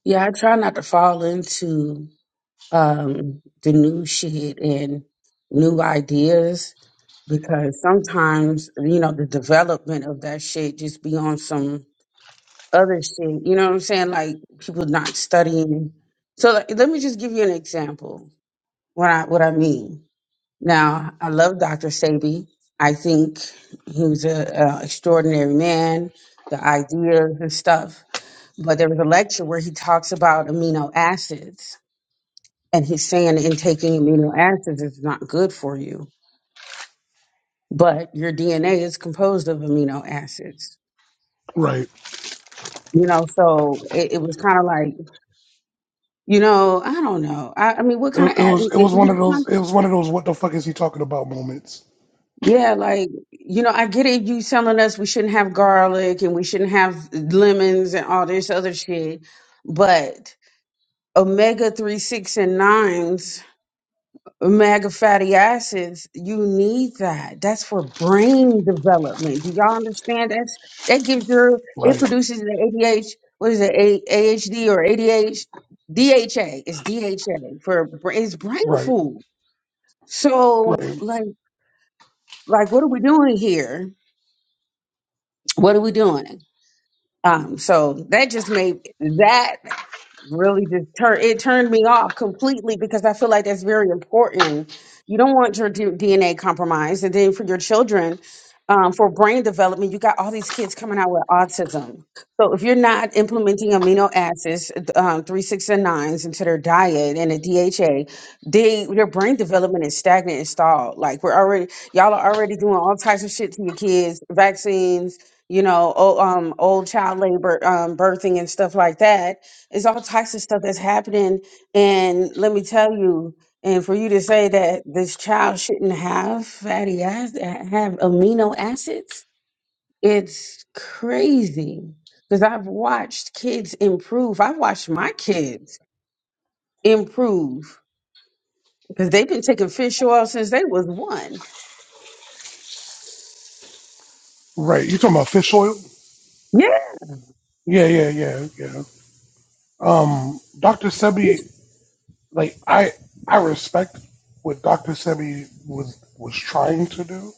Yeah, I try not to fall into um the new shit and new ideas because sometimes you know the development of that shit just be on some other shit. You know what I'm saying? Like people not studying. So like, let me just give you an example. What I what I mean. Now I love Dr. Sabi. I think he was an extraordinary man. The ideas and stuff. But there was a lecture where he talks about amino acids, and he's saying in taking amino acids is not good for you. But your DNA is composed of amino acids.
Right.
You know, so it, it was kind of like You know, I don't know. I, I mean, what kind
It,
of
it
ad, it,
was it
it-
was one of
it's not-
those it was one of those what the fuck is he talking about moments.
yeah, like, you know, I get it. You telling us we shouldn't have garlic and we shouldn't have lemons and all this other shit, but omega three, six, and nines, omega fatty acids, you need that. That's for brain development. Do y'all understand? That's that gives your it
Right.
produces the ADH. What is it? A, AHD or A D H D H A? It's DHA for bra- it's brain
Right.
food. So
Right.
like like what are we doing here? What are we doing? Um, so that just made that really just turn it turned me off completely because I feel like that's very important. You don't want your D- DNA compromised, and then for your children, um, for brain development, you got all these kids coming out with autism. So if you're not implementing amino acids, um, three, six, and nines into their diet and a DHA, they their brain development is stagnant and stalled. Like we're already, y'all are already doing all types of shit to your kids, vaccines, you know, old, um, old child labor, um, birthing and stuff like that. It's all types of stuff that's happening. And let me tell you, and for you to say that this child shouldn't have fatty acids, have amino acids, it's crazy. Because I've watched kids improve. I've watched my kids improve because they've been taking fish oil since they was one.
Right. You talking about fish oil?
Yeah.
Yeah, yeah, yeah, yeah. Um Dr. Sebi like I I respect what Dr. Sebi was was trying to do.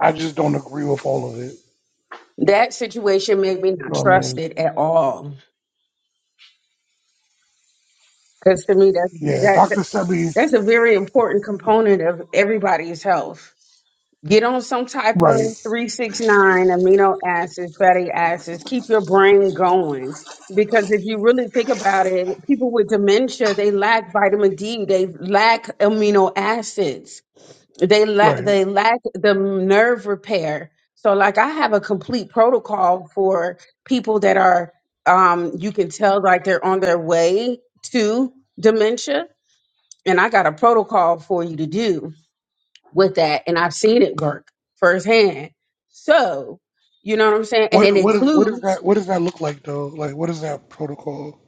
I just don't agree with all of it.
That situation made me not
You know what I
trust
mean?
it at all. Because to me, that's,
Yeah,
that, that-
Dr. Sebi
that's a very important component of everybody's health. Get on some type of
right,
369 amino acids, fatty acids. Keep your brain going. Because if you really think about it, people with dementia, they lack vitamin D, they lack amino acids, they lack
right.
they lack the nerve repair. So like I have a complete protocol for people that are um you can tell like they're on their way to dementia and I got a protocol for you to do with that and I've seen it work firsthand. So, you know what I'm saying? And
What
it
what is what is
includes
that what does that look like though? Like what does that protocol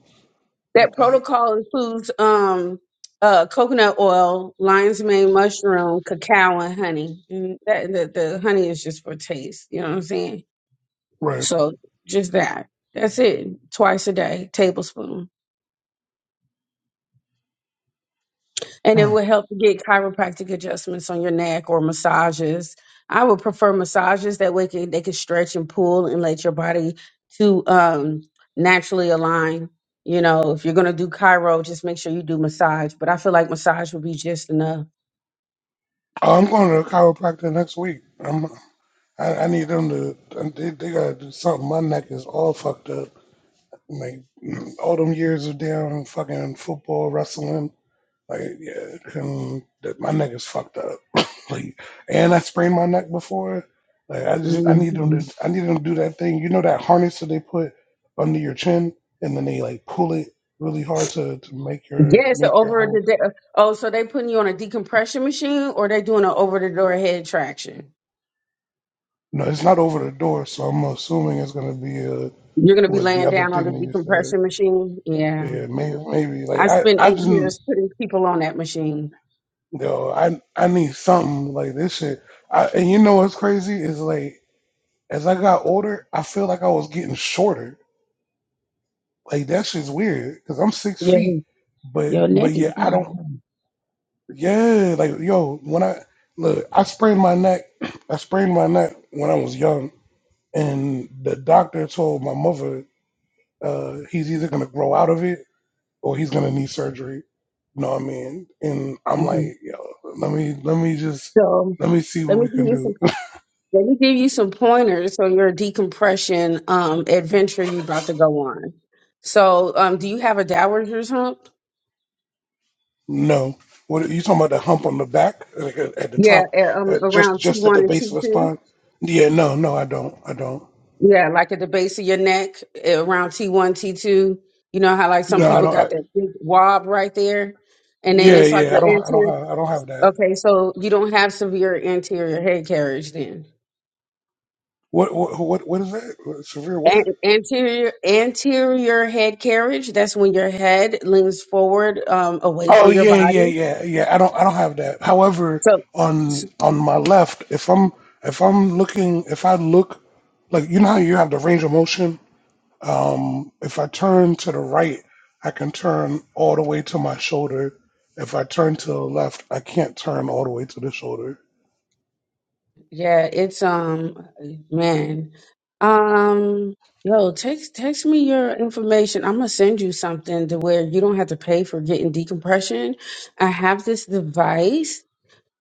that
look like?
protocol includes um uh coconut oil, lion's mane mushroom, cacao and honey. And that the, the honey is just for taste, you know what I'm saying?
Right.
So just that. That's it. Twice a day, tablespoon. And it
Hmm.
will help to get chiropractic adjustments on your neck or massages. I would prefer massages that way can, they can stretch and pull and let your body to um, naturally align. You know, if you're going to do chiro, just make sure you do massage. But I feel like massage would be just enough.
I'm going to the chiropractor next week. I'm, I, I need them to. They, they gotta do something. My neck is all fucked up. Like [CLEARS THROAT] all them years of damn fucking football, wrestling. Like yeah, and that- my neck is fucked up. [LAUGHS] [COUGHS] like, and I sprained my neck before. Like I just I need them
hmm
to. I need them to do that thing. You know that harness that they put under your chin, and then they like pull it really hard to to make your
Yes, the
make your
over the
whole.
de- oh, so they putting you on a decompression machine or they doing an over the door head traction?
No, it's not over the door, so I'm assuming it's gonna be a.
You're going to be
with the
laying
other
down on
thing
the
that you said.
decompression machine. Yeah,
Yeah, maybe, maybe like
I
I,
spent
I
eight
just
years putting people on that machine.
yo, I, I need something like this shit. I, and you know what's crazy is like as I got older, I feel like I was getting shorter. Like that shit's weird because I'm six
Yeah.
feet, but
Your neck
but
is
yeah, I don't.
gone.
Yeah, like yo, when I look, I sprained my neck. [CLEARS THROAT] I sprained my neck when I was young, and the doctor told my mother uh, he's either gonna grow out of it or he's gonna need surgery. You know what I mean? And I'm like,
Mhm.
yo, let me let me just
So
let me see
let
what
me
we
give
can
you some
do. [LAUGHS]
let me give you some pointers on your decompression um adventure you about to go on. So um do you have a dowager's hump?
No, what you talking about? The hump on the back like at, at the
Yeah,
top,
a- um
at just
around T
just at
one
the
and
base
T
of the
two.
spine? Yeah, no, no, I don't, I don't.
Yeah, like at the base of your neck, eh, around T one, T two. You know how like some
No, I
people
don't.
got
I,
that big wob right there? And then
yeah,
it's like
yeah, I
your
don't, I don't
anterior
have, I don't have that.
okay, so you don't have severe anterior head carriage then.
What what what what is that? Severe what?
An- anterior anterior head carriage. That's when your head leans forward, um, away
Oh
from your
yeah, yeah,
body.
yeah, yeah. I don't I don't have that. However,
So, s-
on on my left, if I'm if I'm looking if I look like you know how you have the range of motion? Um if I turn to the right, I can turn all the way to my shoulder. If I turn to the left, I can't turn all the way to the shoulder.
yeah, it's um, man, um, yo, text text me your information. I'm gonna send you something to where you don't have to pay for getting decompression. I have this device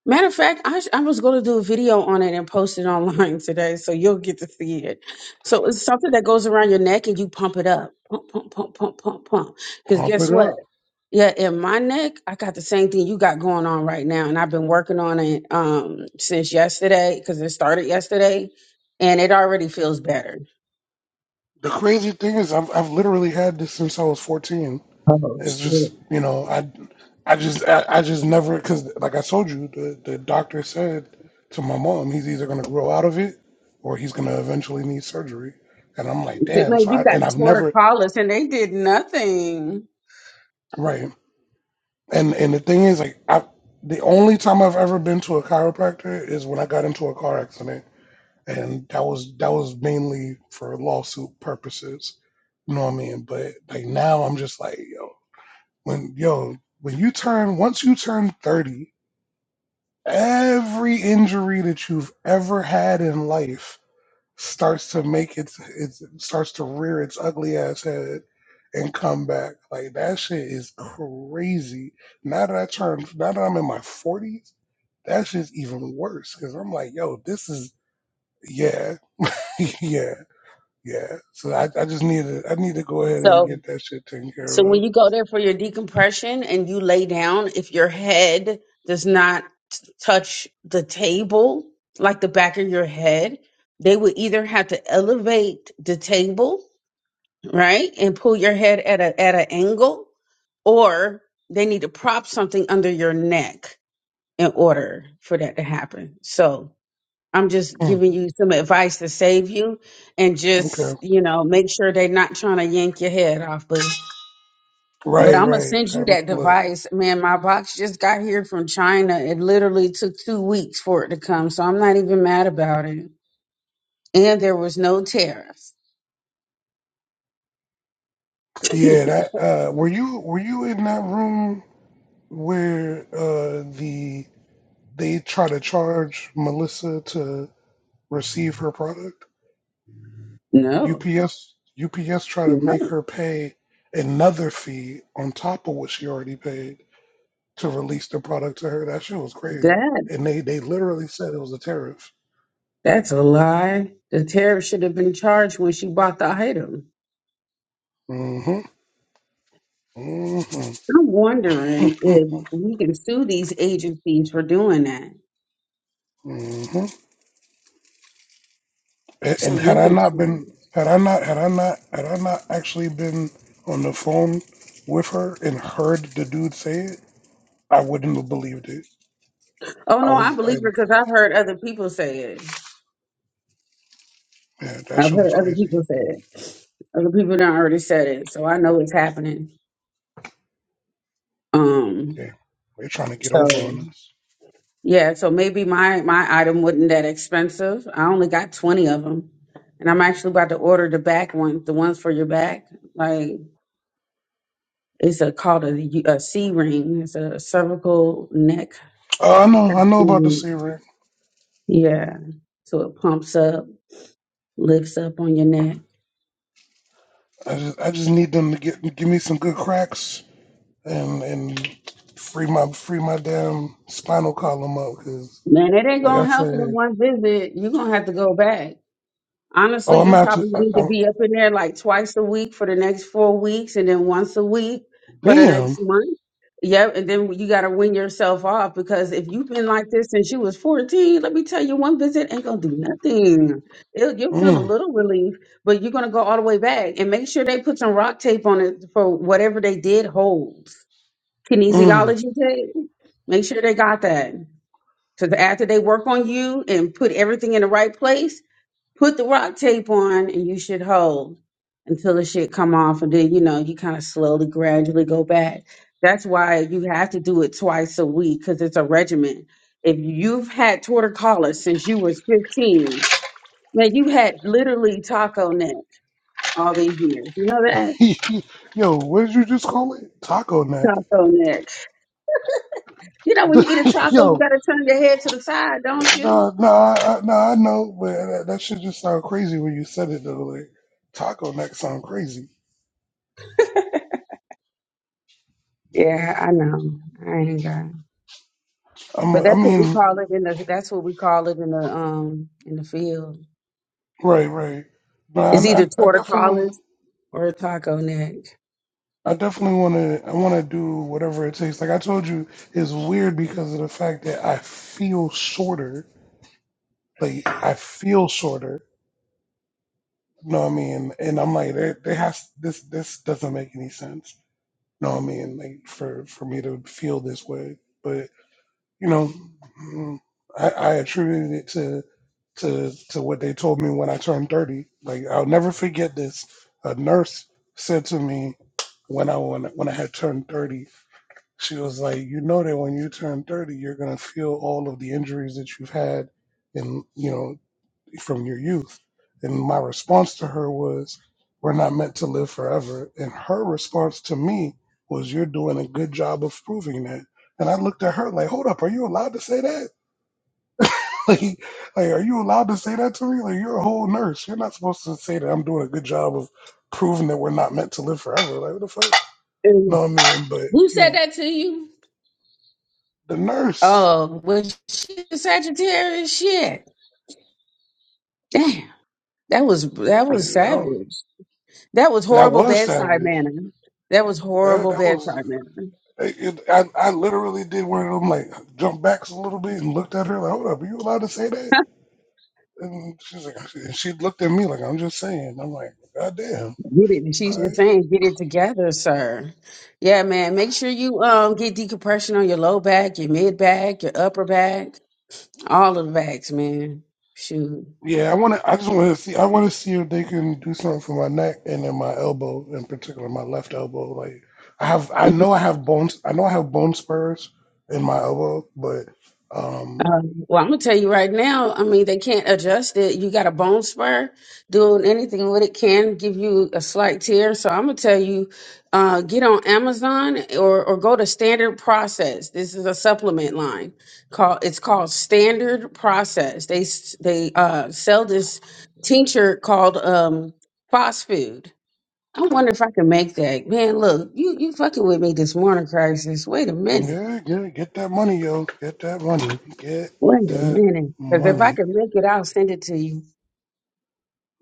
Matter of fact, I, sh- I was going to do a video on it and post it online [LAUGHS] today, so you'll get to see it. So it's something that goes around your neck and you pump it up, pump, pump, pump, pump, pump, pump. Because
Pump
guess
it
what?
up.
Yeah, in my neck, I got the same thing you got going on right now, and I've been working on it um since yesterday because it started yesterday, and it already feels better.
The crazy thing is I've I've literally had this since I was 14.
Oh
It's
shit.
just you know I I just I, I just never because like I told you the the doctor said to my mom he's either gonna grow out of it or he's gonna eventually need surgery and I'm like damn
Man,
so
you
I,
got
and I've never
torticollis, and they did nothing.
right and and the thing is like I the only time I've ever been to a chiropractor is when I got into a car accident and that was that was mainly for lawsuit purposes you know what I mean but like now I'm just like yo when yo when you turn once you turn 30 Every injury that you've ever had in life starts to make its it starts to rear its ugly ass head and come back. Like that shit is crazy. Now that I turned, now that I'm in my forties, that shit's even worse because I'm like, yo, this is yeah, [LAUGHS] yeah, yeah. So I, I just need to I need to go ahead
So
and get that shit taken care
So when
of.
you go there for your decompression and you lay down, if your head does not t- touch the table, like the back of your head, they would either have to elevate the table, right, and pull your head at a at an angle, or they need to prop something under your neck in order for that to happen. So I'm just
Mm,
giving you some advice to save you and
okay,
just, you know, make sure they're not trying to yank your head off, boo. But
right,
I'm gonna
right.
send you
Um,
that
look,
device, man. My box just got here from China. It literally took two weeks for it to come, so I'm not even mad about it. And there was no tariffs. [LAUGHS]
yeah. That uh, were you were you in that room? where uh, the they try to charge Melissa to receive her product.
No,
UPS UPS try to make her pay another fee on top of what she already paid to release the product to her. That shit was
that
crazy, and they they literally said it was a tariff.
that is the item.
hmm hmm
I'm wondering if we can sue these agencies for doing that.
hmm And,
Some
and had I
weird
not
shit.
been had I not had I not had I not actually been on the phone with her and heard the dude say it, I wouldn't have believed it
Oh
I
no, I
was,
believe
I,
it because I've heard other people say it.
yeah, that
I've
shit was
heard other
crazy.
people say it. Other people done already said it, so I know it's happening. Um,
Yeah, they're trying to get over
so.
on us.
Yeah, so maybe my my item wasn't that expensive. I only got 20 of them. And I'm actually about to order the back ones, the ones for your back. Like it's a called a, U- a C ring. It's a cervical neck.
Uh, I know, I know about the
Mm,
series.
Yeah. So it pumps up, lifts up on your neck.
I just, I just need them to get give me some good cracks and and free my free my damn spinal column up because,
Man, it ain't
like I
gonna help you in
said,
one visit. You're gonna have to go back. Honestly,
oh, I'm
you
out to,
probably
I,
need to
I,
be up in there like twice a week for the next four weeks and then once a week for the next
damn,
month. Yep. And then you got to win yourself off because if you've been like this since you was 14, let me tell you, one visit ain't going to do nothing. it you'll feel a
mm,
little relief, but you're going to go all the way back and make sure they put some rock tape on it for whatever they did Holds,
mm.
Kinesiology tape. Make sure they got that. Because after they work on you and put everything in the right place, Put the rock tape on and you should hold until the shit come off and then you know you kind of slowly gradually go back. That's why you have to do it twice a week because it's a regimen. If you've had torticollis since you was 15, man, you had literally taco neck all these years. You know that?
[LAUGHS] yo, what did you just call it? Taco nut.
Taco neck. You know,
[LAUGHS]
when you eat a taco, you
yo,
gotta turn your head to the side, don't you?
nah, nah, I, I- nah, I know, but that, that shit just sound crazy when you said it though. Like taco nut sound crazy.
Yeah, I know. I ain't got.
I'm,
But
I
that's what we
mean,
call it in the. That's what we call it in the um in the field.
right, right. But
It's
I,
either
I, I definitely,
torticollis or a taco neck.
I definitely want to, I want to do whatever it takes. Like I told you, it's weird because of the fact that I feel shorter. Like I feel shorter. You know what I mean? And I'm like, there, there has this, this doesn't make any sense. You know what I mean? Like for, for me to feel this way, but. you know, mm, I, I attributed it to to to what they told me when I turned thirty. Like I'll never forget this. A nurse said to me when I when, when I had turned thirty, she was like, "You know that when you turn thirty, you're gonna feel all of the injuries that you've had, and you know from your youth. And my response to her was, We're not meant to live forever. And her response to me was, You're doing a good job of proving that. And I looked at her like, Hold up, are you allowed to say that? [LAUGHS] like, like, are you allowed to say that to me? Like, you're a whole nurse. You're not supposed to say that I'm doing a good job of proving that we're not meant to live forever. Like, what the fuck?
Mm.
No, I mean, but,
Who
you
said
know,
that to you?
the nurse,
Oh, was she a Sagittarius? Shit. Damn. That was that was
you know,
savage. That was
that
horrible
was
bedside
savage.
manner. That was
That,
horrible
that was.
bedside manner.
It, I, I literally did one of them, like, jump backs a little bit and looked at her, like, hold up, are you allowed to say that? And she's like, and she looked at me like, I'm just saying. I'm like, God damn.
Get it. She's
All
just
right.
saying, get it together, sir. Yeah, man. Make sure you um get decompression on your low back, your mid back, your upper back, all of the backs, man. Shoot.
Yeah, I want to, I just want to see, I want to see if they can do something for my neck and then my elbow, in particular, my left elbow. Like, I have, I know I have bones, I know I have bone spurs in my elbow, but, um,
Um, well, I'm gonna tell you right now. I mean, they can't adjust it. You got a bone spur. Doing anything with it can give you a slight tear. So I'm gonna tell you, uh, get on Amazon or or go to Standard Process. This is a supplement line. Called it's called Standard Process. They s- they uh, sell this tincture called um, Phosphid. I wonder if I can make that. Man, look, you you fucking with me this morning, crisis. Wait a minute.
yeah, yeah, get that money, yo. Get that money. Get
Wait a
that
minute. Because if I
money.
can make it, I'll send it to you.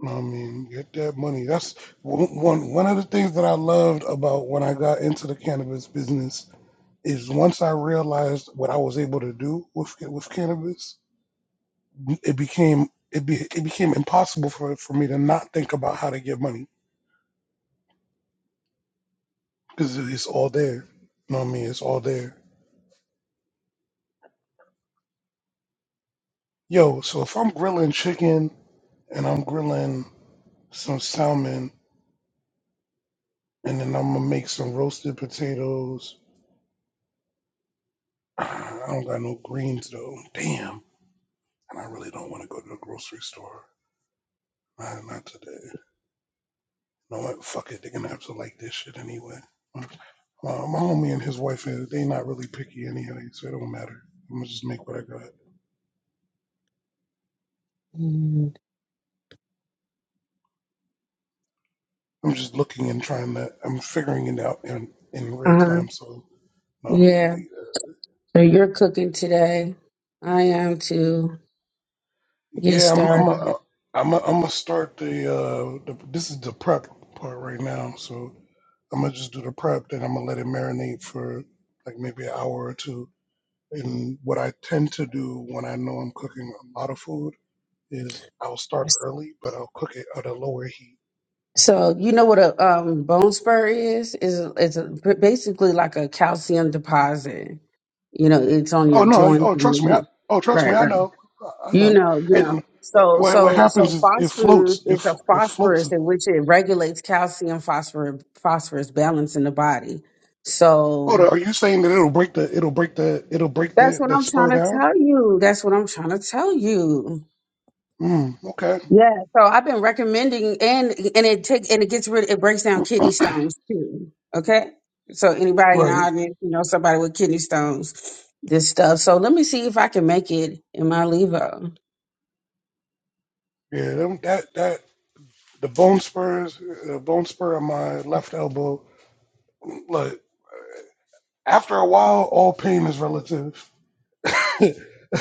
I mean, get that money. That's one one one of the things that I loved about when I got into the cannabis business is once I realized what I was able to do with with cannabis, it became it be it became impossible for for me to not think about how to get money because it's all there. You know what I mean? It's all there. Yo, so if I'm grilling chicken and I'm grilling some salmon and then I'm gonna make some roasted potatoes. [SIGHS] I don't got no greens though. Damn. and I really don't want to go to the grocery store. Nah, not today. You know what? Fuck it. They're gonna have to like this shit anyway. Uh, my homie and his wife, uh, they not really picky anyway, so it don't matter. I'm gonna just make what I got. I'm just looking and trying to. I'm figuring it out in in
Uh
real
huh.
time. So, you know what I mean,
Yeah.
like, uh,
So you're cooking today. I am to get
yeah, I'm I'm
started.
a, I'm a, I'm gonna start the uh the, this is the prep part right now. So I'm gonna just do the prep, then I'm gonna let it marinate for like maybe an hour or two And what I tend to do when I know I'm cooking a lot of food is I'll start early, but I'll cook it at a lower heat.
So you know what a um, bone spur is? Is it's a- basically like a calcium deposit. You know, it's on your
Oh no!
joints.
Oh
and your-
trust me! I,
roots.
oh trust me!
Right,
I
right.
know. I I
You
know.
know, you know.
And
So,
what what
so,
happens
so
is it
phosphorus
floats. It
is
f-
a
it floats.
phosphorus in which it regulates calcium phosphorus phosphorus balance in the body. So
Hold on. Are you saying that it'll break the it'll break the it'll break
That's
the
what
the
I'm trying
spur
to
down?
tell you. That's what I'm trying to tell you.
Mm, okay.
Yeah. So I've been recommending and and it takes and it gets rid it breaks down kidney stones too. Okay. So anybody in the
Right.
audience, you know, somebody with kidney stones, this stuff. So let me see if I can make it in my levo.
Yeah. them- That that the bone spurs the bone spur on my left elbow. Look. After a while, all pain is relative. [LAUGHS]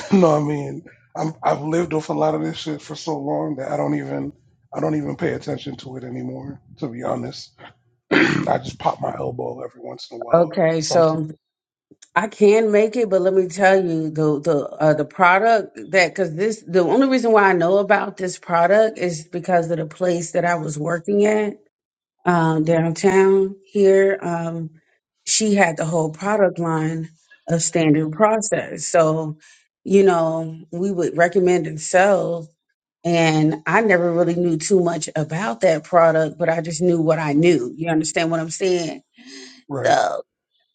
[LAUGHS] No, I mean, I'm, I've lived with a lot of this shit for so long that I don't even I don't even pay attention to it anymore. To be honest, [CLEARS THROAT] I just pop my elbow every once in a while.
Okay,
Some
so I can make it, but let me tell you the the uh, the product that because this the only reason why I know about this product is because of the place that I was working at uh, downtown here. Um, she had the whole product line of standard process. So, you know, we would recommend and sell. And I never really knew too much about that product, but I just knew what I knew. You understand what I'm saying?
right,
So.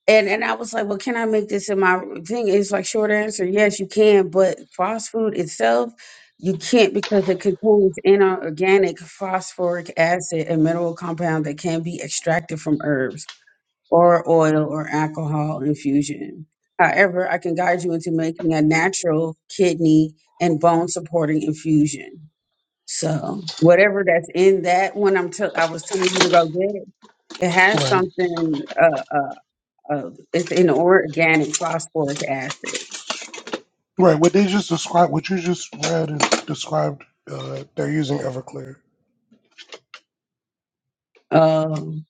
And and I was like, well, can I make this in my thing? It's like short answer, yes, you can, but fast food itself, you can't because it contains inorganic phosphoric acid, a mineral compound that can be extracted from herbs or oil or alcohol infusion. However, I can guide you into making a natural kidney and bone supporting infusion. So whatever that's in that one, I'm t- I was telling you to go get it has
right,
something. Uh, uh, uh, it's an organic phosphoric acid.
right. What they just described, what you just read, is described. Uh, they're using Everclear.
Um,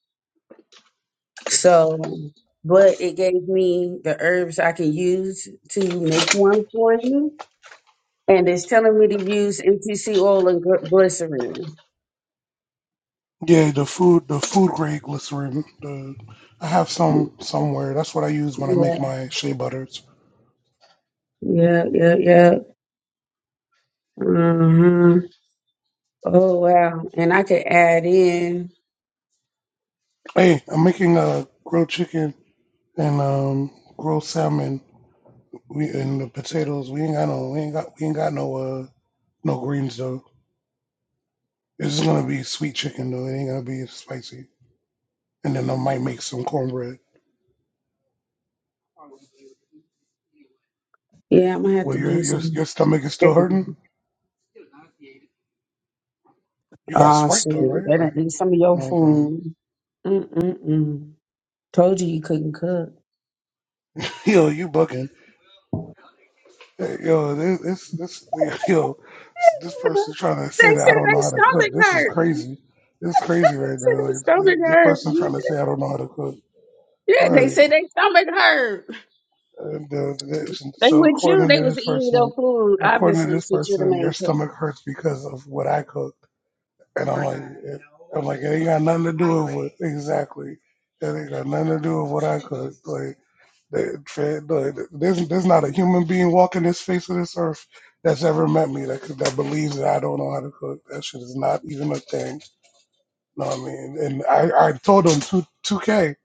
so, but it gave me the herbs I can use to make one for you. And it's telling me to use MTC oil and gly- glycerin.
Yeah, the food, the food grade glycerin. The I have some somewhere. That's what I use when I
Yeah,
make my shea butters.
yeah, yeah, yeah. hmm Oh, wow. And I could add in,
Hey, I'm making a grilled chicken and um, grilled salmon We and the potatoes. We ain't got no. We ain't got. We ain't got no. Uh, no greens though. It's just gonna be sweet chicken though. It ain't gonna be spicy. And then I might make some cornbread.
yeah, I'm gonna have
Well,
to
your
do
your
some.
your stomach is still hurting.
cooking.
You got
Oh,
Sprite though,
shit.
right?
That
Like,
done ate some of your
okay.
food. Mm-mm-mm. Told you you couldn't cook.
[LAUGHS] Yo, you bucking? Hey, Yo, this this this [LAUGHS] yo, this person trying to
They
say that
said
I don't
they
know how to cook.
stomach
This is
hurt.
crazy. This is crazy right
said
now.
their
Like, this,
stomach
this
hurt.
person
You
trying to
said-
say I don't know how to cook.
Yeah,
All
they
right.
said their stomach hurt.
Uh, the, the,
They
so
with you.
according
They
to
was
this
eating no
person,
food.
according to
Obviously,
this person, your
same cook.
stomach hurts because of what I cooked, and I'm like, it, I'm like, it ain't got nothing to do with what, exactly. It ain't got nothing to do with what I cooked. Like, that- Fred, there's there's not a human being walking this face of this earth that's ever met me that could- that believes that I don't know how to cook. That shit is not even a thing. know what I mean? And I I told them two two K.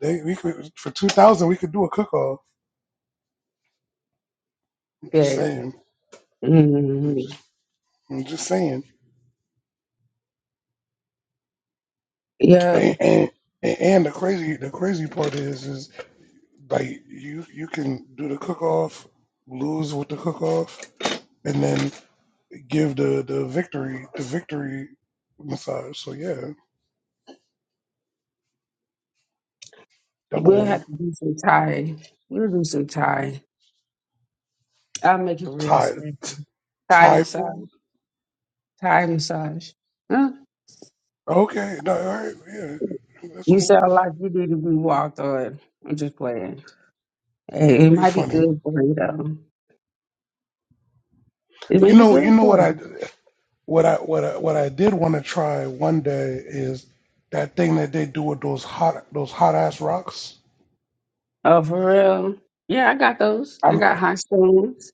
They we could for two thousand we could do a cook off. I'm just
But
saying. I'm just
mm,
I'm just saying.
yeah,
And, and and the crazy the crazy part is is like you you can do the cook off, lose with the cook off, and then give the the victory the victory massage. So yeah, double
we'll
win.
have to do some Thai. We'll do some Thai. I'll make it real
Thai
special.
t-
Thai
Thai
massage.
food.
Thai massage. Huh?
Okay, no, all right, yeah, that's
You
cool.
sound like you need to be walked on. I'm just playing. Hey, it
You're
might be
funny.
good for you though. It may
You
be
know you
good
know what
for
I
you.
what I what I what I did want to try one day is that thing that they do with those hot those hot ass rocks.
Oh, for real? Yeah, I got those. I got hot stones.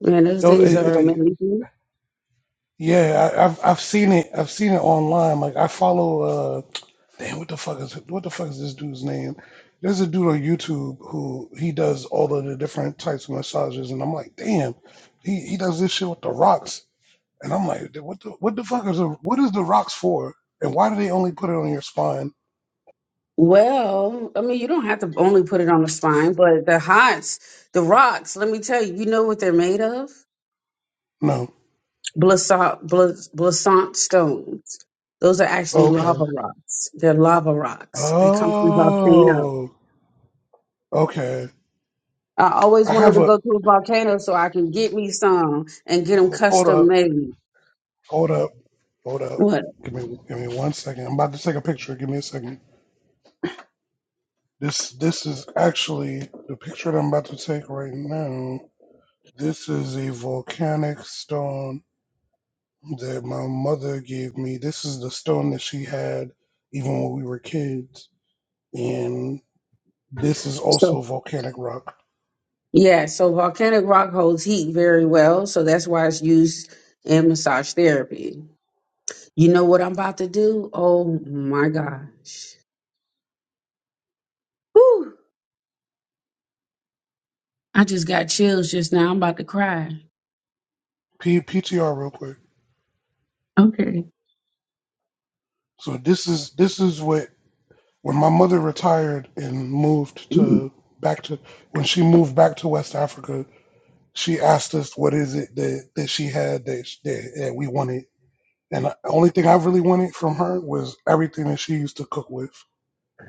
Man, those
Though
things
it,
are
it, like
amazing.
yeah, I, I've I've seen it. I've seen it online. Like I follow uh damn what the fuck is what the fuck is this dude's name? There's a dude on YouTube who he does all of the different types of massages, and I'm like, damn, he, he does this shit with the rocks, and I'm like, "Dude, what the what the fuck is the, what is the rocks for, and why do they only put it on your spine?
Well, I mean, you don't have to only put it on the spine, but the hots, the rocks, let me tell you, you know what they're made of?
No,
Blas- Blasant. Those are actually
okay,
lava rocks. They're lava rocks. They come from volcanoes.
oh, okay.
I always
I
wanted
have
to
a
go to a volcano so I can get me some and get them
ho- hold
custom
up.
made.
Hold up. Hold up.
What?
Give me give me one second. I'm about to take a picture. Give me a second. This this is actually the picture that I'm about to take right now. This is a volcanic stone that my mother gave me. This is the stone that she had even when we were kids. And this is
So,
also volcanic rock.
yeah, so volcanic rock holds heat very well. So that's why it's used in massage therapy. You know what I'm about to do? Oh my God. Woo! I just got Now I'm about to cry.
P- PTR real quick.
Okay.
So this is this is what when my mother retired and moved
Mm.
to back to when she moved back to West Africa she asked us what is it that, that she had that, sh- that that we wanted and the only thing i really wanted from her was everything that she used to cook with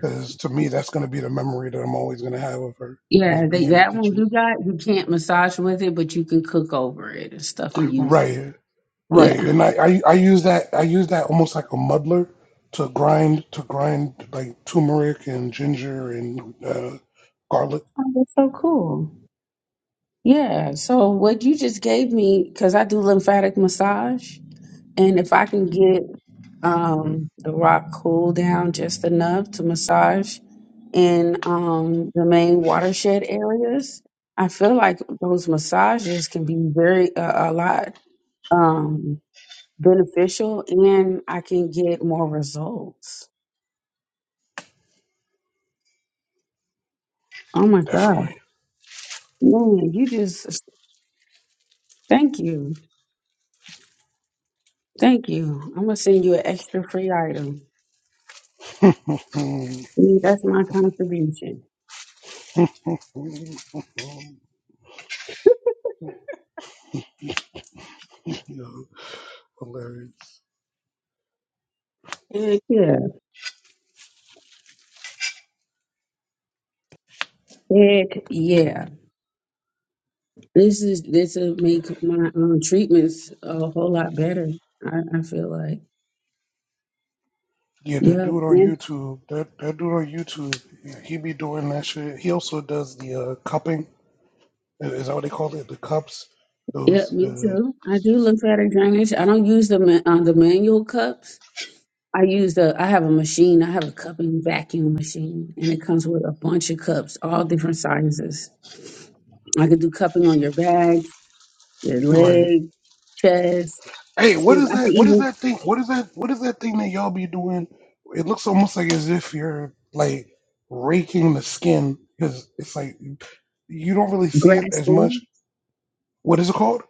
because to me that's going to be the memory that i'm always going to have of her was
Yeah,
being
they,
in the
that one
kitchen
you can't massage with it, but you can cook old stuff.
right right
Yeah.
and I, I i use that i use that almost like a muddler to grind to grind like turmeric and ginger and uh, garlic
Oh, that's so cool. Yeah. So what you just gave me, because I do lymphatic massage, and if I can get um, the rock cool down just enough to massage in um, the main watershed areas, I feel like those massages can be very uh, a a lot um, beneficial, and I can get more results. Oh my God.
definitely
Man, you just thank you. Thank you. I'm gonna send you an extra free item.
[LAUGHS]
See, That's my contribution.
Yeah, hilarious
Yeah. Heck yeah. This is this will make my um, treatments a whole lot better. I, I feel like.
Yeah, the
yeah,
dude on
Yes.
YouTube, that, that dude on YouTube, he be doing that shit. He also does the uh, cupping. Is that what they call it? The cups,
Yep.
those
Me
the
too. I do lymphatic drainage. I don't use the ma- uh, the manual cups. I use a I have a machine, I have a cupping vacuum machine, and it comes with a bunch of cups, all different sizes. I could do cupping on your back, your
right.
leg, chest.
Hey, what is
I could
that? What is
even
that thing? What is that? What is that thing that y'all be doing? It looks almost like as if you're like raking the skin because it's like you don't really see it as
grasping,
much. What is it called?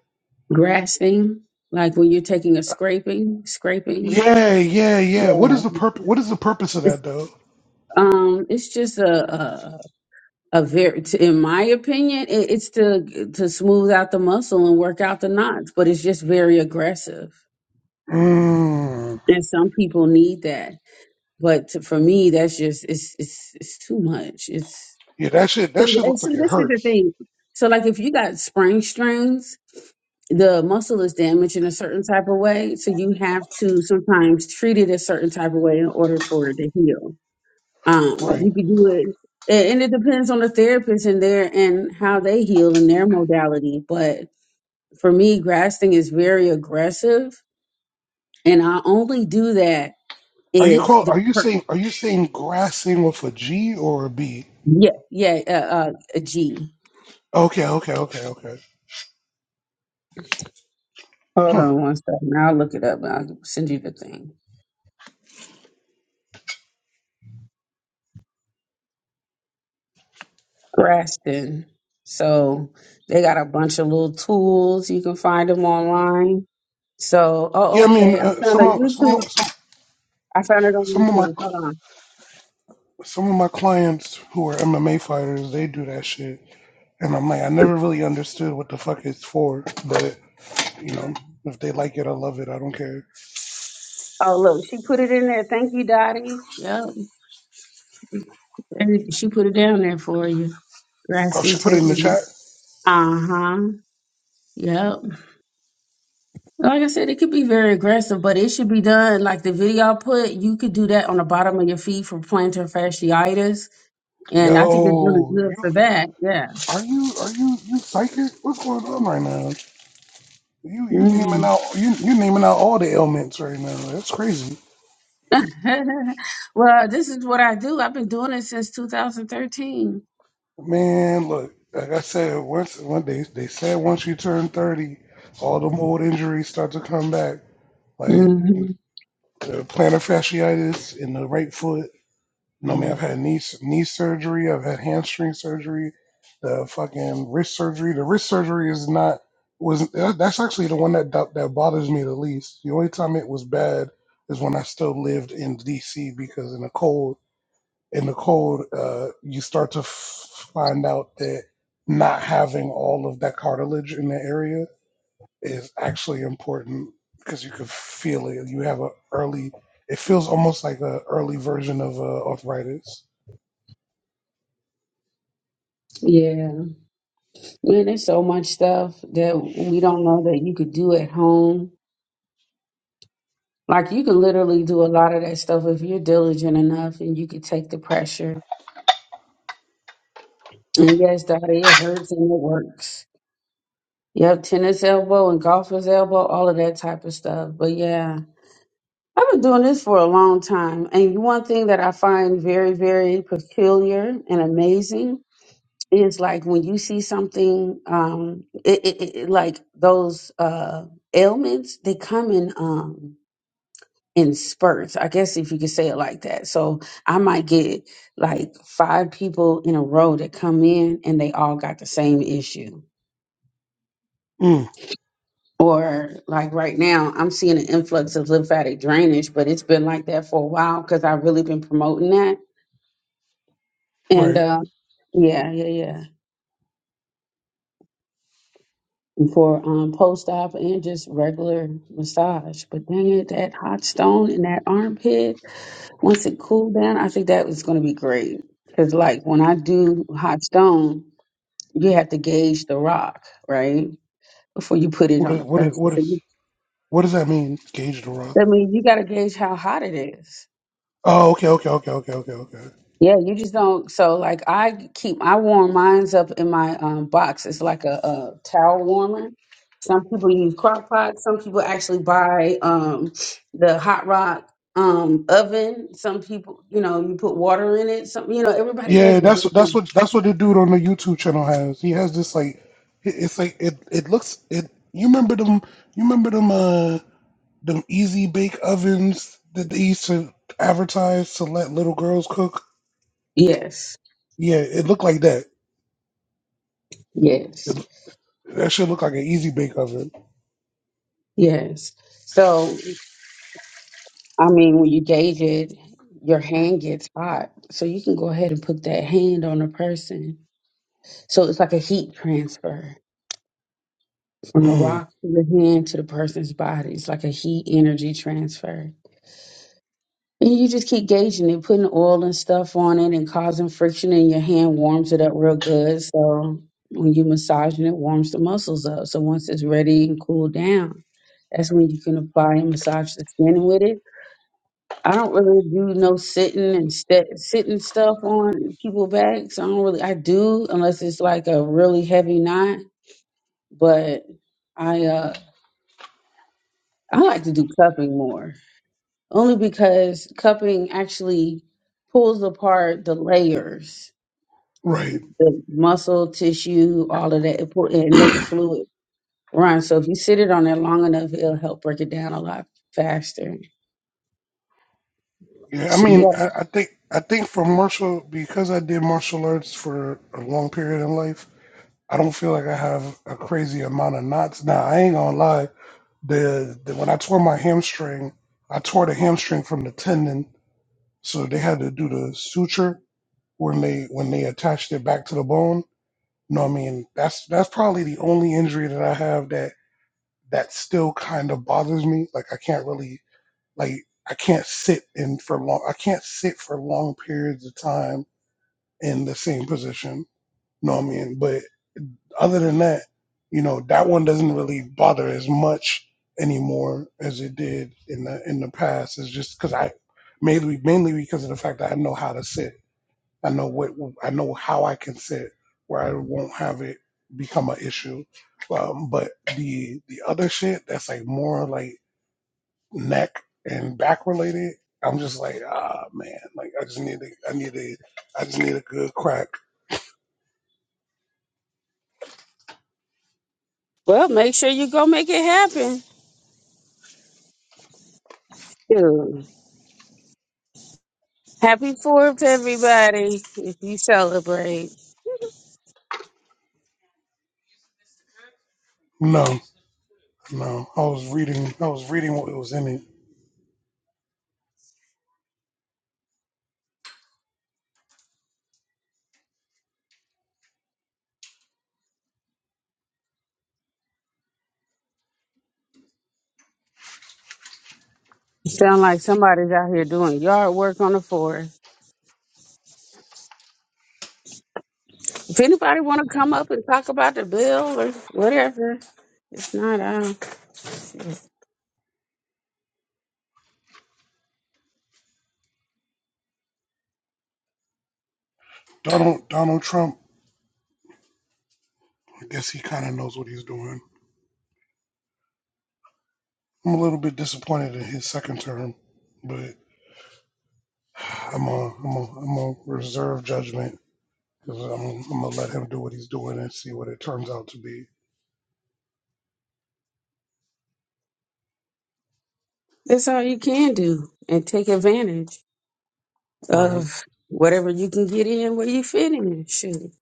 grasping, like when you're taking a scraping, scraping.
Yeah, yeah, yeah. What
Yeah,
is the purpose? What is the purpose of
it's
that though?
um, it's just a a, a very, in my opinion, it, it's to to smooth out the muscle and work out the knots, but it's just very aggressive,
Mm.
and some people need that But to, for me, that's just it's it's it's too much. It's
Yeah, that shit. That shit
and
looks like
see,
it
this is the
hurts.
thing. So, like, if you got sprained strings, the muscle is damaged in a certain type of way, so you have to sometimes treat it a certain type of way in order for it to heal. Um,
Right.
you could do it, a- and it depends on the therapist and their and how they heal and their modality. But for me, grasping is very aggressive, and I only do that
Are you
if
call
the
are you
per-
saying are you saying grassing with a G or a B?
yeah yeah uh, uh, a G.
Okay, okay, okay, okay.
Hold
Huh.
on one second. I'll look it up and I'll send you the thing. Graston. So they got a bunch of little tools. You can find them online. So,
Yeah,
oh,
I mean,
okay.
uh,
I found a
some of some
YouTube.
of- some
I found it on
some of my
YouTube. Hold on.
some of my clients who are MMA fighters, they do that shit, and I'm like, I never really understood what the fuck it's for, but you know, if they like it, I love it. I don't care.
Oh, look. She put it in there. Thank you, Dottie. Yep. And she put it down there for you.
Oh,
Graston
she put it in the
technique.
chat.
Uh huh. Yep. Like I said, it could be very aggressive, but it should be done like the video I put. You could do that on the bottom of your feet for plantar fasciitis, and I think it's really
Yo,
good
you
for that. Yeah.
are you are you you psychic? What's going on right now? You you naming
Mm.
out you you naming out all the ailments right now. That's crazy.
[LAUGHS] well, this is what I do. I've been doing it since 2013.
Man, look, like I said, once one they they said once you turn thirty, all them old injuries start to come back, like
hmm
the plantar fasciitis in the right foot. You know, I mean,
hmm
I've had knee knee surgery, I've had hamstring surgery, the fucking wrist surgery. The wrist surgery is not was that- that's actually the one that do- that bothers me the least. The only time it was bad is when I still lived in D.C. because in the cold in the cold, uh, you start to f- find out that not having all of that cartilage in the area is actually important because you can feel it. You have a early, it feels almost like a early version of uh, arthritis.
Yeah. Man, there's so much stuff that we don't know that you could do at home. Like you could literally do a lot of that stuff if you're diligent enough and you could take the pressure. And yes, Daddy, it hurts and it works. Yeah, tennis elbow and golfer's elbow, all of that type of stuff. But yeah, I've been doing this for a long time. And one thing that I find very, very peculiar and amazing is like when you see something, um, it, it, it, it- like those uh, ailments, they come in um, in spurts. I guess if you could say it like that. So I might get like five people in a row that come in and they all got the same issue
Mm,
or like right now i'm seeing an influx of lymphatic drainage but it's been like that for a while because i've really been promoting that and
right.
uh, yeah yeah yeah And for um, post-op and just regular massage but dang it that hot stone in that armpit once it cooled down i think that was going to be great because like when i do hot stone you have to gauge the rock right before you put it
What
on
is,
the
what is,
person
what
so
is,
you,
what does that mean? Gauge the
that
rock.
means you got to gauge how hot it is
Oh, okay, okay, okay, okay, okay, okay.
Yeah, you just don't. So, like, I keep I warm mines up in my um, box. It's like a, a towel warmer. Some people use crock pot. Some people actually buy um, the hot rock um, oven. Some people, you know, you put water in it. Some, you know, everybody
Yeah,
does it
that's that's
different.
what that's what the dude on the YouTube channel has. He has this like, it- it's like it it looks it. You remember them? You remember them? Uh, them easy bake ovens that they used to advertise to let little girls cook.
Yes,
Yeah, it looked like that.
yes,
It, that should look like an easy bake oven.
yes. So, I mean, when you gauge it, your hand gets hot. So you can go ahead and put that hand on a person. So it's like a heat transfer. From the
Mm,
rock to the hand to the person's body. It's like a heat energy transfer. And you just keep gauging it, putting oil and stuff on it and causing friction and your hand warms it up real good. So when you massaging it, warms the muscles up. So once it's ready and cooled down, that's when you can apply and massage the skin with it. I don't really do no sitting and st- sitting stuff on people backs. I don't really. I do unless it's like a really heavy knot, but. I. uh I like to do cupping more, only because cupping actually pulls apart the layers,
right.
the muscle tissue, all of that, it pull, and let the fluid run. So if you sit it on there long enough, it'll help break it down a lot faster.
Yeah. I
So you
mean, I, I think I think for martial because I did martial arts for a long period in life, I don't feel like I have a crazy amount of knots. Now I ain't gonna lie. The, the when I tore my hamstring, I tore the hamstring from the tendon, so they had to do the suture when they when they attached it back to the bone No, I mean that's that's probably the only injury that I have that that still kind of bothers me. Like I can't really like I can't sit in for long. I can't sit for long periods of time in the same position. No, I mean, but other than that, you know, that one doesn't really bother as much anymore as it did in the in the past. It's just because I mainly mainly because of the fact that I know how to sit. I know what I know how I can sit where I won't have it become an issue. Um, but the the other shit that's like more like neck and back related, I'm just like ah man, like I just need a, I need a I just need a good crack.
well, dude,
No, no. I was reading I was reading what was in it.
sound like somebody's out here doing yard work on the forest. If anybody, it's not out.
Donald Donald Trump. I guess he kind of knows what he's doing. I'm a little bit disappointed in his second term, but [SIGHS] I'm a I'm a I'm a reserve judgment because I'm, I'm gonna let him do what he's doing and see what it turns out to be.
That's all you can do, and take advantage
Right.
of whatever you can get in where you fit in. Shoot,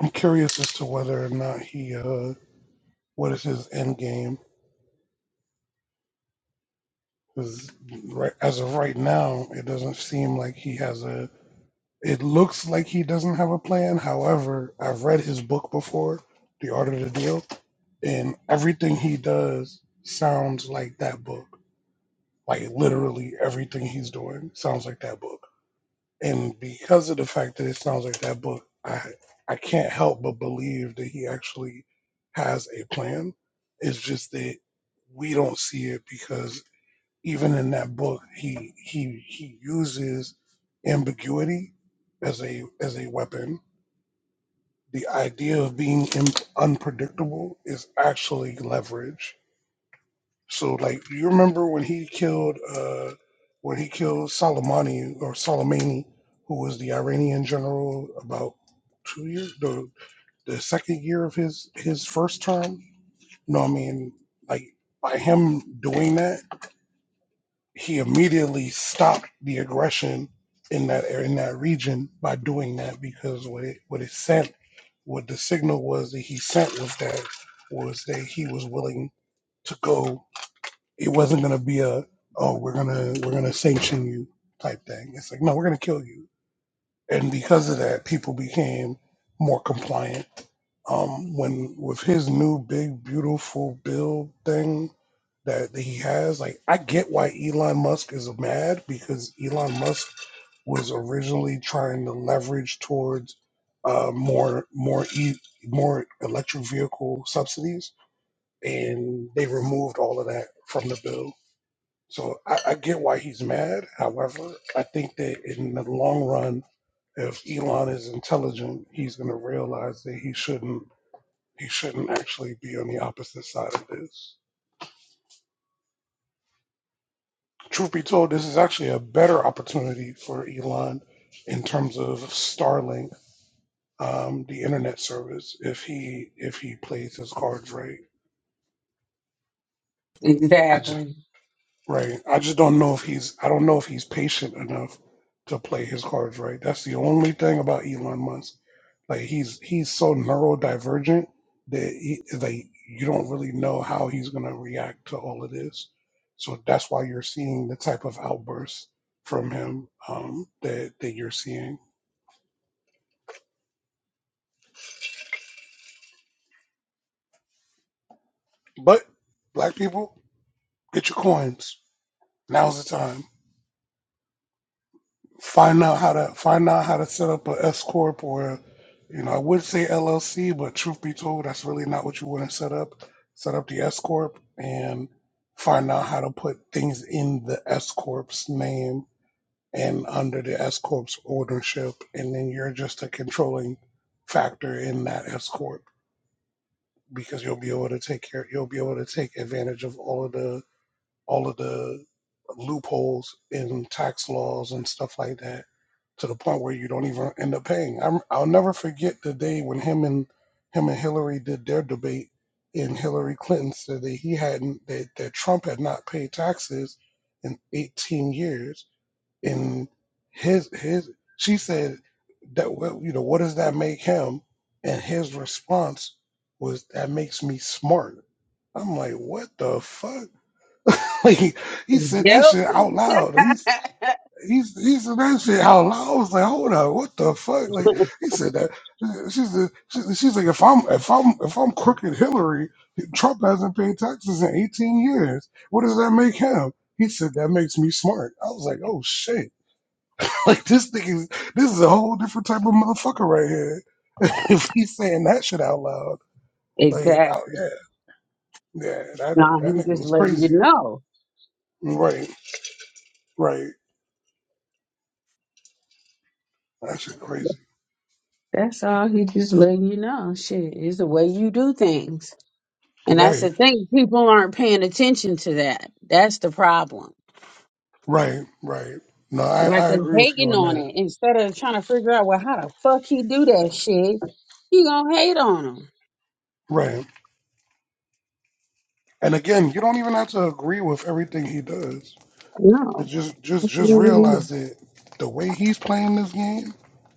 I'm curious as to whether or not he, uh, what is his end game? Because right, as of right now, it doesn't seem like he has a. It looks like he doesn't have a plan. However, I've read his book before, The Art of the Deal, and everything he does sounds like that book. Like literally everything he's doing sounds like that book. and because of the fact that it sounds like that book, I I can't help but believe that he actually has a plan. It's just that we don't see it because even in that book, he he he uses ambiguity as a as a weapon. The idea of being im unpredictable is actually leverage so like you remember when he killed uh when he killed Soleimani or Soleimani, who was the Iranian general about two years the the second year of his his first term? No, I mean like by him doing that, he immediately stopped the aggression in that area in that region by doing that because what it what it sent what the signal was that he sent was that was that he was willing to go it wasn't gonna be a oh we're gonna we're gonna sanction you type thing. It's like no, we're gonna kill you. And because of that, people became more compliant. Um, when with his new big beautiful bill thing that that he has, like I get why Elon Musk is mad because Elon Musk was originally trying to leverage towards uh, more more e- more electric vehicle subsidies, and they removed all of that from the bill so I, I get why he's mad. However, I think that in the long run, if Elon is intelligent, he's going to realize that he shouldn't he shouldn't actually be on the opposite side of this. Truth be told, this is actually a better opportunity for Elon in terms of Starlink, um, the internet service, if he if he plays his cards right. I just
exactly.
right. I just don't know if he's I don't know if he's patient enough to play his cards right. That's the only thing about Elon Musk Like he's he's so neurodivergent that he, like you don't really know how he's gonna react to all of this. So that's why you're seeing the type of outbursts from him um, that that you're seeing. But black people, get your coins. Now's the time. find out how to find out how to set up a S corp or you know I would say LLC, but truth be told, that's really not what you want to set up. Set up the S corp and find out how to put things in the S corp's name and under the S corp's ownership, and then you're just a controlling factor in that S corp because you'll be able to take care you'll be able to take advantage of all of the all of the loopholes in tax laws and stuff like that to the point where you don't even end up paying. I'm, I'll never forget the day when him and him and Hillary did their debate, and Hillary Clinton said that he hadn't that, that Trump had not paid taxes in 18 years, and his his she said that well you know what does that make him, and his response was that makes me smart. I'm like, what the fuck? [LAUGHS] Like he said
Yep.
that shit out loud. He
[LAUGHS]
He's he said that shit out loud. I was like, hold up, what the fuck? Like he said that. She said, she, she's like, if I'm if I'm if I'm crooked Hillary, Trump hasn't paid taxes in 18 years. What does that make him? He said that makes me smart. I was like, oh shit, [LAUGHS] like this thing is this is a whole different type of motherfucker right here. [LAUGHS] if he's saying that shit out loud, like oh
exactly.
yeah, yeah, that
No,
that
he
nigga
just
was
letting you
crazy.
know.
Right, right, that shit crazy.
That's all. He just letting you know. Shit, it's the way you do things. And that's
Right.
the thing. People aren't paying attention to that. That's the problem.
Right, right. No, I,
Like
I
they're
agree with you
hating
on
on
that.
it instead of trying to figure out, well, how the fuck he do that shit. You gonna hate on him.
Right. And again, you don't even have to agree with everything he does. But
No.
just just just realize that the way he's playing this game,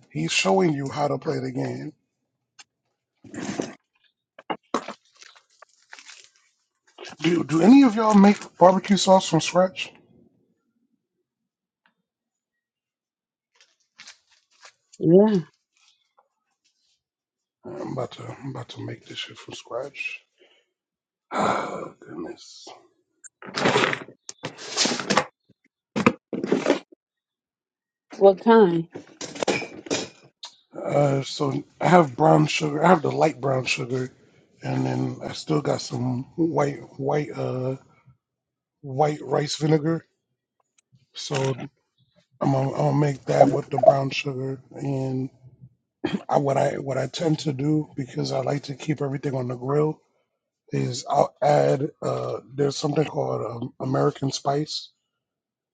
he's showing you how to play the game. Do do any of y'all make barbecue sauce from scratch?
Yeah.
I'm about to I'm about to make this shit from scratch. [SIGHS] Oh goodness.
What kind?
Uh so I have brown sugar. I have the light brown sugar and then I still got some white white uh white rice vinegar. So I'm gonna, I'm gonna make that with the brown sugar, and I, what I what I tend to do because I like to keep everything on the grill is I'll add uh, there's something called um, American Spice,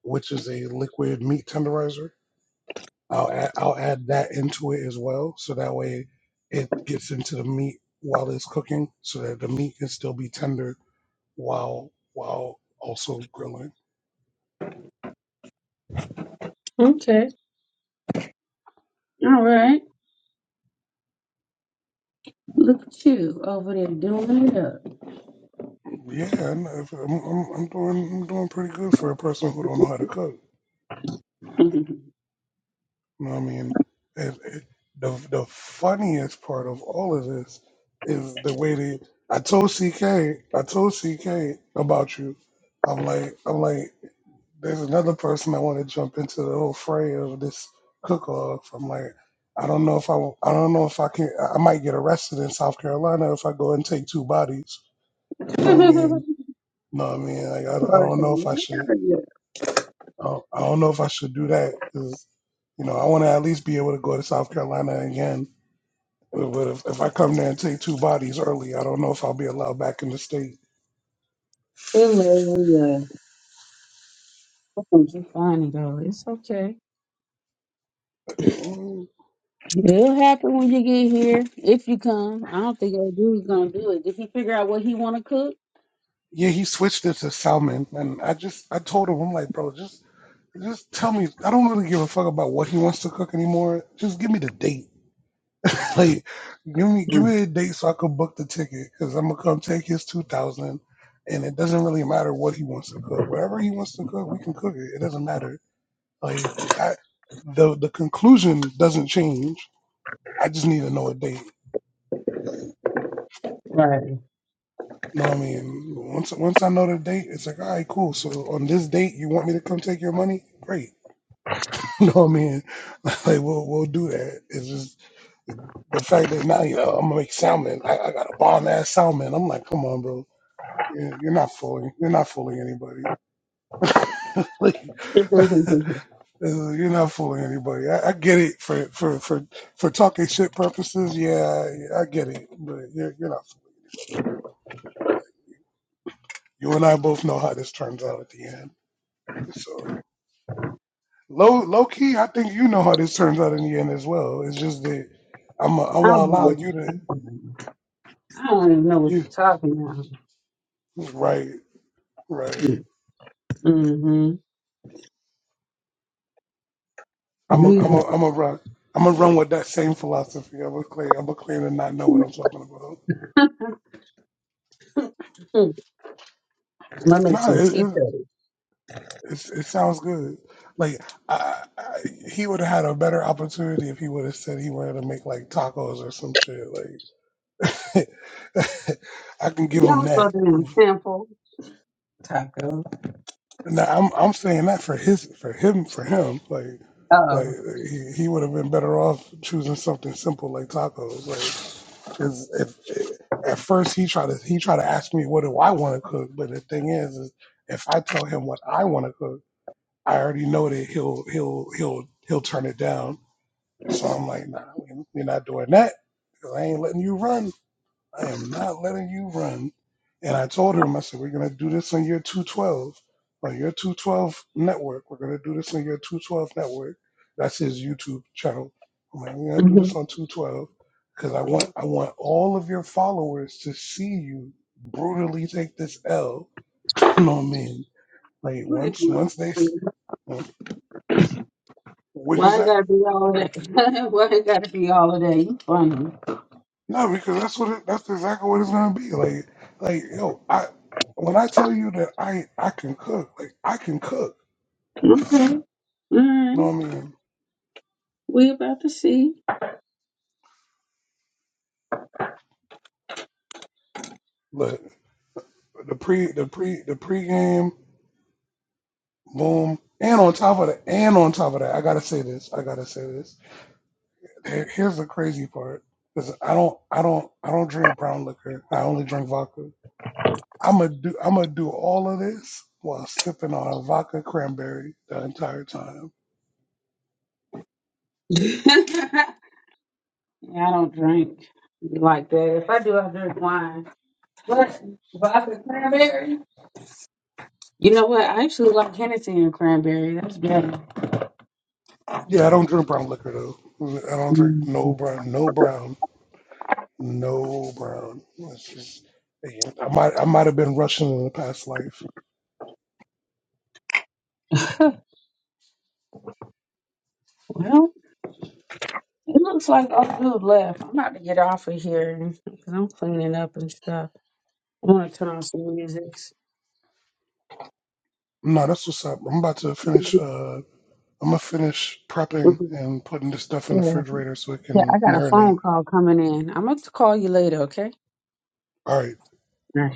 which is a liquid meat tenderizer. I'll add, I'll add that into it as well, so that way it gets into the meat while it's cooking, so that the meat can still be tender while while also grilling.
Okay. All right. Look at you over there doing
Yeah, I'm, I'm, I'm doing I'm doing pretty good for a person who don't know how to cook.
it
You know what I mean? And it, the the funniest part of all of this is the way they. I told CK, I told CK about you. I'm like, I'm like, there's another person I want to jump into the whole fray of this cook-off. I'm like, I don't know if I, I don't know if I can. I might get arrested in South Carolina if I go and take two bodies. You know what I
up. [LAUGHS]
mean? You know what I mean? Like, I, don't- I
Hilarious.
don't know if I should. Oh, I don't know if I should do that because you know I want to at least be able to go to South Carolina again. But if, if I come there and take two bodies early, I don't know if I'll be allowed back in the state.
Hilarious. Oh, you funny though. It's okay.
Mm,
It'll happen when you get here. If you come. I don't think that dude's gonna do it. Did he figure out what he wanna cook?
Yeah, he switched it to salmon, and I just I told him I'm like, bro, just just tell me. I don't really give a fuck about what he wants to cook anymore. Just give me the date. [LAUGHS] Like, give me give me a date so I can book the ticket because I'm gonna come take his two thousand, and it doesn't really matter what he wants to cook. Whatever he wants to cook, we can cook it. It doesn't matter Like that, the the conclusion doesn't change. I just need to know a date.
Right.
You know what I mean? Once once I know the date, it's like, all right, cool. So on this date, you want me to come take your money? Great. [LAUGHS] You know what I mean? [LAUGHS] Like we'll we'll do that. It's just the fact that now you know I'm gonna make salmon. I, I got a bomb ass salmon. I'm like, come on, bro. You're you're not fooling. You're not fooling anybody. [LAUGHS] Like
[LAUGHS]
Uh, you're not fooling anybody. I, I get it for, for for for talking shit purposes. Yeah, I, I get it, but you're you're not fooling anybody. You and I both know how this turns out at the end. So low low key, I think you know how this turns out in the end as well. It's just that I'm i am i
I
gonna
don't know
allow you
you
to
I don't even know what
you
you're talking about.
right right.
Mm-hmm.
I'm a,
We
I'm a,
mm,
I'm a run. I'm gonna run with that same philosophy. I'm gonna claim. I'm gonna claim to not know what I'm talking about.
let me make
Nah,
some
it,
tea
it,
curry.
It's, it sounds good. Like I, I, he would have had a better opportunity if he would have said he wanted to make like tacos or some shit. Like [LAUGHS] I can give
Y'all
him
was
that.
supposed to be a sample. Taco.
Now I'm I'm saying that for his for him for him like like he, he would have been better off choosing something simple like tacos like because if, at first he tried to he tried to ask me what do I want to cook but the thing is, is if I tell him what I want to cook I already know that he'll he'll he'll he'll turn it down. So I'm like, nah, we- are not doing that because I ain't letting you run. I am not letting you run. And I told him, I said, we're gonna do this on your 212, on your 212 network. We're gonna do this on your 212 network. That's his YouTube channel. I'm like, we're gonna do
Mm-hmm.
this on 212 because I want I want all of your followers to see you brutally take this L. [LAUGHS] no mean. Like
What is
once
it?
once they s- what'd you
Why it
say?
gotta be all of that? [LAUGHS] Why it gotta be all of that? You funny.
No, because that's what it, that's exactly what it's gonna be. Like, like yo, I when I tell you that I I can cook, like I can cook.
Okay. All
You know
right,
what I mean?
we about to see.
Look, the pre the pre the pregame boom, and on top of that, and on top of that, I gotta say this. I gotta say this. Here- Here's the crazy part, because I don't I don't I don't drink brown liquor. I only drink vodka. I'm gonna do I'm gonna do all of this while sipping on a vodka cranberry the entire time.
[LAUGHS] yeah, I don't drink like that. If I do, I drink wine. But vodka cranberry. You know what? I actually like Hennessy and cranberry. That's better.
Yeah, I don't drink brown liquor though. I don't drink
Mm.
no brown, no brown, no brown. It's just, hey, I might, I might have been Russian in a past life.
[LAUGHS] well, it looks like all good left. I'm about to get off of here because I'm cleaning up and stuff. I want to turn on some music.
No, that's what's up. I'm about to finish. Uh, I'm gonna finish prepping
Mhm.
and putting this stuff
Yeah,
in the refrigerator so it
yeah.
can
I got a phone
marinate.
call coming in. I'm gonna call you later. Okay.
All right.
All right.